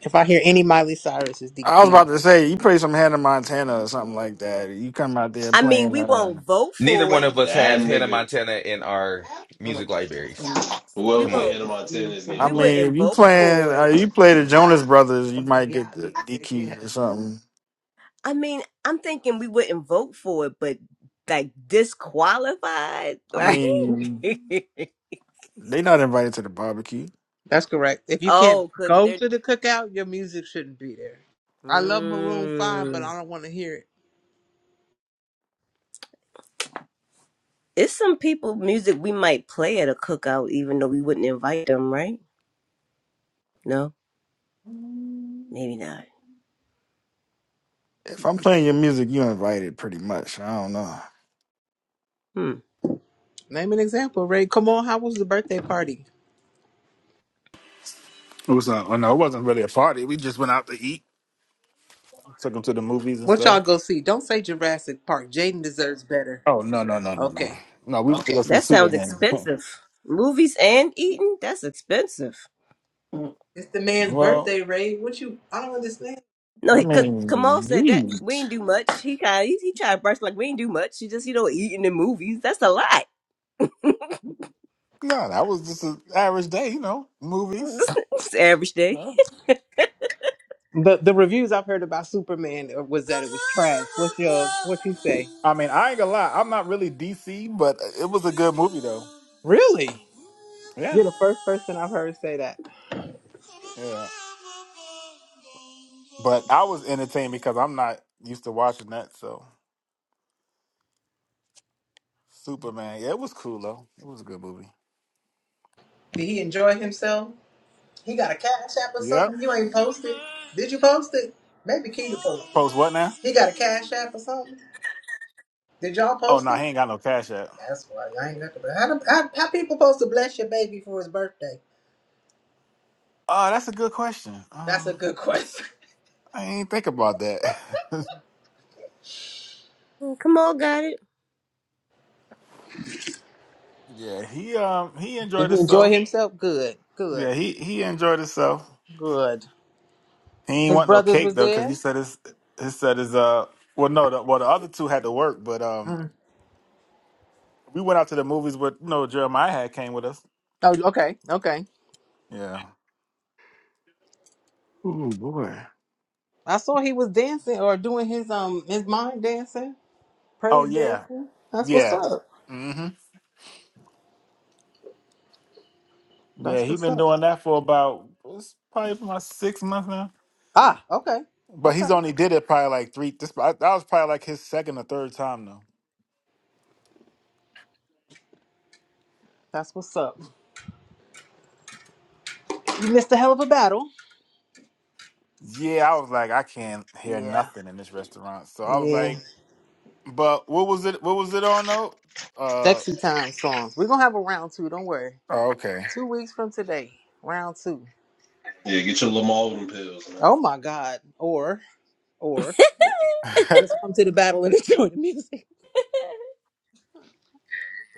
Speaker 2: If I hear any Miley Cyrus is
Speaker 7: I was
Speaker 2: DQ.
Speaker 7: about to say you play some Hannah Montana or something like that. You come out there
Speaker 13: I mean,
Speaker 7: playing.
Speaker 13: we
Speaker 7: Uh,
Speaker 13: won't vote
Speaker 16: Neither
Speaker 13: for
Speaker 16: one
Speaker 13: it.
Speaker 16: of us
Speaker 4: That
Speaker 16: have Hannah
Speaker 4: nigga,
Speaker 16: Montana in our music libraries.
Speaker 7: I
Speaker 13: We
Speaker 4: whoever
Speaker 16: Come on.
Speaker 4: played Hannah
Speaker 13: won't.
Speaker 4: Montana is getting
Speaker 13: We
Speaker 7: mean,
Speaker 4: booted.
Speaker 13: wouldn't
Speaker 7: if you
Speaker 13: vote
Speaker 7: playing,
Speaker 13: for
Speaker 7: uh,
Speaker 13: it.
Speaker 7: you play the Jonas Brothers, you might get the DQ or something.
Speaker 13: I mean, I'm thinking we wouldn't vote for it, but like disqualified,
Speaker 7: I
Speaker 13: like
Speaker 7: mean, they not invited to the barbecue.
Speaker 2: That's correct. If you can't
Speaker 13: oh, could
Speaker 2: go
Speaker 13: there?
Speaker 2: to the cookout, your music shouldn't be there. I love Maroon Five, but
Speaker 13: Mm.
Speaker 2: I don't want to hear it.
Speaker 13: It's some people music we might play at a cookout, even though we wouldn't invite them, right? No, maybe not.
Speaker 7: If I'm playing your music, you invited pretty much. I don't know.
Speaker 13: Hmm,
Speaker 2: Name an example, Ray. Come on, how was the birthday party?
Speaker 17: It was not. Well, no, it wasn't really a party. We just went out to eat. Took him to the movies and
Speaker 2: What y'all
Speaker 17: stuff.
Speaker 2: go see? Don't say Jurassic Park. Jaden deserves better.
Speaker 17: Oh no no no no no
Speaker 2: Okay.
Speaker 17: no! We went to Okay. go see
Speaker 13: that sounds
Speaker 17: Superman.
Speaker 13: expensive. Movies and eating—that's expensive.
Speaker 7: Mm,
Speaker 2: It's the man's
Speaker 17: well,
Speaker 2: birthday, Ray. What you? I don't understand.
Speaker 13: No,
Speaker 7: I
Speaker 13: he,
Speaker 17: yeah.
Speaker 13: cause
Speaker 7: mean,
Speaker 13: Kamal said that we
Speaker 7: geez.
Speaker 13: ain't do much. He kind of he, he tried to brush like we ain't do much. He just you know eating in movies. That's a lot.
Speaker 17: no, that was just an average day, you know. Movies.
Speaker 13: it's average day.
Speaker 17: Yeah.
Speaker 2: The the reviews I've heard about Superman was that it was trash. What's your what you say?
Speaker 17: I mean, I ain't gonna lie. I'm not really DC, but it was a good movie though.
Speaker 2: Really?
Speaker 17: Yeah,
Speaker 2: You're the first person I've heard say that.
Speaker 17: yeah. But I was entertained because I'm not used to watching that. So Superman, yeah, it was cool though. It was a good movie.
Speaker 2: Did he enjoy himself? He got a cash app or
Speaker 17: Yep.
Speaker 2: something. You ain't
Speaker 8: When we
Speaker 2: posted. Did
Speaker 8: met,
Speaker 2: you post it? Maybe Keita posted. it.
Speaker 17: Post what now?
Speaker 8: always
Speaker 2: He got a cash app
Speaker 8: knew.
Speaker 2: or something. Did y'all
Speaker 17: Oh
Speaker 2: post
Speaker 17: no,
Speaker 2: it?
Speaker 17: he ain't got no cash app.
Speaker 2: That's why y'all ain't got the. How, them- how, how people supposed to bless your baby for his birthday?
Speaker 17: Oh, that's a good question.
Speaker 2: That's
Speaker 17: Um.
Speaker 2: a good question.
Speaker 17: I ain't think about that.
Speaker 13: Mm, Kamal got it
Speaker 17: yeah, he um he
Speaker 2: Did
Speaker 17: enjoyed
Speaker 2: he enjoy
Speaker 17: himself.
Speaker 2: himself? Good,
Speaker 17: Yeah,
Speaker 2: good,
Speaker 17: he he enjoyed himself.
Speaker 2: good.
Speaker 17: He ain't
Speaker 2: His
Speaker 17: want no
Speaker 2: brothers was
Speaker 17: cake though, cause
Speaker 2: there.
Speaker 17: he said his he said his uh well no the, well the other two had to work, but um
Speaker 2: Mm.
Speaker 17: we went out to the movies with you know Jeremiah had came with us.
Speaker 2: Oh, okay, okay.
Speaker 17: Yeah.
Speaker 7: Oh boy.
Speaker 2: I saw he was dancing or doing his um his mind dancing,
Speaker 17: Oh
Speaker 2: praise
Speaker 17: yeah,
Speaker 2: dancing. That's what's
Speaker 17: yeah.
Speaker 2: up.
Speaker 17: hmm Yeah,
Speaker 2: That's
Speaker 17: he
Speaker 2: what's
Speaker 17: been
Speaker 2: up.
Speaker 17: doing that for about it's probably for about six months now.
Speaker 2: Ah, okay,
Speaker 17: But
Speaker 2: okay.
Speaker 17: he's only did it probably like three. This that was probably like his second or third time though.
Speaker 2: That's what's up. You missed a hell of a battle.
Speaker 17: Yeah, I was like, I can't hear
Speaker 2: Yeah.
Speaker 17: nothing in this restaurant. So I was
Speaker 2: Yeah.
Speaker 17: like, but what was it? What was it on though? Uh,
Speaker 2: Sexy time songs. We're gonna have a round two, don't worry.
Speaker 17: oh, okay.
Speaker 2: Two weeks from today. Round two.
Speaker 4: Yeah, get your Lamalden pills, man.
Speaker 2: Oh my God. Or, or just come to the battle and enjoy the music.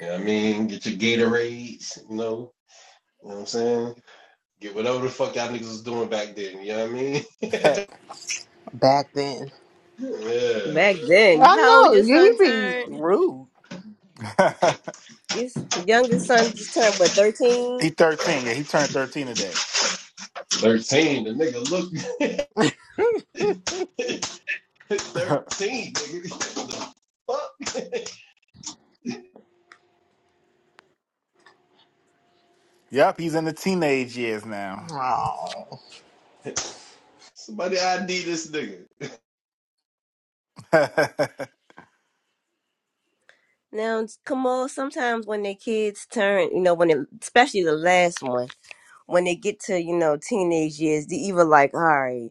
Speaker 4: You know what I mean? Get your Gatorades, you know? You know what I'm saying? Get whatever the fuck y'all niggas was doing back then, you know what I mean?
Speaker 2: Back then.
Speaker 4: yeah.
Speaker 13: back then.
Speaker 2: I
Speaker 13: How old
Speaker 2: know,
Speaker 13: your
Speaker 2: he
Speaker 13: son
Speaker 2: be
Speaker 13: turned?
Speaker 2: rude.
Speaker 13: His youngest son just turned what
Speaker 17: he
Speaker 13: thirteen.
Speaker 17: thirteen. Yeah, he turned thirteen today.
Speaker 4: 13, the nigga look Hit 13, nigga. What the fuck?
Speaker 17: yep, he's in the teenage years now.
Speaker 2: Oh.
Speaker 4: Somebody ID this nigga.
Speaker 13: Now Kamal, sometimes when their kids turn, you know, when it, especially the last one, when they get to you know teenage years, they either like, all right,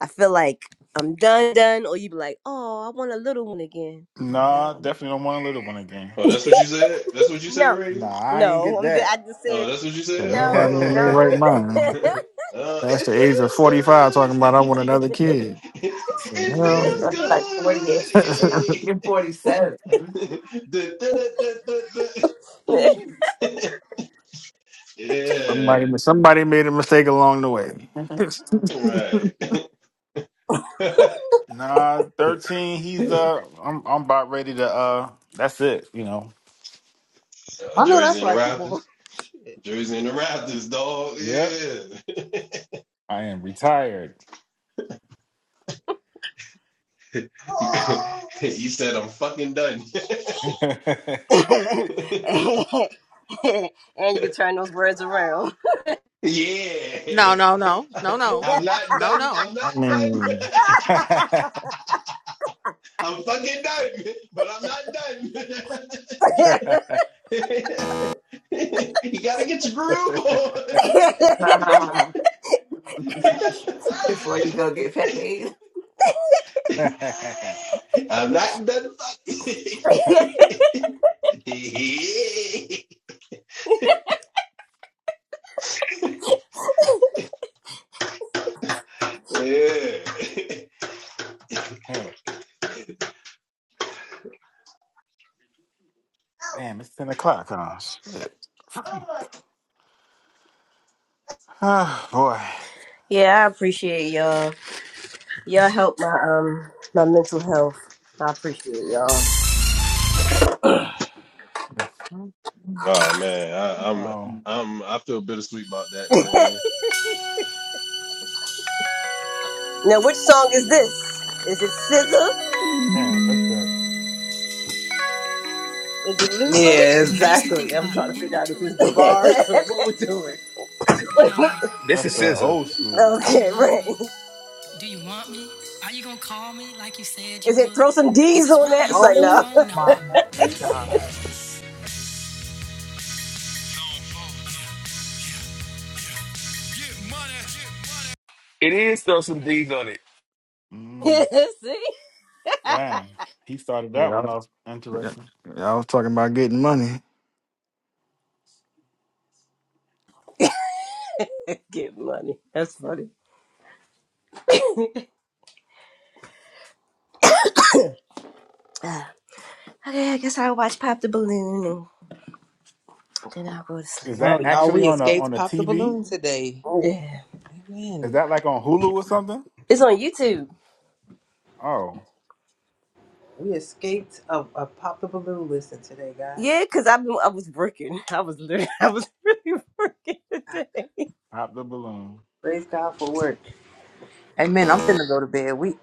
Speaker 13: I feel like I'm done, done, or you be like, oh, I want a little one again.
Speaker 7: Well,
Speaker 17: nah,
Speaker 7: hell,
Speaker 17: definitely don't want a little one again.
Speaker 4: Oh, that's what you said? That's what you said,
Speaker 13: No,
Speaker 17: Nah,
Speaker 4: Ray?
Speaker 17: I ain't
Speaker 13: no.
Speaker 17: get
Speaker 13: I'm. ju-
Speaker 17: that.
Speaker 13: I just
Speaker 4: Oh,
Speaker 13: said
Speaker 4: that's what you
Speaker 7: Said
Speaker 4: said?
Speaker 13: no,
Speaker 7: nobody in their
Speaker 13: no.
Speaker 4: Oh.
Speaker 7: right mind.
Speaker 4: uh,
Speaker 7: That's the age of 45
Speaker 4: it
Speaker 7: talking
Speaker 4: feels
Speaker 7: about I want
Speaker 4: good.
Speaker 7: another kid. So,
Speaker 4: it
Speaker 7: hell.
Speaker 4: feels
Speaker 7: that's
Speaker 17: no.
Speaker 7: like 48.
Speaker 4: good. Hey.
Speaker 7: You're 47.
Speaker 4: Da, da, da, da, da.
Speaker 7: Somebody,
Speaker 4: Yeah.
Speaker 7: somebody made a mistake along the way.
Speaker 4: Right.
Speaker 17: Nah, thirteen. He's uh, I'm I'm about ready to uh. That's it. You know.
Speaker 4: Oh,
Speaker 2: I know
Speaker 4: Jersey
Speaker 2: that's
Speaker 4: and the
Speaker 2: right, come on.
Speaker 4: Raptors.
Speaker 2: Shit.
Speaker 4: Jersey and the Raptors, dog.
Speaker 17: Yep,
Speaker 4: Yeah.
Speaker 17: I am retired.
Speaker 4: you said I'm fucking done.
Speaker 17: Damn,
Speaker 13: and you can turn those words around.
Speaker 4: Yeah.
Speaker 2: No, no, no, no, no.
Speaker 4: I'm not
Speaker 2: No,
Speaker 4: done. I'm
Speaker 2: no.
Speaker 4: not
Speaker 7: I
Speaker 4: done.
Speaker 7: mean,
Speaker 4: I'm fucking done, but I'm not done. you gotta get your groove on.
Speaker 7: Before you go get paid.
Speaker 4: I'm not done fucking. yeah.
Speaker 17: it's 10 o'clock, huh? Shit. Ah, boy.
Speaker 13: yeah, I appreciate y'all. Y'all help my um my mental health. I appreciate y'all.
Speaker 7: Yeah.
Speaker 4: Oh man, I, I'm
Speaker 17: Oh,
Speaker 4: I'm I feel bittersweet about that, man.
Speaker 13: Now, which song is this? Is it Scissor?
Speaker 17: man, that's that.
Speaker 13: Is it Luther?
Speaker 2: Yeah,
Speaker 8: I used to think
Speaker 2: exactly. I'm
Speaker 8: about
Speaker 2: trying to figure out if
Speaker 8: immature
Speaker 2: it's the
Speaker 13: okay,
Speaker 8: things.
Speaker 2: bars or what we're doing.
Speaker 8: You know, like,
Speaker 16: This
Speaker 17: That's
Speaker 16: is
Speaker 17: that
Speaker 16: scissor.
Speaker 17: old school.
Speaker 8: do you love
Speaker 13: right.
Speaker 8: me? Do you want me? Are you gonna call me like you said you
Speaker 13: Is it
Speaker 8: would?
Speaker 13: throw some
Speaker 8: Is
Speaker 13: D's
Speaker 8: this
Speaker 13: on that?
Speaker 8: really your
Speaker 13: It's like
Speaker 8: real
Speaker 13: no.
Speaker 2: Oh
Speaker 8: phone number?
Speaker 2: my god.
Speaker 8: Get money. get money.
Speaker 16: It is throw some D's on it.
Speaker 17: Mm,
Speaker 13: See?
Speaker 17: damn, he started that
Speaker 7: Yeah, I
Speaker 17: one
Speaker 7: was,
Speaker 17: off.
Speaker 7: yeah,
Speaker 17: Interesting.
Speaker 7: yeah, I was talking about getting money.
Speaker 13: Get money. That's funny. okay, I guess I'll watch Pop the Balloon and then I'll go to
Speaker 17: Is
Speaker 13: sleep.
Speaker 2: Oh,
Speaker 17: that
Speaker 2: y'all,
Speaker 17: actually
Speaker 2: we
Speaker 17: on a on
Speaker 2: escaped
Speaker 17: a
Speaker 2: Pop the
Speaker 17: TV?
Speaker 2: Balloon today.
Speaker 13: Yeah.
Speaker 17: Is
Speaker 2: Amen.
Speaker 17: that like on Hulu or something?
Speaker 13: It's on YouTube.
Speaker 17: Oh,
Speaker 2: We escaped a, a Pop the Balloon listen today, guys.
Speaker 13: Yeah, because I've been I was working. I was literally I was really working today.
Speaker 17: hop the balloon.
Speaker 2: Praise God for work. Amen. I'm finna go to bed. We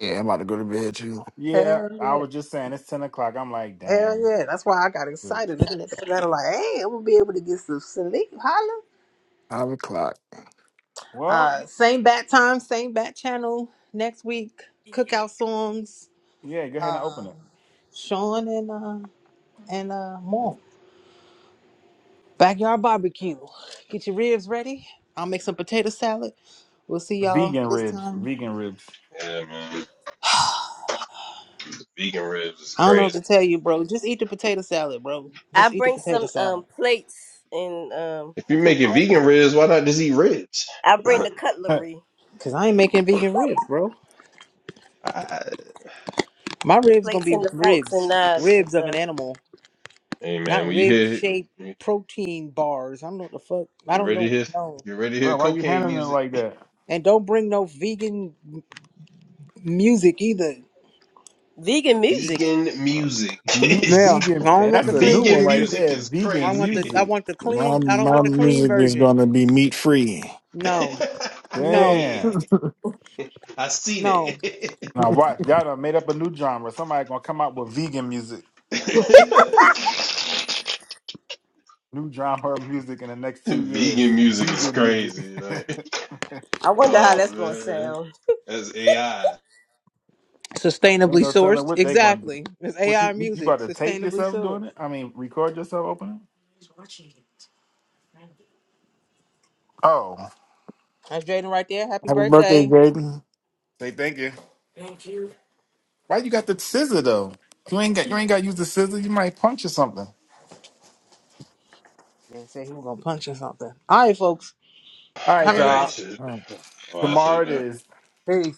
Speaker 7: Yeah, I'm about to go to bed too.
Speaker 17: Yeah,
Speaker 2: hell
Speaker 17: I
Speaker 2: yeah.
Speaker 17: was just saying it's ten o'clock. I'm like,
Speaker 2: Hell
Speaker 17: damn.
Speaker 2: yeah. That's why I got
Speaker 17: Good.
Speaker 2: excited looking at that letter like, hey, I'm gonna be able to get some sleep. Holla.
Speaker 7: Five o'clock.
Speaker 17: Well,
Speaker 2: Uh same bat time, same bat channel next week. Cookout songs.
Speaker 17: yeah, go ahead and open
Speaker 2: Uh
Speaker 17: it.
Speaker 2: Sean and uh and uh Mom. Backyard barbecue. Get your ribs ready. I'll make some potato salad. We'll see y'all
Speaker 17: Vegan
Speaker 2: this
Speaker 17: ribs.
Speaker 2: time.
Speaker 17: Vegan ribs.
Speaker 4: Yeah, man,
Speaker 2: I
Speaker 4: vegan ribs is
Speaker 2: don't know what
Speaker 4: crazy.
Speaker 2: to tell you, bro. Just eat the potato salad, bro.
Speaker 13: I
Speaker 2: Just eat the
Speaker 13: bring
Speaker 2: potato
Speaker 13: some
Speaker 2: salad.
Speaker 13: um plates and um
Speaker 4: If you're making
Speaker 2: Oh.
Speaker 4: vegan ribs, why not just eat ribs?
Speaker 13: I bring the cutlery.
Speaker 2: Cause I ain't making
Speaker 13: the
Speaker 2: vegan ribs, bro.
Speaker 4: I,
Speaker 2: My ribs gonna
Speaker 13: plates
Speaker 2: be
Speaker 13: and the forks and
Speaker 2: ribs,
Speaker 13: knives and
Speaker 2: ribs of an
Speaker 13: stuff.
Speaker 2: animal,
Speaker 4: hey man,
Speaker 2: not
Speaker 4: when you
Speaker 2: rib
Speaker 4: hear
Speaker 2: shaped protein bars. I don't know what the fuck. I
Speaker 4: get
Speaker 2: don't
Speaker 4: ready to
Speaker 2: know.
Speaker 4: hear
Speaker 2: No,
Speaker 4: get ready to hear
Speaker 17: Bro, why you
Speaker 4: cocaine
Speaker 17: handling it
Speaker 4: music.
Speaker 17: like that?
Speaker 2: and don't bring no vegan m- music either.
Speaker 13: Vegan music.
Speaker 4: Vegan music
Speaker 17: You
Speaker 4: is
Speaker 2: Yeah, I
Speaker 17: vegan
Speaker 2: don't
Speaker 17: and
Speaker 2: want the
Speaker 17: that's a new
Speaker 2: clean
Speaker 17: one
Speaker 4: vegan
Speaker 2: music.
Speaker 17: right
Speaker 4: music
Speaker 17: there.
Speaker 4: is
Speaker 2: I
Speaker 17: Vegan
Speaker 2: want the I
Speaker 4: crazy.
Speaker 17: music.
Speaker 2: want the
Speaker 7: My
Speaker 2: clean. I don't
Speaker 7: my
Speaker 2: want the clean
Speaker 7: music is
Speaker 2: version.
Speaker 7: gonna be meat free.
Speaker 2: No, no,
Speaker 17: Damn.
Speaker 4: yeah, I see
Speaker 2: no.
Speaker 4: that.
Speaker 17: Now watch, y'all done made up a new genre. Somebody gonna come out with vegan music. New genre of music in the next two years.
Speaker 4: vegan music is
Speaker 17: Vegan music.
Speaker 4: crazy. Like,
Speaker 13: I wonder how
Speaker 4: oh
Speaker 13: that's gonna
Speaker 4: man,
Speaker 13: sound.
Speaker 4: that's AI.
Speaker 17: Ain't
Speaker 2: Sustainably
Speaker 17: no telling
Speaker 2: sourced.
Speaker 17: what they gonna do.
Speaker 2: Exactly. It's
Speaker 17: What you
Speaker 2: AI
Speaker 17: you
Speaker 2: music.
Speaker 17: about to tape
Speaker 2: Sustainably
Speaker 17: yourself doing
Speaker 2: sourced.
Speaker 17: it? I mean record yourself opening? Oh.
Speaker 2: That's Jaden right there. Happy
Speaker 7: Happy birthday,
Speaker 2: birthday.
Speaker 7: Jaden.
Speaker 17: Say thank you. Why you got the scissor though? You ain't got you ain't gotta use the scissor, you might puncture something.
Speaker 2: Man said he was gonna punch or something. All right, folks.
Speaker 17: All
Speaker 4: All
Speaker 2: Have
Speaker 17: right,
Speaker 2: a good
Speaker 4: right,
Speaker 17: y'all.
Speaker 2: night.
Speaker 4: shit.
Speaker 7: Oh.
Speaker 4: Oh, I
Speaker 17: Tomorrow
Speaker 4: should.
Speaker 17: it
Speaker 4: know.
Speaker 17: is.
Speaker 2: Peace.